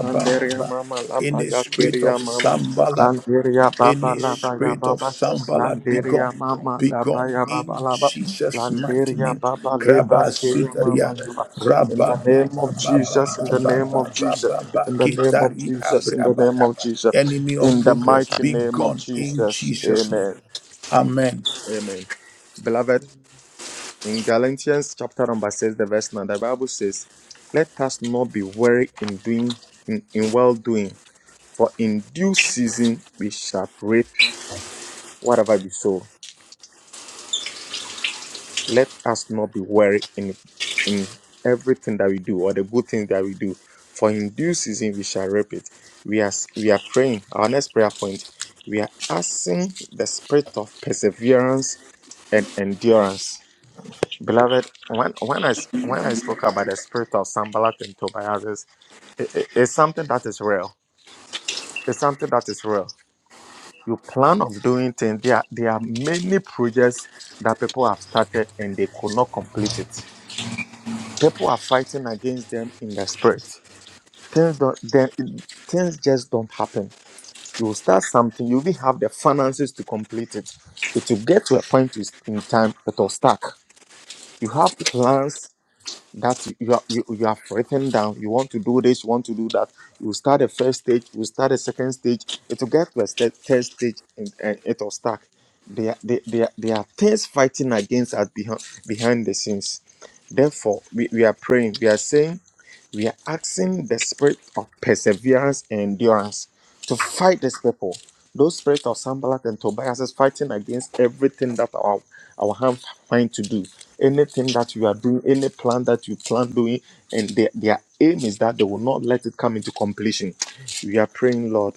Speaker 1: Landeria mama
Speaker 2: In
Speaker 1: laba
Speaker 2: the
Speaker 1: ya
Speaker 2: spirit of
Speaker 1: kiria mama.
Speaker 2: Sambalat
Speaker 1: Landeria baba
Speaker 2: any
Speaker 1: laba ya
Speaker 2: spirit of
Speaker 1: baba.
Speaker 2: Sambala be
Speaker 1: Landeria
Speaker 2: gone,
Speaker 1: mama
Speaker 2: be
Speaker 1: laba
Speaker 2: gone
Speaker 1: ya baba
Speaker 2: in
Speaker 1: laba.
Speaker 2: Jesus' mighty
Speaker 1: Landeria
Speaker 2: name.
Speaker 1: baba lebra
Speaker 2: Kraba
Speaker 1: kiria mama
Speaker 2: Sutaria.
Speaker 1: laba. In the
Speaker 2: Rababa,
Speaker 1: name
Speaker 2: Baba,
Speaker 1: of
Speaker 2: Baba,
Speaker 1: Jesus, in the name
Speaker 2: Baba,
Speaker 1: of Jesus,
Speaker 2: Baba,
Speaker 1: in the name of
Speaker 2: Kitari
Speaker 1: Jesus, in the
Speaker 2: Abraba.
Speaker 1: name of Jesus,
Speaker 2: Enemy of
Speaker 1: in the
Speaker 2: progress,
Speaker 1: mighty
Speaker 2: be
Speaker 1: name of
Speaker 2: gone in
Speaker 1: Jesus,
Speaker 2: Jesus' name.
Speaker 1: Amen,
Speaker 2: Amen.
Speaker 1: Amen. Beloved, in Galatians chapter number 6, the verse 9, the Bible says, Let us not be weary in doing in, in well doing, for in due season we shall reap whatever we sow. Let us not be weary in in everything that we do or the good things that we do, for in due season we shall reap it. We are we are praying. Our next prayer point, we are asking the spirit of perseverance and endurance Beloved, when when I s- when I spoke about the spirit of Sambalat and Tobias, it's, it, it- it's something that is real. It's something that is real. You plan of doing things. There are, there are many projects that people have started and they could not complete it. People are fighting against them in the spirit. Things don't, then things just don't happen. You will start something. You will have the finances to complete it. It will get to a point is- in time it will stuck. You have plans that you you have, you, you have written down. You want to do this, you want to do that. You start a first stage, you start a second stage. It will get to a sta- third stage and, and it will stack. They are, they, they, are, they are things fighting against us behind, behind the scenes. Therefore, we, we are praying. We are saying we are asking the spirit of perseverance and endurance to fight this people. Those spirits of Sambalat and Tobias is fighting against everything that our, our hands find to do. Anything that you are doing, any plan that you plan doing, and their, their aim is that they will not let it come into completion. We are praying, Lord,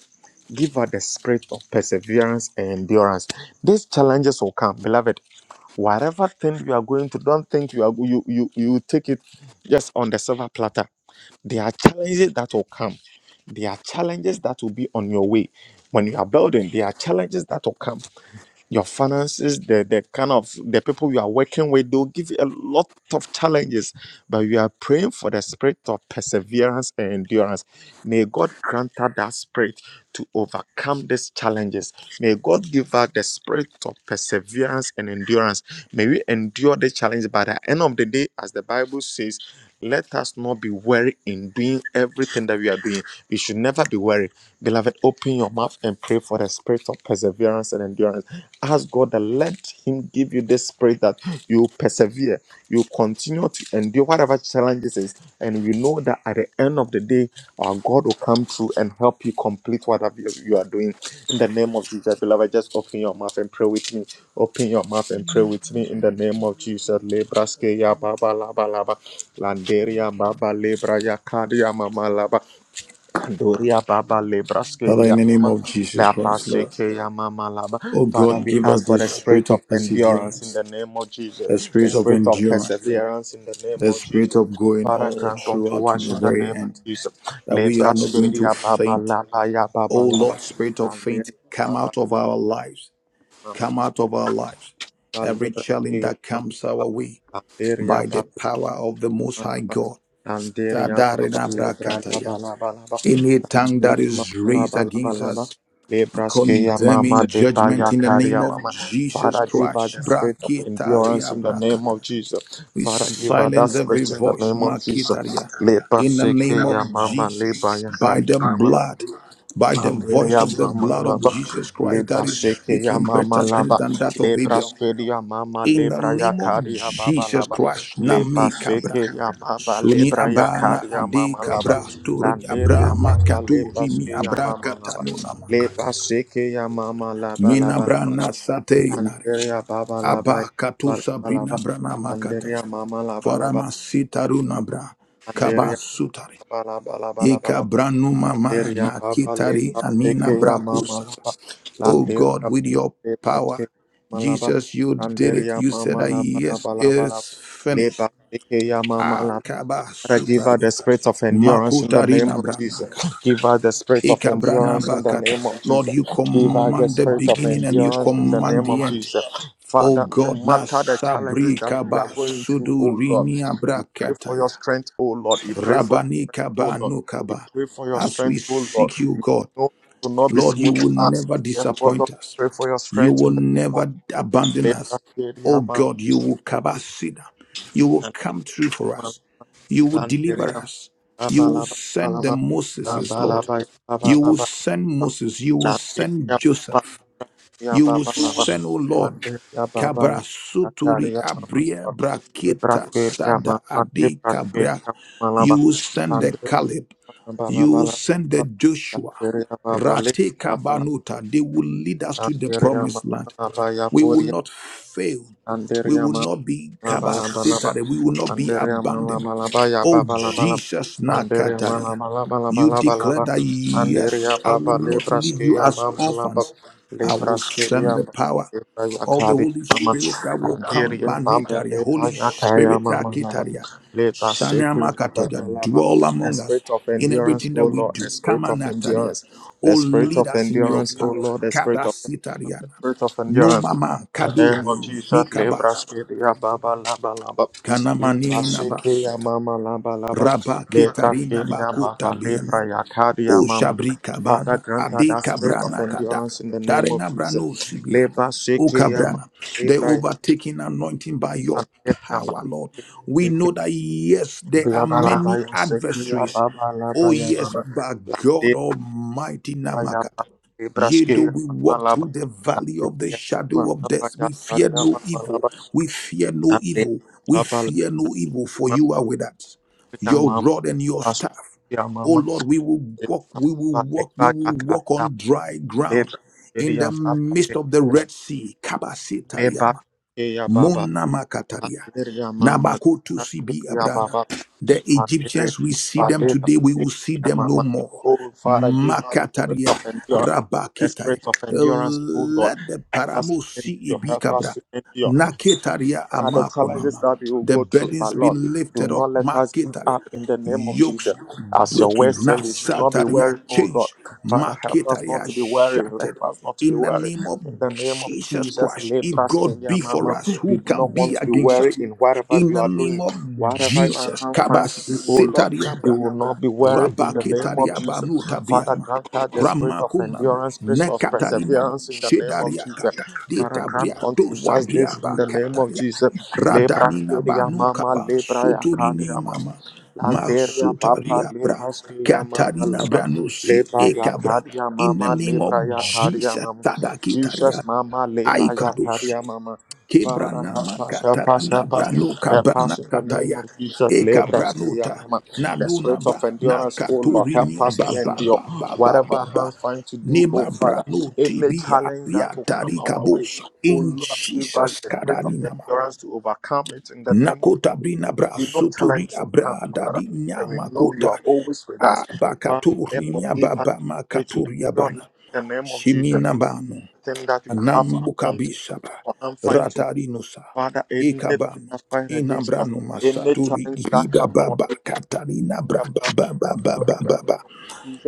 Speaker 1: give us the spirit of perseverance and endurance. These challenges will come, beloved Whatever thing you are going through, don't think you are you you you take it just on the silver platter. There are challenges that will come. There are challenges that will be on your way. When you are building, there are challenges that will come your finances, the, the kind of the people you are working with, they'll give you a lot of challenges. But we are praying for the spirit of perseverance and endurance. May God grant us that spirit to overcome these challenges. May God give us the spirit of perseverance and endurance. May we endure the challenge by the end of the day, as the Bible says. Let us not be weary in doing everything that we are doing. We should never be weary. Beloved, open your mouth and pray for the spirit of perseverance and endurance. Ask God that let Him give you this spirit that you persevere, you continue to endure whatever challenges is, and we know that at the end of the day, our God will come through and help you complete whatever you you are doing. In the name of Jesus, beloved, just open your mouth and pray with me. Open your mouth and pray with me. In the name of Jesus, lebraske ya baba laba laba, landeria baba lebra ya kadia mama laba. Doria
Speaker 5: Hmm.
Speaker 1: Baba
Speaker 5: Hmm. Hmm.
Speaker 2: Father,
Speaker 1: Lebraskedia
Speaker 2: in the name
Speaker 1: Mama
Speaker 2: of Jesus
Speaker 1: Laba
Speaker 2: Christ, Lord.
Speaker 1: Sekeya Mama Laba.
Speaker 2: Oh
Speaker 1: Father,
Speaker 2: God,
Speaker 1: we
Speaker 2: give us
Speaker 1: ask for
Speaker 2: the
Speaker 1: the spirit
Speaker 2: spirit
Speaker 1: of
Speaker 2: of
Speaker 1: endurance in
Speaker 2: perseverance,
Speaker 1: the name of Jesus,
Speaker 2: the
Speaker 1: the
Speaker 2: spirit of
Speaker 1: spirit of
Speaker 2: endurance,
Speaker 1: perseverance in the name
Speaker 2: the
Speaker 1: of
Speaker 2: spirit
Speaker 1: Jesus.
Speaker 2: of going
Speaker 1: Father,
Speaker 2: all
Speaker 1: grant
Speaker 2: throughout
Speaker 1: unto
Speaker 2: to
Speaker 1: us
Speaker 2: the
Speaker 1: in the
Speaker 2: very
Speaker 1: name of
Speaker 2: end,
Speaker 1: Jesus.
Speaker 2: that we are not going to
Speaker 1: Lebraskedia Baba
Speaker 2: faint
Speaker 1: Laba Ya
Speaker 2: O
Speaker 1: Baba Laba.
Speaker 2: Lord, spirit of
Speaker 1: Randeria
Speaker 2: faith, come
Speaker 1: Baba
Speaker 2: out of our lives.
Speaker 1: Laba.
Speaker 2: Come out of our lives. Every
Speaker 1: Laba
Speaker 2: challenge
Speaker 1: Lebraskedia
Speaker 2: that comes our way
Speaker 1: Mama
Speaker 2: by
Speaker 1: Laba.
Speaker 2: the power of the Most High God.
Speaker 1: Tandiria Baba
Speaker 2: Sadarina
Speaker 1: Libra Laba
Speaker 2: brakataya.
Speaker 1: Laba Laba
Speaker 2: Any tongue that
Speaker 1: Tandiria
Speaker 2: is
Speaker 1: Mama
Speaker 2: raised
Speaker 1: Laba Laba
Speaker 2: against
Speaker 1: Laba
Speaker 2: us,
Speaker 1: Libraskeya Mama
Speaker 2: condemning
Speaker 1: Deba
Speaker 2: judgment in the
Speaker 1: Yakaria
Speaker 2: name of
Speaker 1: Mama
Speaker 2: Jesus
Speaker 1: Father give her the
Speaker 2: Christ.
Speaker 1: spirit of endurance in the
Speaker 2: Brakitaria
Speaker 1: name of Jesus
Speaker 2: we
Speaker 1: Father give her that
Speaker 2: silence every
Speaker 1: spirit in the
Speaker 2: voice,
Speaker 1: name of Jesus
Speaker 2: Makitaria,
Speaker 1: Libra
Speaker 2: in the name of
Speaker 1: Sekeya Mama Liba
Speaker 2: Jesus, by
Speaker 1: Yakaya
Speaker 2: the
Speaker 1: Mama
Speaker 2: blood, by the voice
Speaker 1: Anderea
Speaker 2: of the
Speaker 1: mama
Speaker 2: blood of
Speaker 1: laba,
Speaker 2: Jesus Christ that
Speaker 1: lebra
Speaker 2: is
Speaker 1: sheke ya
Speaker 2: speaking
Speaker 1: mama
Speaker 2: better things
Speaker 1: laba,
Speaker 2: than that of
Speaker 1: lebra
Speaker 2: Abel.
Speaker 1: sheke ya mama
Speaker 2: In the
Speaker 1: lebra ya
Speaker 2: name of
Speaker 1: kari ya baba
Speaker 2: Jesus
Speaker 1: laba,
Speaker 2: Christ,
Speaker 1: lebra
Speaker 2: Nami Kabra.
Speaker 1: sheke ya baba
Speaker 2: Suni
Speaker 1: lebra ya
Speaker 2: Abrana
Speaker 1: kari ya
Speaker 2: Ade
Speaker 1: mama laba,
Speaker 2: Kabra Stori Abra
Speaker 1: Landeria baba
Speaker 2: Makatu
Speaker 1: lebra
Speaker 2: Rimi
Speaker 1: sheke ya
Speaker 2: Abra
Speaker 1: mama laba,
Speaker 2: Katanu Namaka.
Speaker 1: lebra sheke ya mama laba
Speaker 2: Mina
Speaker 1: laba laba
Speaker 2: Brana
Speaker 1: laba,
Speaker 2: Sate Inaria.
Speaker 1: landerea baba laba
Speaker 2: Abba
Speaker 1: ya
Speaker 2: Katu
Speaker 1: baba laba
Speaker 2: Sabrina
Speaker 1: laba,
Speaker 2: Brana Makataya.
Speaker 1: landerea mama laba laba,
Speaker 2: Faramassitarunabra
Speaker 1: Landeria
Speaker 2: kabasutari
Speaker 1: baba laba laba laba laba.
Speaker 2: ikabranumama
Speaker 1: Landeria baba le
Speaker 2: nakitari
Speaker 1: paske
Speaker 2: anina
Speaker 1: ya mama
Speaker 2: brākusab.
Speaker 1: laba.
Speaker 2: Oh
Speaker 1: Landeria
Speaker 2: God,
Speaker 1: baba
Speaker 2: with your
Speaker 1: le
Speaker 2: power,
Speaker 1: paske malaba.
Speaker 2: Jesus, you did it.
Speaker 1: Landeria
Speaker 2: You said
Speaker 1: mama
Speaker 2: that
Speaker 1: laba
Speaker 2: yes,
Speaker 1: laba
Speaker 2: it
Speaker 1: laba laba.
Speaker 2: is
Speaker 1: Le
Speaker 2: finished.
Speaker 1: paske ya mama
Speaker 5: Hmm.
Speaker 1: Father, give her
Speaker 2: Akabasutaria
Speaker 1: the spirit of endurance in the name
Speaker 2: makutarina
Speaker 1: of Jesus.
Speaker 2: branakata
Speaker 1: Give her the spirit of
Speaker 2: ikabrana
Speaker 1: endurance in the
Speaker 2: bakata.
Speaker 1: name of
Speaker 2: Lord,
Speaker 1: Jesus.
Speaker 2: you
Speaker 1: Give her the
Speaker 2: command the
Speaker 1: spirit of
Speaker 2: beginning and you
Speaker 1: endurance in the
Speaker 2: command
Speaker 1: name of
Speaker 2: the end.
Speaker 1: Jesus.
Speaker 2: Oh
Speaker 1: Father, no
Speaker 2: God, na
Speaker 1: matter the challenges
Speaker 2: sabri
Speaker 1: that we are going through,
Speaker 2: kabasudu
Speaker 1: oh Lord,
Speaker 2: rinia
Speaker 1: we pray for your
Speaker 2: brakataya.
Speaker 1: strength, oh Lord. We pray for your strength,
Speaker 2: Rabanika
Speaker 1: oh Lord. We
Speaker 2: Banukaba.
Speaker 1: pray for your
Speaker 2: As we
Speaker 1: strength, oh Lord.
Speaker 2: seek you, God,
Speaker 1: No, it will not be
Speaker 2: Lord, you
Speaker 1: smooth
Speaker 2: will
Speaker 1: for us.
Speaker 2: never
Speaker 1: Therefore,
Speaker 2: disappoint
Speaker 1: Lord, we
Speaker 2: us.
Speaker 1: pray for your
Speaker 2: You
Speaker 1: strength
Speaker 2: will
Speaker 1: in the
Speaker 2: never abandon
Speaker 1: name
Speaker 2: us. Oh
Speaker 1: of
Speaker 2: God, you will kabasida. You will come
Speaker 1: Jesus.
Speaker 2: through for us. You will deliver
Speaker 1: Landeria
Speaker 2: us. You will
Speaker 1: Abalaba
Speaker 2: send the
Speaker 1: Balaba
Speaker 2: Moses, Lord.
Speaker 1: Lambalaba
Speaker 2: You will
Speaker 1: Babalaba
Speaker 2: send Moses. You will send
Speaker 1: Landeria
Speaker 2: Joseph.
Speaker 1: Babalia
Speaker 2: You will
Speaker 1: Babalaba
Speaker 2: send, O Lord.
Speaker 1: Landeria Babala
Speaker 2: Cabra suturi
Speaker 1: Nataria Mama
Speaker 2: abria brakita
Speaker 1: Librasqueria
Speaker 2: sada
Speaker 1: Mama
Speaker 2: adi cabra.
Speaker 1: Librasqueria Malaba
Speaker 2: You will send the
Speaker 1: Landeria
Speaker 2: Caleb. You will
Speaker 1: Babalaba
Speaker 2: send the Joshua.
Speaker 1: Landeria Babali
Speaker 2: Rate kabanuta. They will lead us to the
Speaker 1: Landeria
Speaker 2: promised
Speaker 1: Mama
Speaker 2: land. We will
Speaker 1: Yakuria
Speaker 2: not fail. We
Speaker 1: Landeria
Speaker 2: will not be
Speaker 1: Rabalabalaba.
Speaker 2: kabasitare. We will not be
Speaker 1: Anderia
Speaker 2: abandoned.
Speaker 1: malamalaba ya
Speaker 2: Oh
Speaker 1: babalabalab.
Speaker 2: Jesus
Speaker 1: Anderia
Speaker 2: Nakataria. You declare
Speaker 1: malamalabalabalaba.
Speaker 2: that yes,
Speaker 1: Anderia
Speaker 2: I will
Speaker 1: baba
Speaker 2: not leave you
Speaker 1: lebraski ya
Speaker 2: as
Speaker 1: mamalaba.
Speaker 2: orphans. I will
Speaker 1: Lebraski
Speaker 2: send
Speaker 1: ya
Speaker 2: the
Speaker 1: mama.
Speaker 2: power
Speaker 1: Lebra ya
Speaker 2: of the
Speaker 1: kadi
Speaker 2: Holy
Speaker 1: mama.
Speaker 2: Spirit that will come
Speaker 1: Anderia mama
Speaker 2: banitaria,
Speaker 1: lebra
Speaker 2: Holy
Speaker 1: ya kaya
Speaker 2: Spirit that
Speaker 1: mamalaba.
Speaker 2: kitaria,
Speaker 1: Lebra seku ya
Speaker 2: shanamakatoya,
Speaker 1: babalaba.
Speaker 2: dwell
Speaker 1: The
Speaker 2: among us
Speaker 1: spirit of
Speaker 2: in
Speaker 1: endurance,
Speaker 2: everything that
Speaker 1: O
Speaker 2: we
Speaker 1: Lord, the
Speaker 2: do.
Speaker 1: spirit of
Speaker 2: Kamanataria.
Speaker 1: endurance,
Speaker 2: Oh,
Speaker 1: the spirit
Speaker 2: lead
Speaker 1: of
Speaker 2: us in your
Speaker 1: endurance, O
Speaker 2: power.
Speaker 1: Lord, the spirit of the
Speaker 2: Katasitariana.
Speaker 1: spirit of
Speaker 2: No
Speaker 1: endurance,
Speaker 2: mama
Speaker 1: in the name of
Speaker 2: kaduri
Speaker 1: Jesus, Libra
Speaker 2: nikabas.
Speaker 1: Skedia Baba
Speaker 5: Hmm.
Speaker 1: Laba Laba, Libra
Speaker 2: Kanamani
Speaker 1: Skedia
Speaker 2: nabasuta.
Speaker 1: Mama Laba Laba,
Speaker 2: Rabba
Speaker 1: Libra
Speaker 2: ketarina
Speaker 1: Skedia Baba,
Speaker 2: bakuta
Speaker 1: Libra Yakadia
Speaker 2: O
Speaker 1: Mama.
Speaker 2: Shabri
Speaker 1: Father,
Speaker 2: Kabana,
Speaker 1: grant her
Speaker 2: Ade
Speaker 1: that spirit of
Speaker 2: Kabrana Kada,
Speaker 1: endurance in the name of
Speaker 2: Darena
Speaker 1: Jesus.
Speaker 2: Brano Sibia,
Speaker 1: Libra
Speaker 2: O
Speaker 1: Skedia Mama,
Speaker 2: Kabrana, the
Speaker 1: Libra
Speaker 2: overtaking anointing by your
Speaker 1: Yakadia
Speaker 2: power,
Speaker 1: Baba,
Speaker 2: Lord. We
Speaker 1: Libra
Speaker 2: know
Speaker 1: Skedia
Speaker 2: that, yes, there are
Speaker 1: Laba Laba,
Speaker 2: many
Speaker 1: Ya Skedia
Speaker 2: adversaries.
Speaker 1: Baba Laba
Speaker 2: Oh,
Speaker 1: Ya
Speaker 2: yes,
Speaker 1: Baba,
Speaker 2: but
Speaker 1: La
Speaker 2: God
Speaker 1: Libra
Speaker 2: Almighty
Speaker 1: Ya
Speaker 2: Namakata.
Speaker 1: Baba, Libra
Speaker 2: Yea, though
Speaker 1: Skedia
Speaker 2: we
Speaker 1: Mama
Speaker 2: walk
Speaker 1: Laba,
Speaker 2: through the
Speaker 1: La
Speaker 2: valley
Speaker 1: Libra
Speaker 2: of the
Speaker 1: Ya
Speaker 2: shadow
Speaker 1: Mama
Speaker 2: of
Speaker 1: Laba
Speaker 2: death,
Speaker 1: Ya
Speaker 2: we fear
Speaker 1: Kadia
Speaker 2: no
Speaker 1: Mama Laba.
Speaker 2: evil. We fear no
Speaker 1: Ande
Speaker 2: evil. We
Speaker 1: baba
Speaker 2: fear no evil, for
Speaker 1: mama
Speaker 2: you are with us.
Speaker 1: ya
Speaker 2: Your
Speaker 1: mama
Speaker 2: rod and your
Speaker 1: tas
Speaker 2: staff.
Speaker 1: ya
Speaker 2: Oh
Speaker 1: mama
Speaker 2: Lord, we will
Speaker 1: le
Speaker 2: walk, we will
Speaker 1: baba le
Speaker 2: walk,
Speaker 1: ba
Speaker 2: we
Speaker 1: ya
Speaker 2: will
Speaker 1: ka
Speaker 2: walk
Speaker 1: ya
Speaker 2: on dry
Speaker 1: le
Speaker 2: ground
Speaker 1: ba le
Speaker 2: in
Speaker 1: ya
Speaker 2: the
Speaker 1: baba le
Speaker 2: midst of the Red Sea.
Speaker 1: le baba
Speaker 2: Mona Makataria.
Speaker 1: le mama
Speaker 2: Nabakoto
Speaker 1: le
Speaker 2: Sibi Abrana.
Speaker 1: baba le
Speaker 2: The
Speaker 1: baba le
Speaker 2: Egyptians, we see
Speaker 1: ba
Speaker 2: them today, we will see them no
Speaker 1: mama
Speaker 2: more.
Speaker 1: oh father give us the spirit of
Speaker 2: Makataria
Speaker 1: endurance the
Speaker 2: Rabakitaya.
Speaker 1: spirit of endurance oh lord
Speaker 2: Let the
Speaker 1: us
Speaker 2: paramo
Speaker 1: to
Speaker 2: see
Speaker 1: endure
Speaker 2: Ibi
Speaker 1: help
Speaker 2: Kabra.
Speaker 1: us to endure
Speaker 2: Naketaria
Speaker 1: Ah, the challenges
Speaker 2: Amakonama.
Speaker 1: that we will
Speaker 2: The
Speaker 1: go through, my
Speaker 2: burdens be
Speaker 1: Lord, do
Speaker 2: lifted off.
Speaker 1: not let us give
Speaker 2: Maketaria.
Speaker 1: up in the name of
Speaker 2: Yokes
Speaker 1: Jesus. As your
Speaker 2: broken.
Speaker 1: word says, we should not be
Speaker 2: Nasataria
Speaker 1: weary, oh Lord.
Speaker 2: changed.
Speaker 1: Father, help us not
Speaker 2: Maketaria
Speaker 1: to be weary.
Speaker 2: shattered
Speaker 1: Help us not to be
Speaker 2: in the
Speaker 1: weary.
Speaker 2: name of
Speaker 1: In the name of
Speaker 2: Jesus
Speaker 1: Jesus,
Speaker 2: Christ. If
Speaker 1: lepras
Speaker 2: God
Speaker 1: Kenya
Speaker 2: be for
Speaker 1: Mama,
Speaker 2: us,
Speaker 1: you
Speaker 2: who
Speaker 1: do
Speaker 2: can
Speaker 1: not
Speaker 2: be
Speaker 1: want to be
Speaker 2: against
Speaker 1: weary
Speaker 2: us?
Speaker 1: in whatever
Speaker 2: In
Speaker 1: you
Speaker 2: the
Speaker 1: are
Speaker 2: name
Speaker 1: doing,
Speaker 2: of
Speaker 1: whatever you are
Speaker 2: Jesus.
Speaker 1: hand find to do, oh Lord. You
Speaker 2: Kabasitariabra.
Speaker 1: will not be weary in the name of Jesus.
Speaker 2: Rabaketariabanu
Speaker 1: Father,
Speaker 2: tabriama.
Speaker 1: grant us the spirit of
Speaker 2: Ramakunama.
Speaker 1: endurance, spirit of
Speaker 2: Nekatarinaba.
Speaker 1: perseverance in the name of Jesus.
Speaker 2: Shedariakata.
Speaker 1: Father,
Speaker 2: Deta
Speaker 1: grant
Speaker 2: briato
Speaker 1: unto us this in
Speaker 2: sabriaba
Speaker 1: the name of
Speaker 2: kataria.
Speaker 1: Jesus. Lebras
Speaker 2: Radanina
Speaker 1: Kenya
Speaker 2: banu
Speaker 1: Mama,
Speaker 2: kaba.
Speaker 1: Lebra
Speaker 2: Suturini
Speaker 1: Yakaria Mama.
Speaker 2: mama.
Speaker 1: Lanteria papa
Speaker 2: Masutaria bra.
Speaker 1: lepaskia mama
Speaker 2: Katarina
Speaker 1: lava
Speaker 2: branusi
Speaker 1: lepa
Speaker 2: ekabra.
Speaker 1: yakaria
Speaker 2: In the
Speaker 1: mama
Speaker 2: name of
Speaker 1: lepra yakaria
Speaker 2: Jesus,
Speaker 1: mama
Speaker 2: Tadakitaria.
Speaker 1: Jesus mama lepa
Speaker 2: Aikadosi.
Speaker 1: yakaria mama Father
Speaker 2: Kebrana
Speaker 1: help us help
Speaker 2: makata
Speaker 1: us help us
Speaker 2: inabrano
Speaker 1: help
Speaker 2: kabana
Speaker 1: us in the name
Speaker 2: kataya
Speaker 1: of Jesus lepra skia
Speaker 2: ekabranuta
Speaker 1: mama the spirit of
Speaker 2: nanunaba
Speaker 1: endurance oh Lord help
Speaker 2: nakaturinia
Speaker 1: us to
Speaker 2: baba
Speaker 1: endure
Speaker 2: baba baba ba
Speaker 1: whatever
Speaker 2: ba ba ba
Speaker 1: hands find to do oh
Speaker 2: nima
Speaker 1: Father
Speaker 2: branu
Speaker 1: any
Speaker 2: tibia
Speaker 1: challenge that
Speaker 2: ya
Speaker 1: will come our way
Speaker 2: tarikabusa
Speaker 1: oh
Speaker 2: in
Speaker 1: Lord give us
Speaker 2: Jesus
Speaker 1: the spirit of
Speaker 2: kadani nama
Speaker 1: endurance to overcome it in the name of
Speaker 2: nakota brina bra
Speaker 1: we know
Speaker 2: suturi
Speaker 1: challenges will come,
Speaker 2: abra
Speaker 1: Father,
Speaker 2: dadi
Speaker 1: and we
Speaker 2: nyama
Speaker 1: know you
Speaker 2: kota
Speaker 1: are always with us. Father, therefore,
Speaker 2: abakaturinia
Speaker 1: give us
Speaker 2: baba
Speaker 1: pray to
Speaker 2: makaturia
Speaker 1: endure in
Speaker 2: bana
Speaker 1: the name of Jesus.
Speaker 2: shimina banu
Speaker 1: Then that we have our hand to do,
Speaker 2: Nambukabishaba,
Speaker 1: our hand find to do.
Speaker 2: Ratarinusa,
Speaker 1: Father, anything
Speaker 2: Ekabanu,
Speaker 1: that fight against us,
Speaker 2: Inabranu
Speaker 1: any
Speaker 2: Masaturi,
Speaker 1: challenge that
Speaker 2: Ibiba
Speaker 1: come our
Speaker 2: Baba,
Speaker 1: way,
Speaker 2: Katarina
Speaker 1: help
Speaker 2: Braba
Speaker 1: us
Speaker 2: Baba
Speaker 1: to
Speaker 2: Baba
Speaker 1: overcome
Speaker 2: Baba,
Speaker 1: it.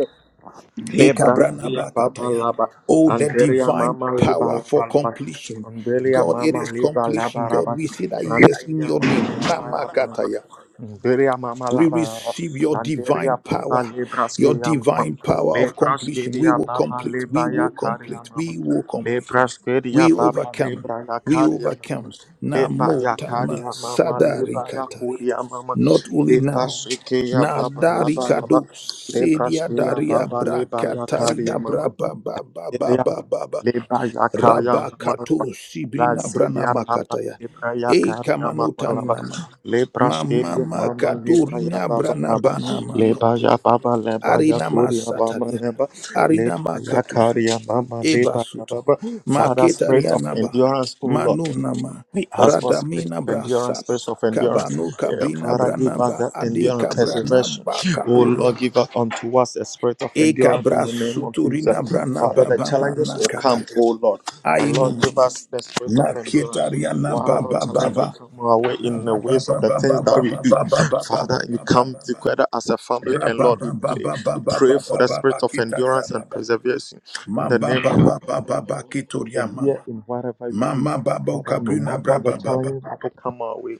Speaker 1: Lebra
Speaker 2: Ekabrana
Speaker 1: Lia Baba
Speaker 2: Bakataya.
Speaker 1: Laba
Speaker 2: Oh, the
Speaker 1: Andelia
Speaker 2: divine
Speaker 1: Mama Liba
Speaker 2: power for
Speaker 1: Laba Laba
Speaker 2: completion.
Speaker 1: Andelia
Speaker 2: God, it is
Speaker 1: Mama Liba Laba
Speaker 2: completion. God,
Speaker 1: Laba
Speaker 2: we say that yes in
Speaker 1: Andelia
Speaker 2: your name.
Speaker 1: Mama Laba Laba Laba
Speaker 2: Namakataya.
Speaker 1: Andelia Mama
Speaker 2: We
Speaker 1: Laba Laba
Speaker 2: receive your
Speaker 1: Andelia
Speaker 2: divine power,
Speaker 1: Baba
Speaker 2: your
Speaker 1: Libraski Ya Mama
Speaker 2: divine power of
Speaker 1: Lebraski
Speaker 2: completion. We
Speaker 1: Ya
Speaker 2: will
Speaker 1: Baba
Speaker 2: complete. We
Speaker 1: Liba Ya
Speaker 2: will
Speaker 1: Kari Ya
Speaker 2: complete.
Speaker 1: Mama
Speaker 2: We will complete.
Speaker 1: Lebraski Ya
Speaker 2: We
Speaker 1: Baba
Speaker 2: overcome.
Speaker 1: Libra Ya
Speaker 2: We
Speaker 1: Kari Ya Mama
Speaker 2: overcome.
Speaker 1: Leba Ya
Speaker 2: Namota
Speaker 1: Kari
Speaker 2: ma
Speaker 1: Ya Mama Leba
Speaker 2: sadari
Speaker 1: Ya
Speaker 2: kataria.
Speaker 1: Kuri Ya Mama
Speaker 2: Not only
Speaker 1: Leba
Speaker 2: now.
Speaker 1: Shiki Ya
Speaker 2: Na
Speaker 1: Baba
Speaker 2: dari
Speaker 1: Laba Laba
Speaker 2: kado sedia
Speaker 1: Lebraskia
Speaker 2: daria
Speaker 1: Baba
Speaker 2: bra
Speaker 1: Leba Yakaria
Speaker 2: katarina
Speaker 1: Mama.
Speaker 2: bra ba ba ba ba
Speaker 1: Lebeya
Speaker 2: ba
Speaker 1: Baba
Speaker 2: ba ba
Speaker 1: Leba Yakaya
Speaker 2: raba
Speaker 1: Mama.
Speaker 2: kato sibrina brana
Speaker 1: Lazeya Baba
Speaker 2: makataya
Speaker 1: Lebra
Speaker 2: e
Speaker 1: Yakaria Mama
Speaker 2: kamanotani
Speaker 1: Laba.
Speaker 2: nama mama
Speaker 1: Lebraskia Mama Leba
Speaker 2: makadurina
Speaker 1: Yababa
Speaker 2: brana
Speaker 1: Laba.
Speaker 2: bana
Speaker 1: Leba
Speaker 2: makato
Speaker 1: Yababa Leba
Speaker 2: arina
Speaker 1: Yakuria Bama
Speaker 2: masataria
Speaker 1: Leba.
Speaker 2: arina
Speaker 1: Leba
Speaker 2: makatus
Speaker 1: Yakaria Mama Leba
Speaker 2: Ebasutu,
Speaker 1: Yababa. Father, spirit of
Speaker 2: Maketarianaba,
Speaker 1: endurance, O Lord.
Speaker 2: Manunama,
Speaker 1: We ask for spirit
Speaker 2: Radamina
Speaker 1: of endurance,
Speaker 2: Brasaba,
Speaker 1: spirit of endurance.
Speaker 2: Kabanu
Speaker 1: Yeah,
Speaker 2: Kabrina
Speaker 1: Father, give us
Speaker 2: Branaba,
Speaker 1: that
Speaker 2: Ade
Speaker 1: endurance, preservation.
Speaker 2: Kabranaba
Speaker 1: Oh Lord,
Speaker 2: Katuriaba,
Speaker 1: give us unto us a spirit of endurance in the name of Jesus.
Speaker 2: Ekabrasuturina
Speaker 1: Father,
Speaker 2: Branaba
Speaker 1: the challenges
Speaker 2: Bamana
Speaker 1: will come,
Speaker 2: Kataya,
Speaker 1: oh Lord. But Lord, give
Speaker 2: Ainumama,
Speaker 1: us the spirit of endurance.
Speaker 2: Naketariana
Speaker 1: Whatever
Speaker 2: Baba
Speaker 1: challenge will
Speaker 2: Baba.
Speaker 1: come our way in the
Speaker 2: baba
Speaker 1: ways of
Speaker 2: baba
Speaker 1: the
Speaker 2: baba
Speaker 1: things that we
Speaker 2: baba
Speaker 1: do.
Speaker 2: baba
Speaker 1: Father,
Speaker 2: baba
Speaker 1: we
Speaker 2: baba
Speaker 1: come
Speaker 2: baba
Speaker 1: together as a family and Lord,
Speaker 2: Rababa
Speaker 1: we
Speaker 2: baba
Speaker 1: play,
Speaker 2: baba
Speaker 1: we pray
Speaker 2: baba
Speaker 1: for the
Speaker 2: baba
Speaker 1: spirit of
Speaker 2: kitaria
Speaker 1: endurance and
Speaker 2: baba
Speaker 1: preservation in the
Speaker 2: Mamba
Speaker 1: name of
Speaker 2: baba baba baba Rabba
Speaker 1: persevere in whatever we do.
Speaker 2: Mama babo
Speaker 1: Father, no
Speaker 2: kabrina
Speaker 1: matter the
Speaker 2: braba baba.
Speaker 1: challenges that will come our way,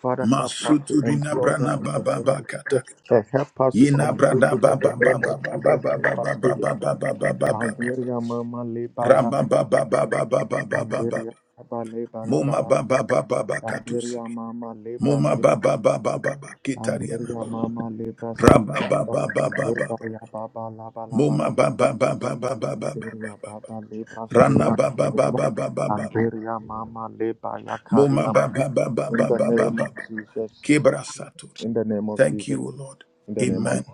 Speaker 1: Father, help us to
Speaker 2: Masuturina
Speaker 1: endure
Speaker 2: brana
Speaker 1: them in
Speaker 2: baba
Speaker 1: the name of
Speaker 2: bakata.
Speaker 1: Jesus. And help us to
Speaker 2: Yina
Speaker 1: complete
Speaker 2: brada
Speaker 1: it in the
Speaker 2: baba
Speaker 1: name
Speaker 2: baba
Speaker 1: of Jesus.
Speaker 2: baba
Speaker 1: Leba
Speaker 2: baba baba
Speaker 1: Syria,
Speaker 2: baba baba baba.
Speaker 1: Banderia, Mama, Leba,
Speaker 2: Ramba
Speaker 1: Yaka,
Speaker 2: baba baba baba baba baba.
Speaker 1: Nigeria Baba, Leba, Laba,
Speaker 2: Muma
Speaker 1: Laba,
Speaker 2: baba baba baba
Speaker 1: Nigeria Mama, Lebra,
Speaker 2: Muma
Speaker 1: Ske,
Speaker 2: baba baba baba kitariana
Speaker 1: Nigeria
Speaker 2: baba.
Speaker 1: Mama, Lebra, Ske,
Speaker 2: Ramba
Speaker 1: Yaba,
Speaker 2: baba baba baba.
Speaker 1: Leba, Yaba, Laba, Laba,
Speaker 2: Muma
Speaker 1: Laba,
Speaker 2: baba baba baba baba
Speaker 1: Angeria
Speaker 2: baba.
Speaker 1: Baba Leba
Speaker 2: Rana
Speaker 1: Skia
Speaker 2: baba baba
Speaker 1: Mama.
Speaker 2: baba baba.
Speaker 1: Angeria Mama Leba
Speaker 2: Muma
Speaker 1: Yakaria Mama.
Speaker 2: baba baba baba
Speaker 1: In the
Speaker 2: baba.
Speaker 1: name
Speaker 2: baba.
Speaker 1: of Jesus.
Speaker 2: Kebra Satori.
Speaker 1: In the name of
Speaker 2: Thank
Speaker 1: Jesus.
Speaker 2: you, O Lord.
Speaker 1: In the name of
Speaker 2: Amen.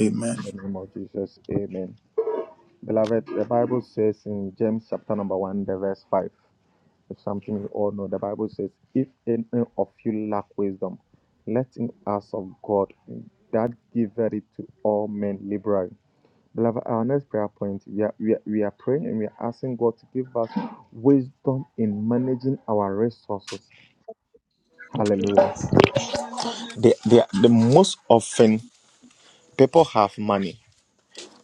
Speaker 2: Amen.
Speaker 1: in the name of Jesus. Amen.
Speaker 5: Hmm.
Speaker 1: Beloved, the Bible says in James chapter number one, the verse five. It's something we all know. The Bible says, If any of you lack wisdom, let him ask of God that giveth it to all men liberally Beloved, our next prayer point, we are, we, are, we are praying and we are asking God to give us wisdom in managing our resources.
Speaker 6: Amen.
Speaker 1: Hallelujah. The, the, the most often people have money,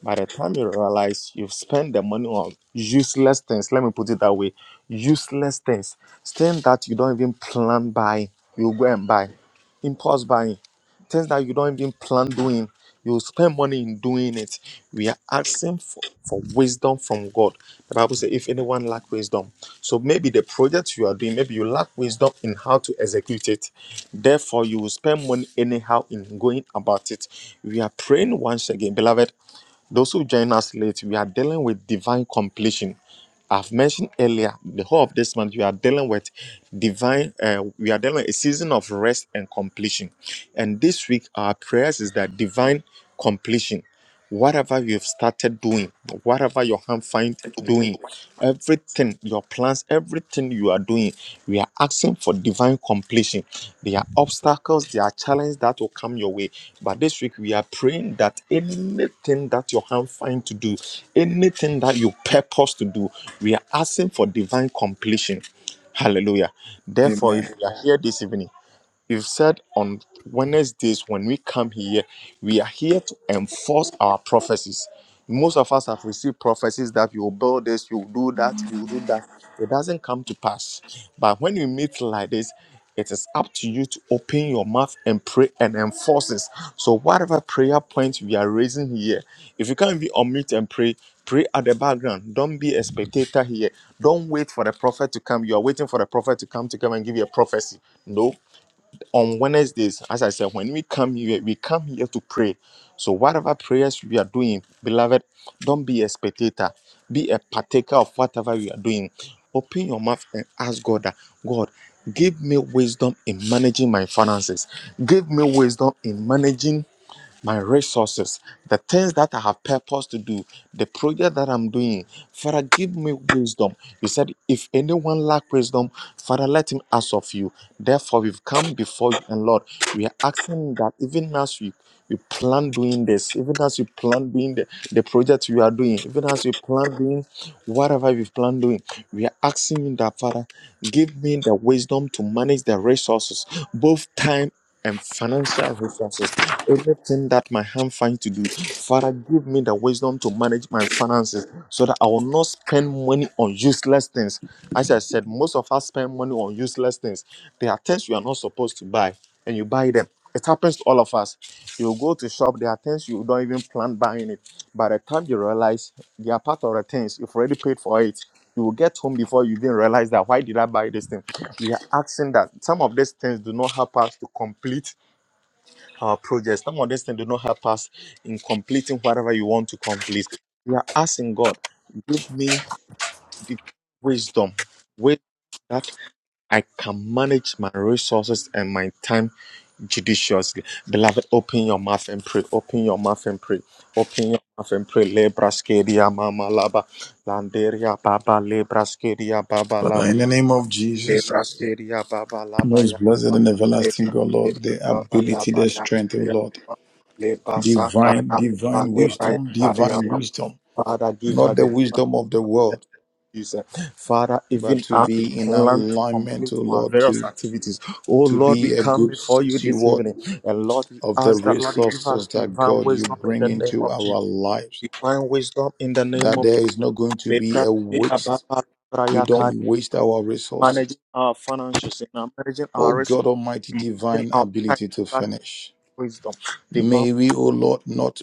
Speaker 1: By the time you realize you've spent the money on useless things, let me put it that way useless things, things that you don't even plan buying, you go and buy, impulse buying, things that you don't even plan doing, you spend money in doing it. We are asking for, for wisdom from God. The Bible says, if anyone lack wisdom, so maybe the project you are doing, maybe you lack wisdom in how to execute it. Therefore, you will spend money anyhow in going about it. We are praying once again, beloved. Those who join us late, we are dealing with divine completion. I've mentioned earlier, the whole of this month, we are dealing with divine, uh, we are dealing with a season of rest and completion. And this week, our prayers is that divine completion. Whatever you've started doing, whatever your hand finds
Speaker 7: Take it.
Speaker 1: doing, everything your plans, everything you are doing, we are asking for divine completion. There are obstacles, there are challenges that will come your way. But this week, we are praying that anything that your hand finds to do, anything that you purpose to do, we are asking for divine completion. Hallelujah. Therefore,
Speaker 2: Amen.
Speaker 1: if you are here this evening, You've said on Wednesdays when we come here, we are here to enforce our prophecies. Most of us have received prophecies that you will build this, you will do that, you will do that. It doesn't come to pass. But when you meet like this, it is up to you to open your mouth and pray and enforce this. So, whatever prayer point we are raising here, if you can't be on mute and pray, pray at the background. Don't be a spectator here. Don't wait for the prophet to come. You are waiting for the prophet to come to come and give you a prophecy. No, on Wednesdays, as I said, when we come here, we come here to pray. So, whatever prayers we are doing, beloved, don't be a spectator, be a partaker of whatever we are doing. Open your mouth and ask God that God, give me wisdom in managing my finances, give me wisdom in managing my resources, the things that I have purpose to do, the project that I'm doing. Father, give me wisdom. You said, if anyone lack wisdom, Father, let him ask of you. Therefore, we've come before you, and Lord, we are asking that even as we we plan doing this, even as you plan doing the, the project we are doing, even as we plan doing whatever we plan doing, we are asking you that, Father, give me the wisdom to manage the resources, both time and financial resources. Anything that my hand finds to do, Father, give me the wisdom to manage my finances so that I will not spend money on useless things. As I said, most of us spend money on useless things. There are things you are not supposed to buy, and you buy them. It happens to all of us. You go to shop, there are things you don't even plan buying it. By the time you realize they are part of the things, you've already paid for it. You will get home before you even realize that why did I buy this thing? we are asking that some of these things do not help us to complete our projects. Some of these things do not help us in completing whatever you want to complete. We are asking God, give me the wisdom, wisdom that I can manage my resources and my time judiciously. Beloved, open your mouth and pray. Open your mouth and pray. Open your mouth and pray. Lebra skeria mama laba. Landeria baba lebra skeria baba
Speaker 2: Father, in the name of Jesus,
Speaker 1: Lebrasteria Baba
Speaker 2: most
Speaker 1: Labaya
Speaker 2: blessed
Speaker 1: Baba
Speaker 2: and everlasting God, Lord,
Speaker 1: Lebrasteria
Speaker 2: the ability,
Speaker 1: Baba
Speaker 2: the strength, O
Speaker 1: Labaya
Speaker 2: Lord,
Speaker 1: Baba
Speaker 2: divine,
Speaker 1: Lebasakaya Baba
Speaker 2: divine
Speaker 1: Lebraya
Speaker 2: wisdom,
Speaker 1: Kaya
Speaker 2: divine
Speaker 1: Baba
Speaker 2: wisdom,
Speaker 1: Father give her
Speaker 2: not the
Speaker 1: the divine
Speaker 2: wisdom of the world,
Speaker 1: peace. Father,
Speaker 2: but
Speaker 1: even
Speaker 2: to
Speaker 1: as we
Speaker 2: be in
Speaker 1: plan to
Speaker 2: alignment, O
Speaker 1: complete our
Speaker 2: Lord,
Speaker 1: various
Speaker 2: to
Speaker 1: activities, oh
Speaker 2: to
Speaker 1: Lord,
Speaker 2: be
Speaker 1: we
Speaker 2: a
Speaker 1: come
Speaker 2: good
Speaker 1: before you this
Speaker 2: steward
Speaker 1: evening. And Lord, we
Speaker 2: of the
Speaker 1: ask that Lord, you give us
Speaker 2: resources that
Speaker 1: divine
Speaker 2: God you
Speaker 1: wisdom in
Speaker 2: bring
Speaker 1: the name
Speaker 2: into
Speaker 1: of
Speaker 2: our
Speaker 1: Jesus.
Speaker 2: lives.
Speaker 1: Divine wisdom in the name
Speaker 2: That
Speaker 1: of
Speaker 2: there is not going to be a
Speaker 1: Lebrasteria
Speaker 2: waste We
Speaker 1: Baba
Speaker 2: don't waste our resources.
Speaker 1: managing our finances, in our managing
Speaker 2: Oh
Speaker 1: our
Speaker 2: God
Speaker 1: resources,
Speaker 2: Almighty,
Speaker 1: in managing
Speaker 2: divine
Speaker 1: our time,
Speaker 2: ability to
Speaker 1: that is
Speaker 2: finish.
Speaker 1: wisdom, divine
Speaker 2: May we, O Lord, not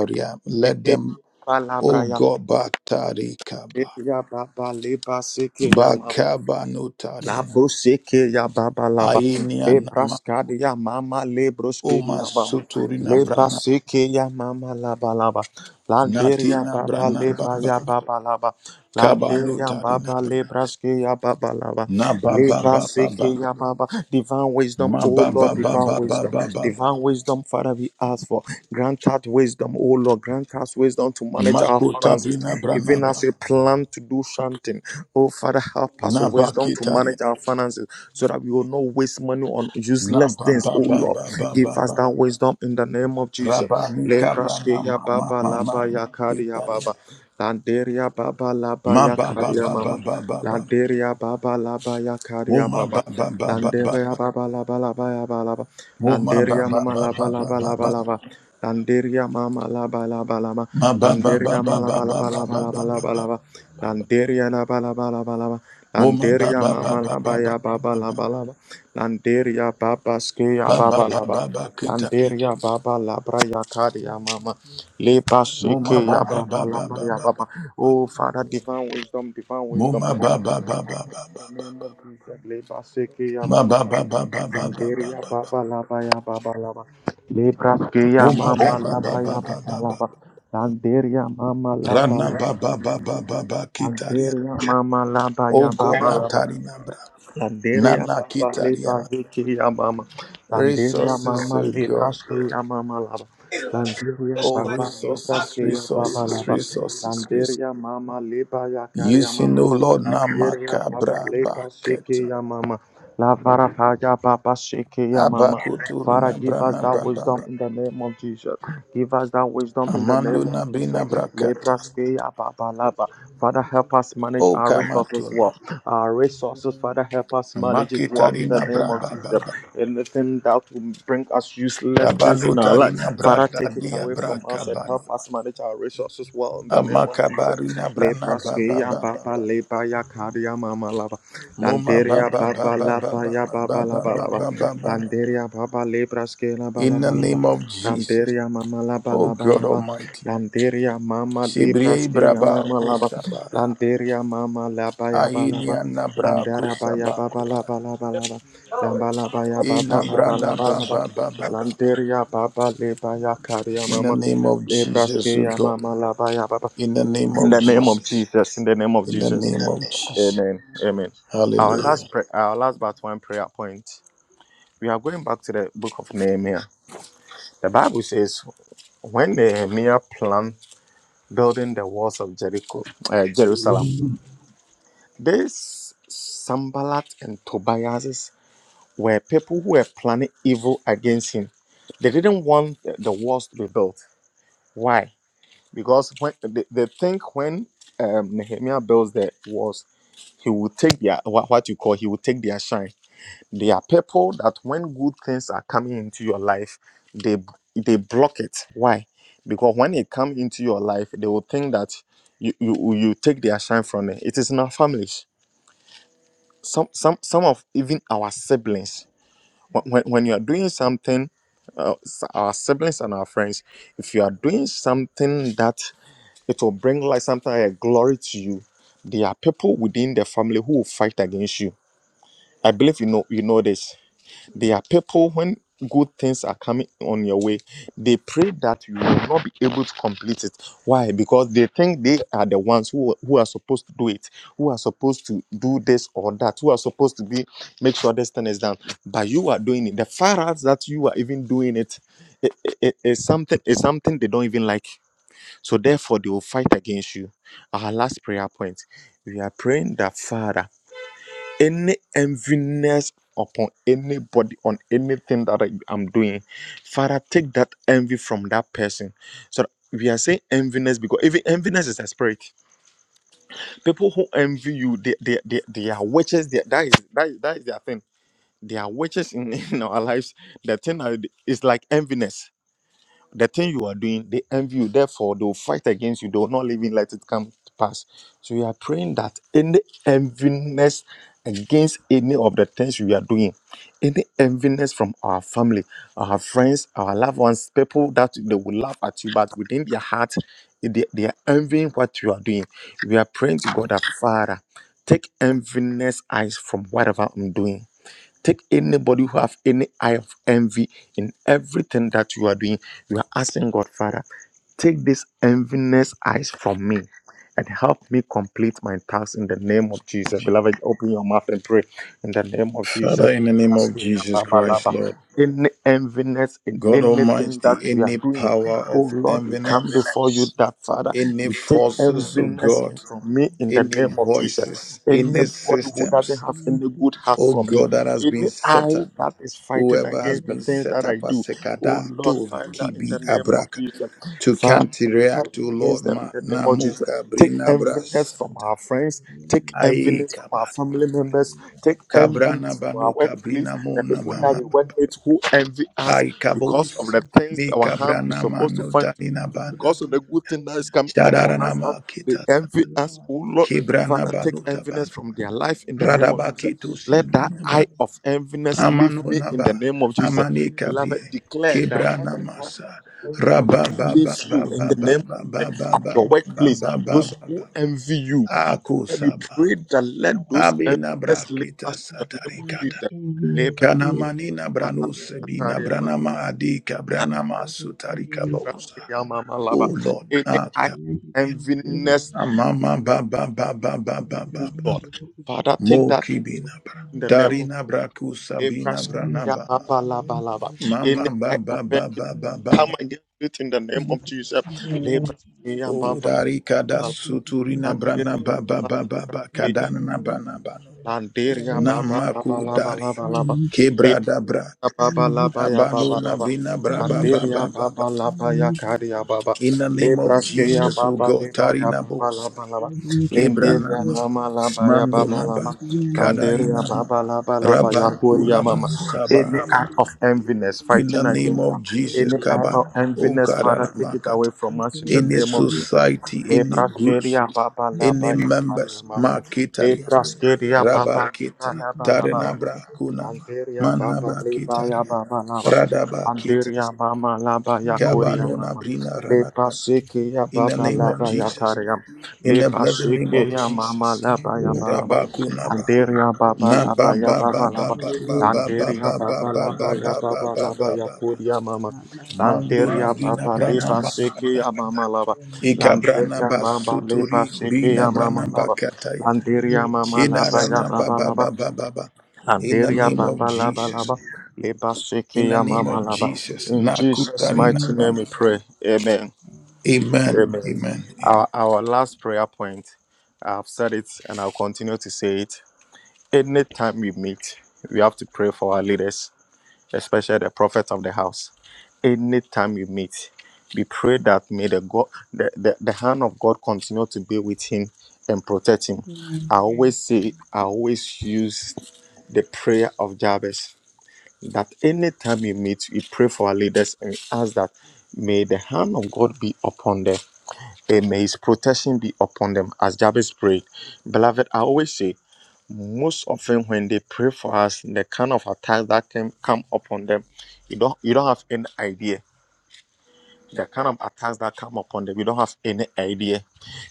Speaker 1: wisdom.
Speaker 2: Let
Speaker 1: Eke,
Speaker 2: them,
Speaker 1: ba, la,
Speaker 2: O
Speaker 1: bra, ya,
Speaker 2: God, batari
Speaker 1: e,
Speaker 2: kaba,
Speaker 1: ya, ba, ba, le, ba, se, ke, ya, ma,
Speaker 2: bakaba
Speaker 1: La
Speaker 2: notarina,
Speaker 1: brusque ya baba laba
Speaker 2: ainia
Speaker 1: le
Speaker 2: nama,
Speaker 1: brascade ya mama le brusque
Speaker 2: oma
Speaker 1: ya baba
Speaker 2: suturina
Speaker 1: le
Speaker 2: brana,
Speaker 1: basque ya mama laba laba landeria
Speaker 2: natina
Speaker 1: baba
Speaker 2: brana
Speaker 1: le ba
Speaker 2: baba,
Speaker 1: ya baba laba
Speaker 2: kaba
Speaker 1: landeria
Speaker 2: notarina,
Speaker 1: baba le brasque ya baba laba
Speaker 2: na baba
Speaker 1: le
Speaker 2: baba,
Speaker 1: basque
Speaker 2: baba,
Speaker 1: ya baba divine wisdom oh
Speaker 2: mababa
Speaker 1: Lord
Speaker 2: baba
Speaker 1: divine
Speaker 2: baba baba,
Speaker 1: wisdom
Speaker 2: baba,
Speaker 1: divine wisdom Father we ask for grant us wisdom oh Lord grant us wisdom to manage our finances
Speaker 2: makutabina brana
Speaker 1: even
Speaker 2: baba,
Speaker 1: as we plan to do something Oh, Father, help us with wisdom to manage our finances so that we will not waste money on
Speaker 2: Na
Speaker 1: useless
Speaker 2: ba
Speaker 1: things.
Speaker 2: ba
Speaker 1: Oh
Speaker 2: ba
Speaker 1: Lord,
Speaker 2: ba ba
Speaker 1: give
Speaker 2: ba
Speaker 1: us
Speaker 2: ba.
Speaker 1: that wisdom in the name of Jesus.
Speaker 2: Rabani kabrana
Speaker 1: Lebraskeya
Speaker 2: ma ma
Speaker 1: Baba
Speaker 2: ma ma
Speaker 1: Laba
Speaker 2: ma.
Speaker 1: Yakaria
Speaker 2: Italia.
Speaker 1: Baba. Landeria Baba Laba
Speaker 2: Ma ba ba
Speaker 1: Yakaria
Speaker 2: ba ba
Speaker 1: Mama.
Speaker 2: ba ba ba.
Speaker 1: Landeria Baba Laba
Speaker 2: Mo
Speaker 1: Yakaria
Speaker 2: ma
Speaker 1: Baba.
Speaker 2: ba ba ba ba ba ba.
Speaker 1: Landeria Baba Laba Laba Yaba Laba.
Speaker 2: Mo ma ba
Speaker 1: Landeria
Speaker 2: ba
Speaker 1: Mama
Speaker 2: ba
Speaker 1: Laba
Speaker 2: ba ba
Speaker 1: Laba
Speaker 2: ba
Speaker 1: Laba
Speaker 2: ba.
Speaker 1: Laba. Landeria Mama Laba Laba Laba.
Speaker 2: Ma ba ba ba
Speaker 1: Landeria
Speaker 2: ba
Speaker 1: Mama
Speaker 2: ba ba
Speaker 1: Laba
Speaker 2: ba
Speaker 1: Laba
Speaker 2: ba
Speaker 1: Laba
Speaker 2: ba
Speaker 1: Laba
Speaker 2: ba
Speaker 1: Laba
Speaker 2: ba.
Speaker 1: Laba. Landeria la ba la ba la ba la ba.
Speaker 2: Mo ma ba
Speaker 1: Landeria
Speaker 2: ba ba
Speaker 1: mama
Speaker 2: ba
Speaker 1: la
Speaker 2: ba
Speaker 1: ba
Speaker 2: ba ba ba.
Speaker 1: ya ba ba la ba la ba. Landeria baba ske ya
Speaker 2: Ba
Speaker 1: ba
Speaker 2: ba
Speaker 1: ba
Speaker 2: ba
Speaker 1: la
Speaker 2: ba
Speaker 1: ba.
Speaker 2: ba Italia.
Speaker 1: Landeria baba la bra ya kadi mama. Le ba
Speaker 2: Mo ma ba
Speaker 1: ya
Speaker 2: ba
Speaker 1: ba
Speaker 2: ba
Speaker 1: ba la
Speaker 2: ba
Speaker 1: ba
Speaker 2: ba
Speaker 1: ya
Speaker 2: ba
Speaker 1: ba
Speaker 2: ba.
Speaker 1: ba. Oh Father, divine wisdom, divine
Speaker 2: Mo
Speaker 1: wisdom.
Speaker 2: ma ba
Speaker 1: In
Speaker 2: ba ba ba ba ba
Speaker 1: the
Speaker 2: ba.
Speaker 1: name of Jesus, le ba ya
Speaker 2: Ma ba
Speaker 1: mama la.
Speaker 2: ba ba ba ba ba ba
Speaker 1: Landeria
Speaker 2: ba.
Speaker 1: baba la ba ya ba ba la ba. Le bra ya
Speaker 2: Mo ma ba
Speaker 1: mama
Speaker 2: ba
Speaker 1: la
Speaker 2: ba
Speaker 1: ba
Speaker 2: ba
Speaker 1: ya ba
Speaker 2: ba
Speaker 1: ba
Speaker 2: ba
Speaker 1: la
Speaker 2: ba.
Speaker 1: ba. Landeria mama la ba
Speaker 2: Rana
Speaker 1: ya.
Speaker 2: baba baba baba kitaria.
Speaker 1: Algeria, Mama Laba,
Speaker 2: Oh God,
Speaker 1: Yababa Laba.
Speaker 2: natari nabra.
Speaker 1: Landeria
Speaker 2: Nana
Speaker 1: papa le
Speaker 2: kitariana.
Speaker 1: paziki ya mama. Landeria
Speaker 2: Resources,
Speaker 1: mama
Speaker 2: oh
Speaker 1: le
Speaker 2: God.
Speaker 1: praske ya mama laba.
Speaker 8: This
Speaker 1: Landeria
Speaker 8: is
Speaker 2: Oh
Speaker 8: like
Speaker 1: papa le
Speaker 8: five
Speaker 2: resources,
Speaker 1: praske ya papa
Speaker 2: resources,
Speaker 1: laba.
Speaker 2: resources, resources.
Speaker 1: Landeria mama le pa ya kari
Speaker 2: Using, oh
Speaker 1: mama.
Speaker 2: Lord,
Speaker 1: Landeria papa
Speaker 2: namakabra
Speaker 1: le pasiki
Speaker 2: baketa.
Speaker 1: ya mama. La vara pa papa shiki ya mama. Father,
Speaker 2: Abakuturina
Speaker 1: give us
Speaker 2: brana
Speaker 1: that wisdom
Speaker 2: baba.
Speaker 1: in the name of Jesus. Give us that wisdom in the
Speaker 2: Amando
Speaker 1: name of Jesus.
Speaker 2: nabina
Speaker 1: Le
Speaker 2: brakata.
Speaker 1: praske ya papa laba. Father, help us manage
Speaker 2: Oh
Speaker 1: our resources well
Speaker 2: kamatuna.
Speaker 1: our resources. Father, help us manage it well in the
Speaker 2: Makitarina
Speaker 1: name
Speaker 2: bra
Speaker 1: of
Speaker 2: baba.
Speaker 1: Jesus. Anything that will bring us useless things in our life,
Speaker 2: Tabalutarina bra
Speaker 1: Father, take it
Speaker 2: dadia
Speaker 1: away from us and
Speaker 2: bra
Speaker 1: help us manage our resources well in the name of Jesus.
Speaker 2: Amakabaru na brana ba
Speaker 1: Lebraske
Speaker 2: ba
Speaker 1: ya
Speaker 2: ba ba
Speaker 1: baba
Speaker 2: ba.
Speaker 1: leba ya kari ya mama lava.
Speaker 2: Moma ba
Speaker 1: Landeria
Speaker 2: ba ba
Speaker 1: baba
Speaker 2: ba ba
Speaker 1: laba
Speaker 2: ba
Speaker 1: ya
Speaker 2: ba ba
Speaker 1: baba
Speaker 5: Hmm.
Speaker 1: laba
Speaker 2: ba ba
Speaker 1: laba.
Speaker 2: ba ba
Speaker 5: Hmm.
Speaker 2: ba ba.
Speaker 1: Landeria baba lebraske laba
Speaker 2: In the
Speaker 1: laba
Speaker 2: name
Speaker 1: laba.
Speaker 2: of Jesus,
Speaker 1: Lamberia mama laba
Speaker 2: O
Speaker 1: laba
Speaker 2: God
Speaker 1: laba.
Speaker 2: Almighty,
Speaker 1: Lamberia mama
Speaker 2: Sibriye
Speaker 1: libraske ya
Speaker 2: braba
Speaker 1: mama laba.
Speaker 2: kusabara.
Speaker 1: Lamberia mama laba yaba laba.
Speaker 2: Ainia na
Speaker 1: Lambera ba yaba ba ba
Speaker 2: kusabakuta.
Speaker 1: laba laba laba.
Speaker 8: dollars.
Speaker 1: Lamba laba yaba ba ba,
Speaker 2: Ina
Speaker 1: laba
Speaker 2: branda
Speaker 1: laba
Speaker 2: ba
Speaker 1: laba.
Speaker 2: ba ba ba ba.
Speaker 1: Lamberia baba leba ya karia
Speaker 2: In the
Speaker 1: mama.
Speaker 2: name of Jesus,
Speaker 1: Libraske
Speaker 2: O
Speaker 1: ya
Speaker 2: God.
Speaker 1: mama laba yaba ba. ba.
Speaker 2: In the name
Speaker 1: In
Speaker 2: of
Speaker 1: the name of
Speaker 2: Jesus.
Speaker 1: Jesus. In the name of
Speaker 2: In the
Speaker 1: Jesus.
Speaker 2: name of Jesus.
Speaker 1: Amen. Amen. Our
Speaker 2: Hallelujah.
Speaker 1: last prayer, our last but one prayer point. We are going back to the book of Nehemiah. The Bible says when Nehemiah planned building the walls of Jericho, uh, Jerusalem, these Sambalat and Tobias were people who were planning evil against him. They didn't want the the walls to be built. Why? Because when they, they think when um, Nehemiah builds the walls, he will take their what, what you call he will take their shine They are people that when good things are coming into your life, they they block it. Why? Because when it come into your life, they will think that you you, you take their shine from it. It is in our families. Some some some of even our siblings. When when, when you are doing something, uh, s- our siblings and our friends, if you are doing something that it will bring like something like glory to you, there are people within the family who will fight against you. I believe you know you know this there are people when good things are coming on your way, they pray that you will not be able to complete it. Why? Because they think they are the ones who, who are supposed to do it, who are supposed to do this or that, who are supposed to be make sure this thing is done. But you are doing it. The far out that you are even doing it, it, it, it- it's something it's something they don't even like. So therefore they will fight against you. Our last prayer point. We are praying that Father any enviness upon anybody on anything that I, am doing. Father, take that envy from that person. So that we are saying enviness because even enviness is a spirit. People who envy you, they they, they, they are witches. They, that is that is that is their thing. They are witches in, in our lives. The thing is like enviness the thing you are doing, they envy you. Therefore, they will fight against you. They will not even let it come to pass. So we are praying that any enviness against any of the things we are doing, any enviness from our family, our friends, our loved ones, people that they will laugh at you, but within their heart, they, they are envying what you are doing. We are praying to God, that Father, take enviness eyes from whatever I'm doing Take anybody who have any eye of envy in everything that you are doing. You are asking God, Father, take this enviness eyes from me and help me complete my task in the name of Jesus. Beloved, open your mouth and pray in the name of Jesus.
Speaker 2: Father, in the name of Jesus Christ, Lord.
Speaker 1: Any enviness in
Speaker 2: God
Speaker 1: anything
Speaker 2: Almighty,
Speaker 1: that we are
Speaker 2: any
Speaker 1: doing,
Speaker 2: power
Speaker 1: Oh
Speaker 2: of
Speaker 1: Lord, we come
Speaker 2: enviness,
Speaker 1: before you that Father,
Speaker 2: any
Speaker 1: you take
Speaker 2: forces, oh
Speaker 1: enviness
Speaker 2: God,
Speaker 5: I'm not
Speaker 1: from
Speaker 5: sure if
Speaker 1: me
Speaker 5: you're
Speaker 1: in the
Speaker 2: any
Speaker 5: aware
Speaker 1: name
Speaker 5: of the fact
Speaker 1: of Jesus.
Speaker 2: voices,
Speaker 5: that I'm
Speaker 2: any
Speaker 5: a
Speaker 1: Anybody who doesn't
Speaker 2: systems,
Speaker 1: have any good heart
Speaker 2: oh
Speaker 1: for me,
Speaker 2: God, that has been
Speaker 1: any
Speaker 2: set
Speaker 1: eye
Speaker 2: up,
Speaker 1: that is fighting
Speaker 2: whoever has
Speaker 1: against the
Speaker 2: been
Speaker 1: things
Speaker 2: set
Speaker 1: that
Speaker 2: up
Speaker 1: I do,
Speaker 2: as
Speaker 1: oh
Speaker 2: Sekada,
Speaker 1: Lord,
Speaker 2: Tori,
Speaker 1: Father, in
Speaker 2: Kibi,
Speaker 1: the name of
Speaker 2: Abraka,
Speaker 1: Jesus.
Speaker 2: to
Speaker 1: Father,
Speaker 2: can't
Speaker 5: member
Speaker 2: react
Speaker 5: of
Speaker 2: to Lord
Speaker 1: against them
Speaker 2: Ma,
Speaker 1: in the name of Jesus.
Speaker 2: Namuka,
Speaker 1: Take
Speaker 2: Brina,
Speaker 1: enviness from
Speaker 2: Brasata,
Speaker 1: our friends,
Speaker 5: the Royal
Speaker 1: take
Speaker 5: Family.
Speaker 1: enviness from
Speaker 2: Aikaba,
Speaker 1: our family
Speaker 5: The
Speaker 1: members, take
Speaker 2: Kabrana,
Speaker 1: enviness from our
Speaker 2: Banu,
Speaker 1: workplace,
Speaker 2: Kabrina,
Speaker 1: the
Speaker 2: Muna,
Speaker 1: people that
Speaker 2: Mama,
Speaker 1: we work with who envy us because of
Speaker 2: Aikabos,
Speaker 1: the things that our
Speaker 2: Mika,
Speaker 1: hand is
Speaker 2: Brana,
Speaker 1: supposed to
Speaker 2: Manu,
Speaker 1: find to do,
Speaker 2: Talina,
Speaker 1: because of the good thing that is coming upon us. uh,
Speaker 2: Shadaranama
Speaker 1: They
Speaker 2: kita
Speaker 1: envy us, oh Lord.
Speaker 2: kebrana
Speaker 1: Father, take
Speaker 2: banuta
Speaker 1: enviness
Speaker 2: bana
Speaker 1: from their life in the name of
Speaker 2: radaba
Speaker 1: Jesus.
Speaker 2: kito si
Speaker 1: Let that
Speaker 2: bra
Speaker 1: eye of enviness leave
Speaker 2: amano
Speaker 1: me in
Speaker 5: answer
Speaker 1: the
Speaker 2: naba
Speaker 5: is
Speaker 1: name of Jesus.
Speaker 2: amane
Speaker 1: Beloved,
Speaker 2: kabrie
Speaker 1: declare that let
Speaker 2: kebrana
Speaker 1: the eye of
Speaker 2: masa
Speaker 1: enviness
Speaker 2: rababa
Speaker 1: leave
Speaker 2: ba ba
Speaker 1: you in
Speaker 2: ba
Speaker 1: the name
Speaker 2: ba
Speaker 1: of Jesus
Speaker 2: ba ba
Speaker 1: at
Speaker 2: ba ba ba
Speaker 1: your
Speaker 2: ba
Speaker 1: workplace,
Speaker 2: ba ba
Speaker 1: those
Speaker 2: ba ba
Speaker 1: who
Speaker 2: ba
Speaker 1: envy you. And we
Speaker 2: akusaba
Speaker 1: pray that let those
Speaker 2: abina bra
Speaker 1: envious leave
Speaker 5: a
Speaker 2: kita
Speaker 1: us
Speaker 5: as
Speaker 1: in the name of
Speaker 5: compares
Speaker 2: satarikata
Speaker 5: with
Speaker 1: Jesus.
Speaker 5: any being
Speaker 1: Lebra-
Speaker 5: that grew up
Speaker 2: kanamani
Speaker 5: and
Speaker 2: na
Speaker 5: is
Speaker 2: branus
Speaker 5: related to
Speaker 2: bina
Speaker 1: Kariaba,
Speaker 5: Israel, who
Speaker 2: branama adika
Speaker 5: is
Speaker 2: branama
Speaker 5: focused in
Speaker 2: sutarika
Speaker 5: the
Speaker 1: Lebra-
Speaker 5: Republic
Speaker 2: bosa
Speaker 5: and the
Speaker 1: Yamalaba.
Speaker 2: oh
Speaker 5: and
Speaker 2: lord
Speaker 5: the
Speaker 1: Any eye of
Speaker 5: President
Speaker 2: aka
Speaker 5: American community, Israel,
Speaker 1: enviness,
Speaker 5: which are also
Speaker 2: amama ba
Speaker 5: compares
Speaker 2: ba ba ba ba ba ba
Speaker 5: with
Speaker 1: oh
Speaker 5: any
Speaker 2: ba
Speaker 1: Lord.
Speaker 2: ba.
Speaker 5: related to the
Speaker 1: Father, take
Speaker 5: Republic,
Speaker 2: Mo
Speaker 1: that
Speaker 5: who
Speaker 2: kibina
Speaker 5: is a
Speaker 2: bra.
Speaker 1: in the name
Speaker 5: Yolanda
Speaker 1: of
Speaker 2: Darina
Speaker 5: from
Speaker 2: braku sabina
Speaker 1: Abrash.
Speaker 5: Naomi Self
Speaker 2: branaba.
Speaker 5: is related to Israel.
Speaker 1: Any
Speaker 2: Mama ba
Speaker 1: eye
Speaker 5: It's
Speaker 2: ba
Speaker 1: of
Speaker 5: great
Speaker 2: ba
Speaker 5: to
Speaker 1: enviness,
Speaker 5: see
Speaker 2: ba ba ba ba.
Speaker 1: come against it in the name of
Speaker 5: Thank
Speaker 1: Jesus. Lebra-
Speaker 2: O
Speaker 1: Yamaba,
Speaker 2: dari kada suturina
Speaker 1: Landeba,
Speaker 2: brana ba ba ba ba ba kadana bana bano.
Speaker 1: Landeria ba ba ba ba
Speaker 2: Namaku
Speaker 1: la ba la
Speaker 2: dari.
Speaker 1: ba la ba. Le
Speaker 2: Kebra da bra.
Speaker 1: Baba laba ya
Speaker 2: Abano
Speaker 1: baba laba.
Speaker 2: nabina bra ba ba
Speaker 1: Danderia
Speaker 2: ba ba
Speaker 1: baba
Speaker 2: ba.
Speaker 1: laba ya karia baba.
Speaker 2: In the name of
Speaker 1: Lebraske ya
Speaker 2: Jesus, O
Speaker 1: baba
Speaker 2: God,
Speaker 1: leba ya
Speaker 2: tarina
Speaker 1: baba
Speaker 2: bos.
Speaker 1: laba laba.
Speaker 2: Kebra
Speaker 1: Lenderia
Speaker 2: nama.
Speaker 1: mama laba ya
Speaker 2: Mando
Speaker 1: baba
Speaker 2: maba.
Speaker 1: lama. Danderia
Speaker 2: Kadainama.
Speaker 1: baba laba laba ya koria
Speaker 2: Rabakunaba
Speaker 1: mama. Any
Speaker 2: sabaka.
Speaker 1: act of enviness
Speaker 5: you.
Speaker 2: In the
Speaker 1: fighting
Speaker 2: name
Speaker 1: against
Speaker 5: Thank
Speaker 2: of
Speaker 1: us.
Speaker 2: Jesus,
Speaker 1: Any act
Speaker 2: Kaban.
Speaker 1: of
Speaker 2: Oh
Speaker 1: enviness,
Speaker 2: God,
Speaker 1: Father, take it
Speaker 2: Aramakat.
Speaker 1: away from us in the
Speaker 2: Any
Speaker 1: name of Jesus.
Speaker 2: society, any groups,
Speaker 1: Lebraskeria baba laba
Speaker 2: any
Speaker 1: ya karia
Speaker 2: members,
Speaker 1: mama.
Speaker 2: Makitaria,
Speaker 1: Lebraskeria baba
Speaker 2: Rabakita,
Speaker 1: leba laba laba laba.
Speaker 2: Tarenabra, Kunama,
Speaker 1: Anteria baba leba ya
Speaker 2: Manabakitaria,
Speaker 1: baba laba. Anteria
Speaker 2: Radabakitas,
Speaker 1: mama laba ya koria
Speaker 2: Kabanuna,
Speaker 1: mama.
Speaker 2: Brina,
Speaker 1: Leba
Speaker 2: Ranakat.
Speaker 1: seke ya
Speaker 2: In the
Speaker 1: baba
Speaker 2: name of
Speaker 1: laba ya
Speaker 2: Jesus,
Speaker 1: karia.
Speaker 2: in the
Speaker 1: Leba
Speaker 2: blessed name
Speaker 1: seke
Speaker 2: of
Speaker 1: ya mama
Speaker 2: Jesus,
Speaker 1: laba ya balaba.
Speaker 2: Rabakunaba.
Speaker 1: Anteria baba
Speaker 2: Na ba
Speaker 1: laba ya
Speaker 2: ba ba
Speaker 1: baba
Speaker 2: ba
Speaker 1: laba.
Speaker 2: ba ba ba ba
Speaker 1: Anteria
Speaker 2: ba ba
Speaker 1: baba
Speaker 2: ba
Speaker 1: laba
Speaker 2: ba
Speaker 1: ya
Speaker 2: ba ba ba
Speaker 1: baba laba
Speaker 2: ba
Speaker 5: you.
Speaker 1: ya
Speaker 2: ba ba.
Speaker 1: koria mama.
Speaker 5: Ahmad, here.
Speaker 2: Mando na
Speaker 1: Landeria baba
Speaker 2: brina
Speaker 1: leba seke ya mama laba.
Speaker 2: Ikabrana
Speaker 1: Landeria baba leba
Speaker 2: basuturi
Speaker 1: seke
Speaker 2: bina
Speaker 1: ya
Speaker 2: brana
Speaker 1: mama laba.
Speaker 2: bakataya.
Speaker 1: Landeria mama laba ya
Speaker 2: Shidarana ba
Speaker 1: baba
Speaker 2: baba
Speaker 1: laba.
Speaker 2: baba ba In the
Speaker 1: Anderia
Speaker 2: name of
Speaker 1: Baba Laba
Speaker 2: Jesus.
Speaker 1: Laba Leba
Speaker 2: In the
Speaker 1: Sekeya
Speaker 2: name
Speaker 1: Mama
Speaker 2: of
Speaker 1: Laba.
Speaker 2: Jesus.
Speaker 1: In Jesus'
Speaker 2: Nakutarina
Speaker 1: mighty name
Speaker 2: brana.
Speaker 1: we pray. Amen.
Speaker 2: Amen.
Speaker 1: Amen.
Speaker 2: Amen. Amen.
Speaker 1: Our, our last prayer point, I've said it and I'll continue to say it. Anytime we meet, we have to pray for our leaders, especially the prophet of the house. Anytime we meet, we pray that may the God the, the, the hand of God continue to be with him and protect him. I always say I always use the prayer of Jabez that anytime you meet, you pray for our leaders and ask that may the hand of God be upon them and may his protection be upon them as Jabez prayed. Beloved, I always say, most often when they pray for us, the kind of attacks that can come upon them, you don't you don't have any idea. The kind of attacks that come upon them, you don't have any idea.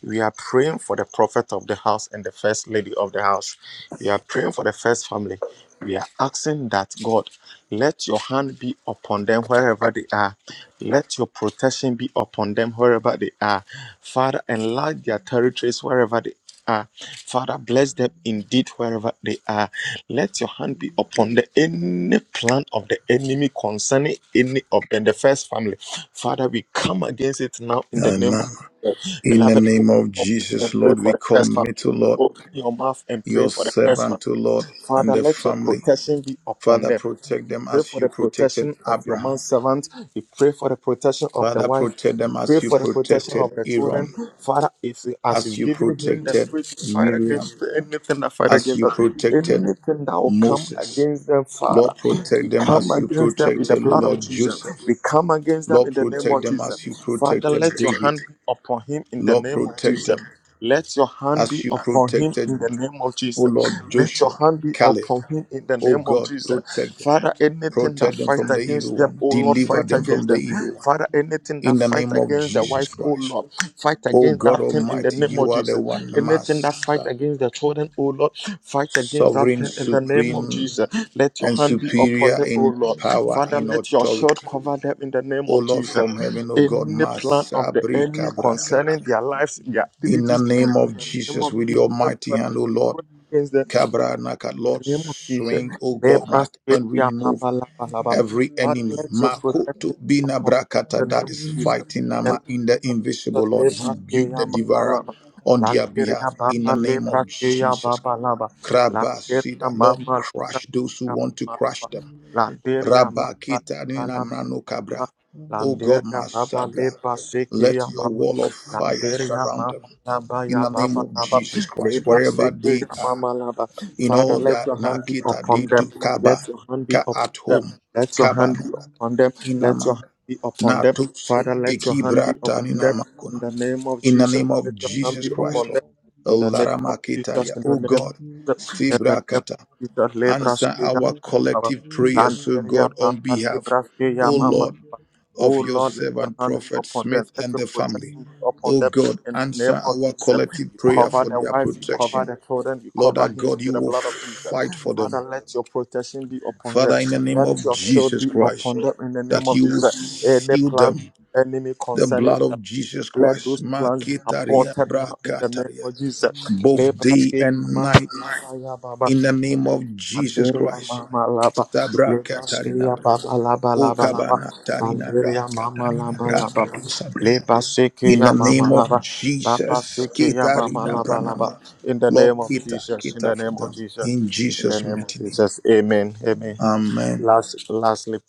Speaker 1: We are praying for the prophet of the house and the first lady of the house. We are praying for the first family. We are asking that God, let your hand be upon them wherever they are. Let your protection be upon them wherever they are. Father, enlarge their territories wherever they are. Father, bless them indeed wherever they are. Let your hand be upon the any plan of the enemy concerning any of them, the first family. Father, we come against it now in the name
Speaker 2: Amen.
Speaker 1: of Jesus.
Speaker 2: In the
Speaker 1: beloved.
Speaker 2: name of
Speaker 1: Open your
Speaker 2: Jesus,
Speaker 1: mouth and
Speaker 2: Lord,
Speaker 1: pray
Speaker 2: we
Speaker 1: for the first family.
Speaker 2: commit to Lord,
Speaker 1: Open your mouth and pray
Speaker 2: your
Speaker 1: for the first family.
Speaker 2: servant to Lord and
Speaker 1: Father,
Speaker 2: the
Speaker 1: let your
Speaker 2: family.
Speaker 1: protection be upon
Speaker 2: Father,
Speaker 1: them.
Speaker 2: protect
Speaker 1: We
Speaker 2: them
Speaker 1: pray
Speaker 2: as
Speaker 1: for
Speaker 2: you
Speaker 1: the
Speaker 2: protected
Speaker 1: protection of your man
Speaker 2: Abraham.
Speaker 1: servant. We pray for the protection of the
Speaker 2: Father,
Speaker 1: wife.
Speaker 2: protect
Speaker 1: We
Speaker 2: them
Speaker 1: pray
Speaker 2: as you
Speaker 1: for the protection
Speaker 2: protected
Speaker 1: of the
Speaker 2: Aaron,
Speaker 1: children. Father, if as
Speaker 2: as
Speaker 1: you've
Speaker 2: you
Speaker 1: given him the
Speaker 2: protected
Speaker 1: spirit to fight
Speaker 2: Miriam.
Speaker 1: against anything that fight
Speaker 2: as
Speaker 1: against
Speaker 2: you
Speaker 1: us,
Speaker 2: protected
Speaker 1: anything that will come
Speaker 2: Moses.
Speaker 1: against them, Father,
Speaker 2: Lord, protect
Speaker 1: we
Speaker 2: them
Speaker 1: come
Speaker 2: as you
Speaker 1: against them in the
Speaker 2: protected, oh
Speaker 1: blood of
Speaker 2: Lord
Speaker 1: Jesus.
Speaker 2: Joseph.
Speaker 1: We come against them
Speaker 2: Lord,
Speaker 1: in the name
Speaker 2: protect
Speaker 1: of
Speaker 2: them
Speaker 1: Jesus.
Speaker 2: as you
Speaker 1: Father,
Speaker 2: protected
Speaker 1: let your hand
Speaker 2: David.
Speaker 1: be upon him in the
Speaker 2: Lord,
Speaker 1: name of
Speaker 2: protect
Speaker 1: Jesus.
Speaker 2: them
Speaker 1: Let your hand
Speaker 2: as
Speaker 1: be
Speaker 2: you
Speaker 1: upon him in
Speaker 2: protected,
Speaker 1: the name of
Speaker 2: oh
Speaker 1: Jesus.
Speaker 2: Lord
Speaker 5: Thank
Speaker 1: Let your
Speaker 2: Joshua,
Speaker 1: hand be
Speaker 2: Caleb.
Speaker 1: upon him in the
Speaker 2: Oh
Speaker 1: name of
Speaker 2: God,
Speaker 1: Jesus.
Speaker 2: protect them.
Speaker 1: Father, anything that
Speaker 2: Protect them
Speaker 1: fight
Speaker 2: from the
Speaker 1: against
Speaker 2: evil
Speaker 1: them,
Speaker 2: one.
Speaker 1: oh Lord,
Speaker 2: Deliver
Speaker 1: fight
Speaker 2: them from
Speaker 1: against
Speaker 2: the
Speaker 1: them.
Speaker 2: evil one.
Speaker 1: Father, anything that
Speaker 2: In the
Speaker 1: fight
Speaker 2: name of
Speaker 1: against the
Speaker 2: Jesus
Speaker 1: wife, oh
Speaker 2: Christ.
Speaker 1: Lord, fight
Speaker 2: Oh
Speaker 1: against
Speaker 2: God
Speaker 1: that thing in the
Speaker 2: Almighty,
Speaker 1: name
Speaker 2: you
Speaker 1: of
Speaker 2: are the
Speaker 1: Jesus.
Speaker 2: one,
Speaker 1: Anything that fight
Speaker 2: Master,
Speaker 1: against the children, oh Lord, fight against that
Speaker 2: Sovereign,
Speaker 1: thing in the name of
Speaker 2: Supreme,
Speaker 1: Jesus. Let your
Speaker 2: and
Speaker 1: hand be upon
Speaker 2: superior
Speaker 1: them, oh
Speaker 2: in
Speaker 1: Lord.
Speaker 2: power,
Speaker 1: Father,
Speaker 2: in
Speaker 1: let your shield
Speaker 2: authority.
Speaker 1: cover them in the name
Speaker 2: O
Speaker 1: of
Speaker 2: Lord
Speaker 1: Jesus.
Speaker 2: from heaven, O God,
Speaker 1: Any plan of the
Speaker 2: Masabri
Speaker 1: enemy
Speaker 2: Kabrakat.
Speaker 1: concerning their lives, their
Speaker 2: In the
Speaker 1: activities,
Speaker 2: name of
Speaker 1: name
Speaker 2: Jesus,
Speaker 1: of
Speaker 2: with your
Speaker 1: Jesus
Speaker 2: mighty
Speaker 1: Christ,
Speaker 2: hand, O Lord,
Speaker 1: pray against them
Speaker 2: Kabra Nakat,
Speaker 1: in
Speaker 5: you.
Speaker 2: Lord,
Speaker 1: the name of Jesus.
Speaker 2: swing,
Speaker 5: You saw
Speaker 2: O
Speaker 5: me.
Speaker 2: God,
Speaker 1: Lebra
Speaker 2: Mark, and
Speaker 1: Stadia
Speaker 2: remove
Speaker 1: Baba Laba
Speaker 5: I
Speaker 1: Laba.
Speaker 5: didn't notice
Speaker 2: every
Speaker 5: myself. I
Speaker 1: Father,
Speaker 2: enemy.
Speaker 1: let
Speaker 5: didn't see
Speaker 1: your
Speaker 5: the control.
Speaker 2: Makoto
Speaker 1: protection be
Speaker 2: Bina
Speaker 1: upon the
Speaker 5: I
Speaker 2: Brakata
Speaker 5: didn't
Speaker 1: name
Speaker 5: see
Speaker 2: that
Speaker 1: of
Speaker 2: is
Speaker 5: the
Speaker 1: Jesus.
Speaker 2: fighting
Speaker 1: And
Speaker 2: Nama
Speaker 5: seriousness.
Speaker 2: in the
Speaker 5: I didn't
Speaker 1: let
Speaker 2: invisible,
Speaker 1: us
Speaker 5: see the fear. I
Speaker 2: Lord,
Speaker 1: Lebra
Speaker 2: rebuke
Speaker 1: Stadia
Speaker 2: the
Speaker 1: Mama
Speaker 5: didn't
Speaker 2: devourer
Speaker 1: Laba.
Speaker 5: see the
Speaker 2: on
Speaker 5: passion. I
Speaker 2: their
Speaker 5: didn't see
Speaker 1: Lanteria
Speaker 2: behalf. In the
Speaker 1: Baba
Speaker 5: the
Speaker 2: name
Speaker 1: Lebra
Speaker 2: of
Speaker 5: desire.
Speaker 1: Stadia
Speaker 2: Jesus.
Speaker 1: Baba Laba. Lanteria
Speaker 2: Krabasida, Lord,
Speaker 1: Mama Lebra
Speaker 2: crush those who
Speaker 1: Stadia
Speaker 2: want to
Speaker 1: Mama
Speaker 2: crush
Speaker 1: Laba.
Speaker 2: them.
Speaker 5: I didn't
Speaker 1: Lanteria
Speaker 2: Rabakita
Speaker 5: see the
Speaker 2: nina
Speaker 1: Baba
Speaker 2: mano
Speaker 5: love.
Speaker 2: kabra.
Speaker 5: And the
Speaker 2: O
Speaker 5: world
Speaker 2: God,
Speaker 5: is
Speaker 1: Landeria
Speaker 5: a
Speaker 1: Baba
Speaker 2: Masabra,
Speaker 1: Leba
Speaker 5: stage,
Speaker 2: let
Speaker 1: Sekia
Speaker 2: your
Speaker 1: Mama
Speaker 2: wall of
Speaker 5: and
Speaker 2: fire
Speaker 1: Landeria
Speaker 2: surround
Speaker 1: Mama
Speaker 2: them.
Speaker 1: Laba
Speaker 2: In
Speaker 1: Ya
Speaker 2: the name
Speaker 1: Baba
Speaker 2: of
Speaker 1: Laba
Speaker 2: Jesus Christ,
Speaker 1: Leba
Speaker 2: wherever they
Speaker 1: Sekia
Speaker 2: are,
Speaker 1: Mama Laba
Speaker 2: in
Speaker 1: Father
Speaker 2: all
Speaker 1: let
Speaker 2: that
Speaker 1: your hand be
Speaker 2: Nakita they
Speaker 1: upon them
Speaker 2: do, Kaba,
Speaker 1: let your hand be
Speaker 2: Ka
Speaker 1: upon
Speaker 2: at
Speaker 1: them
Speaker 2: home,
Speaker 1: let your
Speaker 2: Kaba
Speaker 1: hand be
Speaker 2: Nakat,
Speaker 1: upon them let your
Speaker 2: Inamaka,
Speaker 1: hand be upon them
Speaker 2: Natus,
Speaker 1: Father let your hand be
Speaker 2: Ikibrata
Speaker 1: upon them in
Speaker 2: Ninamakuna.
Speaker 1: the name of
Speaker 2: In the
Speaker 1: Jesus
Speaker 2: name of
Speaker 1: let your hand
Speaker 2: Jesus
Speaker 1: be
Speaker 5: we are
Speaker 2: Christ,
Speaker 1: upon
Speaker 2: Lord.
Speaker 1: them
Speaker 2: O
Speaker 1: in the name of Jesus
Speaker 2: Laramakitaria,
Speaker 1: in the
Speaker 2: O
Speaker 1: name of
Speaker 2: God,
Speaker 1: Jesus in the name of
Speaker 2: Sibrakata
Speaker 1: Jesus Lebra
Speaker 2: answer
Speaker 1: Sekia
Speaker 2: our
Speaker 1: Mama
Speaker 2: collective prayers, O
Speaker 1: Landeria
Speaker 2: God,
Speaker 5: all
Speaker 2: on
Speaker 1: Baba
Speaker 2: behalf,
Speaker 1: Lebra Sekia
Speaker 2: O
Speaker 1: Mama
Speaker 2: Lord,
Speaker 5: mere mortals.
Speaker 1: Oh
Speaker 2: of your
Speaker 5: Thank
Speaker 1: Lord,
Speaker 5: you.
Speaker 1: let your
Speaker 2: servant,
Speaker 1: hand be
Speaker 2: Prophet
Speaker 1: upon them.
Speaker 2: Smith,
Speaker 1: Let
Speaker 2: and
Speaker 1: your
Speaker 2: the family.
Speaker 1: protection be upon
Speaker 2: O
Speaker 1: them.
Speaker 2: God,
Speaker 1: In the
Speaker 2: answer
Speaker 1: name of
Speaker 2: our
Speaker 1: Jesus,
Speaker 2: collective
Speaker 1: you
Speaker 2: prayer
Speaker 1: cover
Speaker 2: for
Speaker 1: the
Speaker 2: their
Speaker 1: wife, you cover
Speaker 2: protection.
Speaker 1: the children, you
Speaker 2: Lord
Speaker 1: cover
Speaker 2: our
Speaker 1: him
Speaker 2: God,
Speaker 1: with
Speaker 2: you
Speaker 1: the
Speaker 2: will
Speaker 1: blood of Jesus.
Speaker 2: fight for
Speaker 1: Father,
Speaker 2: them.
Speaker 1: let your protection be upon them.
Speaker 2: Father, in the name
Speaker 1: Let
Speaker 2: of
Speaker 1: your shield
Speaker 2: Jesus
Speaker 1: be
Speaker 2: Christ,
Speaker 1: upon them. In the name
Speaker 2: that
Speaker 1: of
Speaker 2: you will
Speaker 1: Jesus, any
Speaker 2: seal
Speaker 1: plan
Speaker 2: them.
Speaker 1: enemy
Speaker 2: The
Speaker 1: concerning
Speaker 2: blood
Speaker 1: them,
Speaker 2: of Jesus
Speaker 1: let
Speaker 2: Christ,
Speaker 1: those plans be
Speaker 2: Maketaria,
Speaker 1: aborted now. In the name
Speaker 2: Brakataria,
Speaker 1: of Jesus,
Speaker 2: both day
Speaker 1: Lebraske,
Speaker 2: and
Speaker 1: Mama,
Speaker 2: night,
Speaker 1: Mama, Ya Baba.
Speaker 2: in the name of Jesus
Speaker 1: Sanderia
Speaker 2: Christ.
Speaker 1: mama laba
Speaker 2: Sabra
Speaker 1: lebrasteria baba laba
Speaker 2: O
Speaker 1: laba laba
Speaker 2: kabana Tanina
Speaker 1: Sanderia
Speaker 2: Braka
Speaker 1: mama
Speaker 2: Tanina
Speaker 1: laba ya
Speaker 2: Braka
Speaker 1: baba
Speaker 2: tu Sabra.
Speaker 1: leba seke
Speaker 2: In the
Speaker 1: ya mama
Speaker 2: name of
Speaker 1: laba baba
Speaker 2: Jesus,
Speaker 1: seke ya
Speaker 2: kita
Speaker 1: mama
Speaker 2: Ketarina
Speaker 1: laba laba
Speaker 2: Branama.
Speaker 1: in the
Speaker 2: Lord
Speaker 1: name of
Speaker 2: Kita,
Speaker 1: Jesus in the
Speaker 2: Kita for
Speaker 1: name of
Speaker 2: them.
Speaker 1: Jesus
Speaker 2: In
Speaker 1: in the
Speaker 2: Jesus'
Speaker 1: name of
Speaker 2: mighty name.
Speaker 1: Jesus amen amen
Speaker 2: Amen.
Speaker 1: last lastly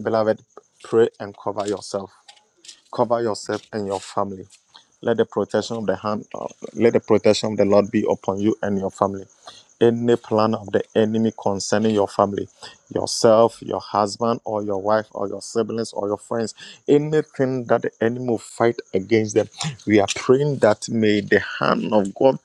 Speaker 1: beloved pray and cover yourself cover yourself and your family let the protection of the hand, uh, let the protection of the Lord be upon you and your family. Any plan of the enemy concerning your family, yourself, your husband, or your wife, or your siblings, or your friends, anything that the enemy will fight against them, we are praying that may the hand of God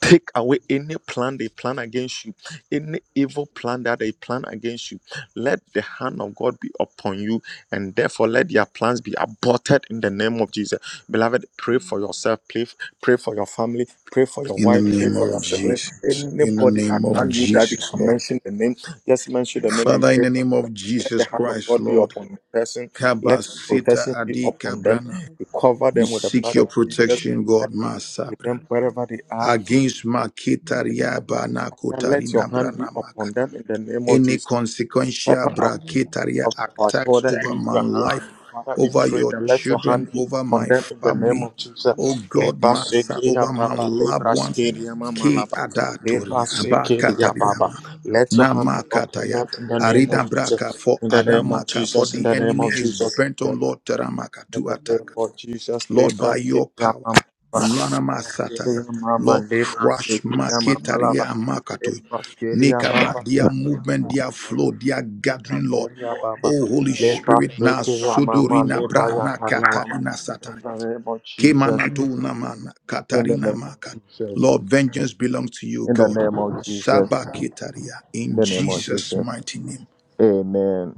Speaker 1: Take away any plan they plan against you, any evil plan that they plan against you. Let the hand of God be upon you, and therefore let their plans be aborted in the name of Jesus. Beloved, pray for yourself, pray, pray for your family, pray for your
Speaker 2: In the
Speaker 1: wife, pray
Speaker 2: name
Speaker 1: for
Speaker 2: of
Speaker 1: your sibling,
Speaker 2: Jesus. In the
Speaker 1: anybody
Speaker 2: name of
Speaker 1: around you that you
Speaker 2: Jesus,
Speaker 1: can
Speaker 2: Lord.
Speaker 1: mention the name. Just mention the name and
Speaker 2: Father, in
Speaker 1: pray.
Speaker 2: the
Speaker 1: For
Speaker 2: name of
Speaker 1: Let the
Speaker 2: Jesus
Speaker 1: hand of
Speaker 2: Christ,
Speaker 1: God be
Speaker 2: Lord.
Speaker 1: upon the person.
Speaker 5: Thank you.
Speaker 1: Let
Speaker 2: Kabasita
Speaker 1: protection be
Speaker 2: Adi
Speaker 1: upon them.
Speaker 2: Kabrana.
Speaker 1: You cover
Speaker 2: We
Speaker 1: them with the
Speaker 2: seek
Speaker 1: blood
Speaker 2: your
Speaker 1: of Jesus.
Speaker 2: protection,
Speaker 1: Let
Speaker 2: God,
Speaker 1: God be with
Speaker 2: Masabra.
Speaker 1: them wherever they are
Speaker 2: Against Makitaria Bana
Speaker 1: and let your
Speaker 2: Kotarina
Speaker 1: hand be
Speaker 2: Branama
Speaker 1: upon them in the name of
Speaker 2: any
Speaker 1: Jesus.
Speaker 2: consequential
Speaker 1: Cover our,
Speaker 2: brachitaria
Speaker 1: cover our
Speaker 2: attacks
Speaker 1: children
Speaker 2: over
Speaker 1: in
Speaker 2: my
Speaker 1: your
Speaker 2: life,
Speaker 1: hand. Father, we
Speaker 2: over
Speaker 1: pray
Speaker 2: your
Speaker 1: that let your
Speaker 2: children,
Speaker 1: hand be
Speaker 2: over
Speaker 1: upon
Speaker 2: my
Speaker 1: them in the name
Speaker 2: family,
Speaker 1: of Jesus.
Speaker 2: oh God,
Speaker 1: Leba
Speaker 2: Master, over
Speaker 1: sekeya
Speaker 2: my
Speaker 1: baba,
Speaker 2: loved
Speaker 1: lebra
Speaker 2: ones.
Speaker 1: sekeya mama
Speaker 2: Ki
Speaker 1: laba, leba
Speaker 2: adatoria
Speaker 1: sekeya
Speaker 2: abakataria
Speaker 1: baba. Let your hand be upon
Speaker 2: namakataya
Speaker 1: them in the name of
Speaker 2: arida braka
Speaker 1: Jesus.
Speaker 2: for
Speaker 1: In the name of
Speaker 2: adamaka for
Speaker 1: Jesus, in
Speaker 2: the
Speaker 1: the name
Speaker 2: enemy
Speaker 1: of
Speaker 2: is
Speaker 1: Jesus,
Speaker 2: bent
Speaker 1: in
Speaker 2: on Lord Teramaka to
Speaker 1: the
Speaker 2: attack.
Speaker 1: name of Jesus,
Speaker 2: Lord,
Speaker 1: lebra
Speaker 2: by your
Speaker 1: sekeya
Speaker 2: power.
Speaker 1: mama laba,
Speaker 5: Thank you.
Speaker 2: Lanama Satari.
Speaker 1: lebra mama,
Speaker 2: Lord,
Speaker 1: lebra
Speaker 2: crush
Speaker 1: sekeya mama laba.
Speaker 2: Maketaria Makato.
Speaker 1: Lebra sekeya
Speaker 2: Nikaba,
Speaker 1: baba.
Speaker 2: their movement, their flow, their gathering, Lord.
Speaker 1: Liberia Baba,
Speaker 2: Oh, Holy
Speaker 1: Leba
Speaker 2: Spirit, na
Speaker 1: Frekia Mama,
Speaker 2: sudurina
Speaker 1: Leba
Speaker 2: brana
Speaker 1: Yakaria Mama.
Speaker 2: katarina satari.
Speaker 1: In the name of Jesus,
Speaker 2: Kemanatu namana
Speaker 1: in the
Speaker 2: katarina
Speaker 1: name of
Speaker 2: maka.
Speaker 1: Jesus,
Speaker 2: Lord, vengeance belongs to you,
Speaker 1: in the
Speaker 2: God.
Speaker 1: name of Jesus,
Speaker 2: Sabakitaria,
Speaker 1: in
Speaker 2: in
Speaker 1: the name of
Speaker 2: Jesus'
Speaker 1: Jesus.
Speaker 2: mighty name.
Speaker 1: Amen.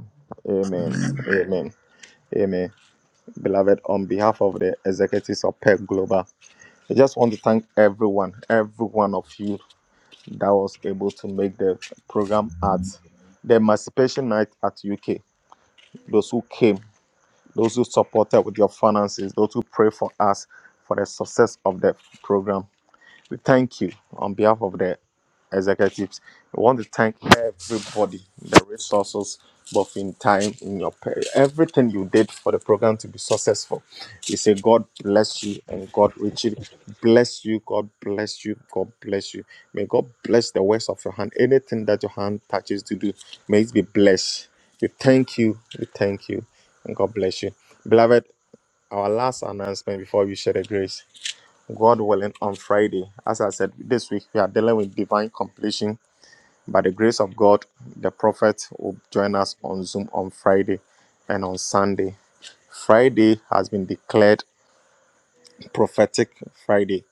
Speaker 1: Amen.
Speaker 2: Amen.
Speaker 1: Amen. Amen. Beloved, on behalf of the executives of PEC Global, I just want to thank everyone, every one of you that was able to make the program at the Emancipation Night at UK. Those who came, those who support us with your finances, those who pray for us for the success of the program. We thank you on behalf of the executives. We want to thank everybody, the resources, both in time, in your pay, everything you did for the program to be successful. We say, God bless you and God richly bless you. God bless you. God bless you. May God bless the works of your hand. Anything that your hand touches to do, may it be blessed. We thank you. We thank you. And God bless you. Beloved, our last announcement before we share the grace. God willing, on Friday, as I said, this week we are dealing with divine completion. By the grace of God, the prophet will join us on Zoom on Friday and on Sunday. Friday has been declared prophetic Friday.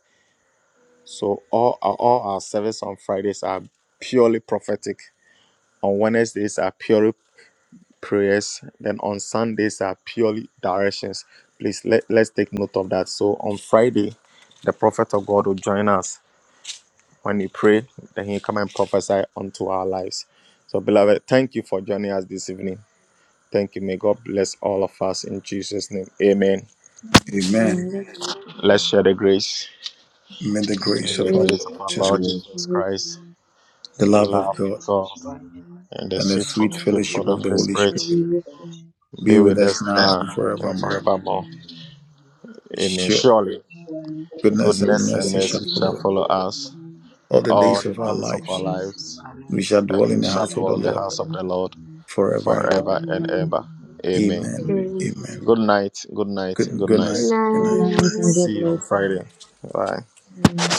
Speaker 1: So all our, all our service on Fridays are purely prophetic. On Wednesdays are purely prayers. Then on Sundays are purely directions. Please let, let's take note of that. So on Friday, the prophet of God will join us when he prayed, then he come and prophesy unto our lives. So, beloved, thank you for joining us this evening. Thank you. May God bless all of us in Jesus' name. Amen.
Speaker 2: Amen.
Speaker 1: Let's share the grace.
Speaker 2: May the
Speaker 1: May
Speaker 2: grace of
Speaker 1: the
Speaker 2: our Lord
Speaker 1: grace of our
Speaker 2: Jesus
Speaker 1: Lord
Speaker 2: Christ,
Speaker 1: Jesus Christ,
Speaker 2: the
Speaker 1: the
Speaker 2: love of
Speaker 1: love
Speaker 9: Father,
Speaker 2: God
Speaker 1: of
Speaker 9: this is
Speaker 1: God,
Speaker 9: why the
Speaker 1: and the
Speaker 2: and the
Speaker 1: sweet
Speaker 9: Lamb
Speaker 2: sweet
Speaker 9: of
Speaker 1: fellowship
Speaker 9: God,
Speaker 1: of
Speaker 2: fellowship
Speaker 1: the
Speaker 2: of the
Speaker 1: Holy
Speaker 9: who
Speaker 2: Holy
Speaker 9: is
Speaker 1: Spirit
Speaker 2: Spirit
Speaker 9: the fellowship
Speaker 2: be
Speaker 1: be
Speaker 2: with
Speaker 1: with
Speaker 2: us
Speaker 1: us
Speaker 2: now
Speaker 1: now
Speaker 2: and
Speaker 1: and
Speaker 2: forevermore.
Speaker 9: yielded in
Speaker 1: forevermore.
Speaker 9: the you.
Speaker 1: Amen.
Speaker 2: Sure,
Speaker 1: Surely,
Speaker 9: Surely
Speaker 2: goodness and
Speaker 1: goodness and
Speaker 9: goodness
Speaker 2: mercy shall
Speaker 9: and
Speaker 1: mercy
Speaker 2: follow
Speaker 1: shall
Speaker 2: us
Speaker 9: mercy
Speaker 1: follow
Speaker 9: shall follow
Speaker 1: us
Speaker 9: us
Speaker 2: all the
Speaker 1: all
Speaker 2: days
Speaker 1: the
Speaker 2: of our
Speaker 9: all
Speaker 1: days of
Speaker 9: the
Speaker 1: our
Speaker 2: lives.
Speaker 9: days of
Speaker 1: lives,
Speaker 9: our
Speaker 2: We shall
Speaker 9: lives,
Speaker 1: and
Speaker 2: dwell
Speaker 9: and
Speaker 2: in
Speaker 1: we
Speaker 2: the
Speaker 9: we
Speaker 1: shall
Speaker 2: house
Speaker 9: shall
Speaker 2: of the
Speaker 1: dwell in the
Speaker 2: Lord
Speaker 9: find
Speaker 1: house of the Lord
Speaker 2: forever and ever.
Speaker 1: forever and
Speaker 9: forever.
Speaker 1: ever. Amen.
Speaker 2: Amen.
Speaker 9: Amen.
Speaker 10: Mm.
Speaker 2: Amen.
Speaker 1: Good night. Good night.
Speaker 2: Good,
Speaker 1: Good
Speaker 2: good
Speaker 1: night.
Speaker 10: Good
Speaker 2: night. Good
Speaker 5: Good
Speaker 2: night.
Speaker 5: night and God
Speaker 1: See you
Speaker 5: bless
Speaker 1: on
Speaker 5: you.
Speaker 1: Friday. Bye.
Speaker 5: Mm.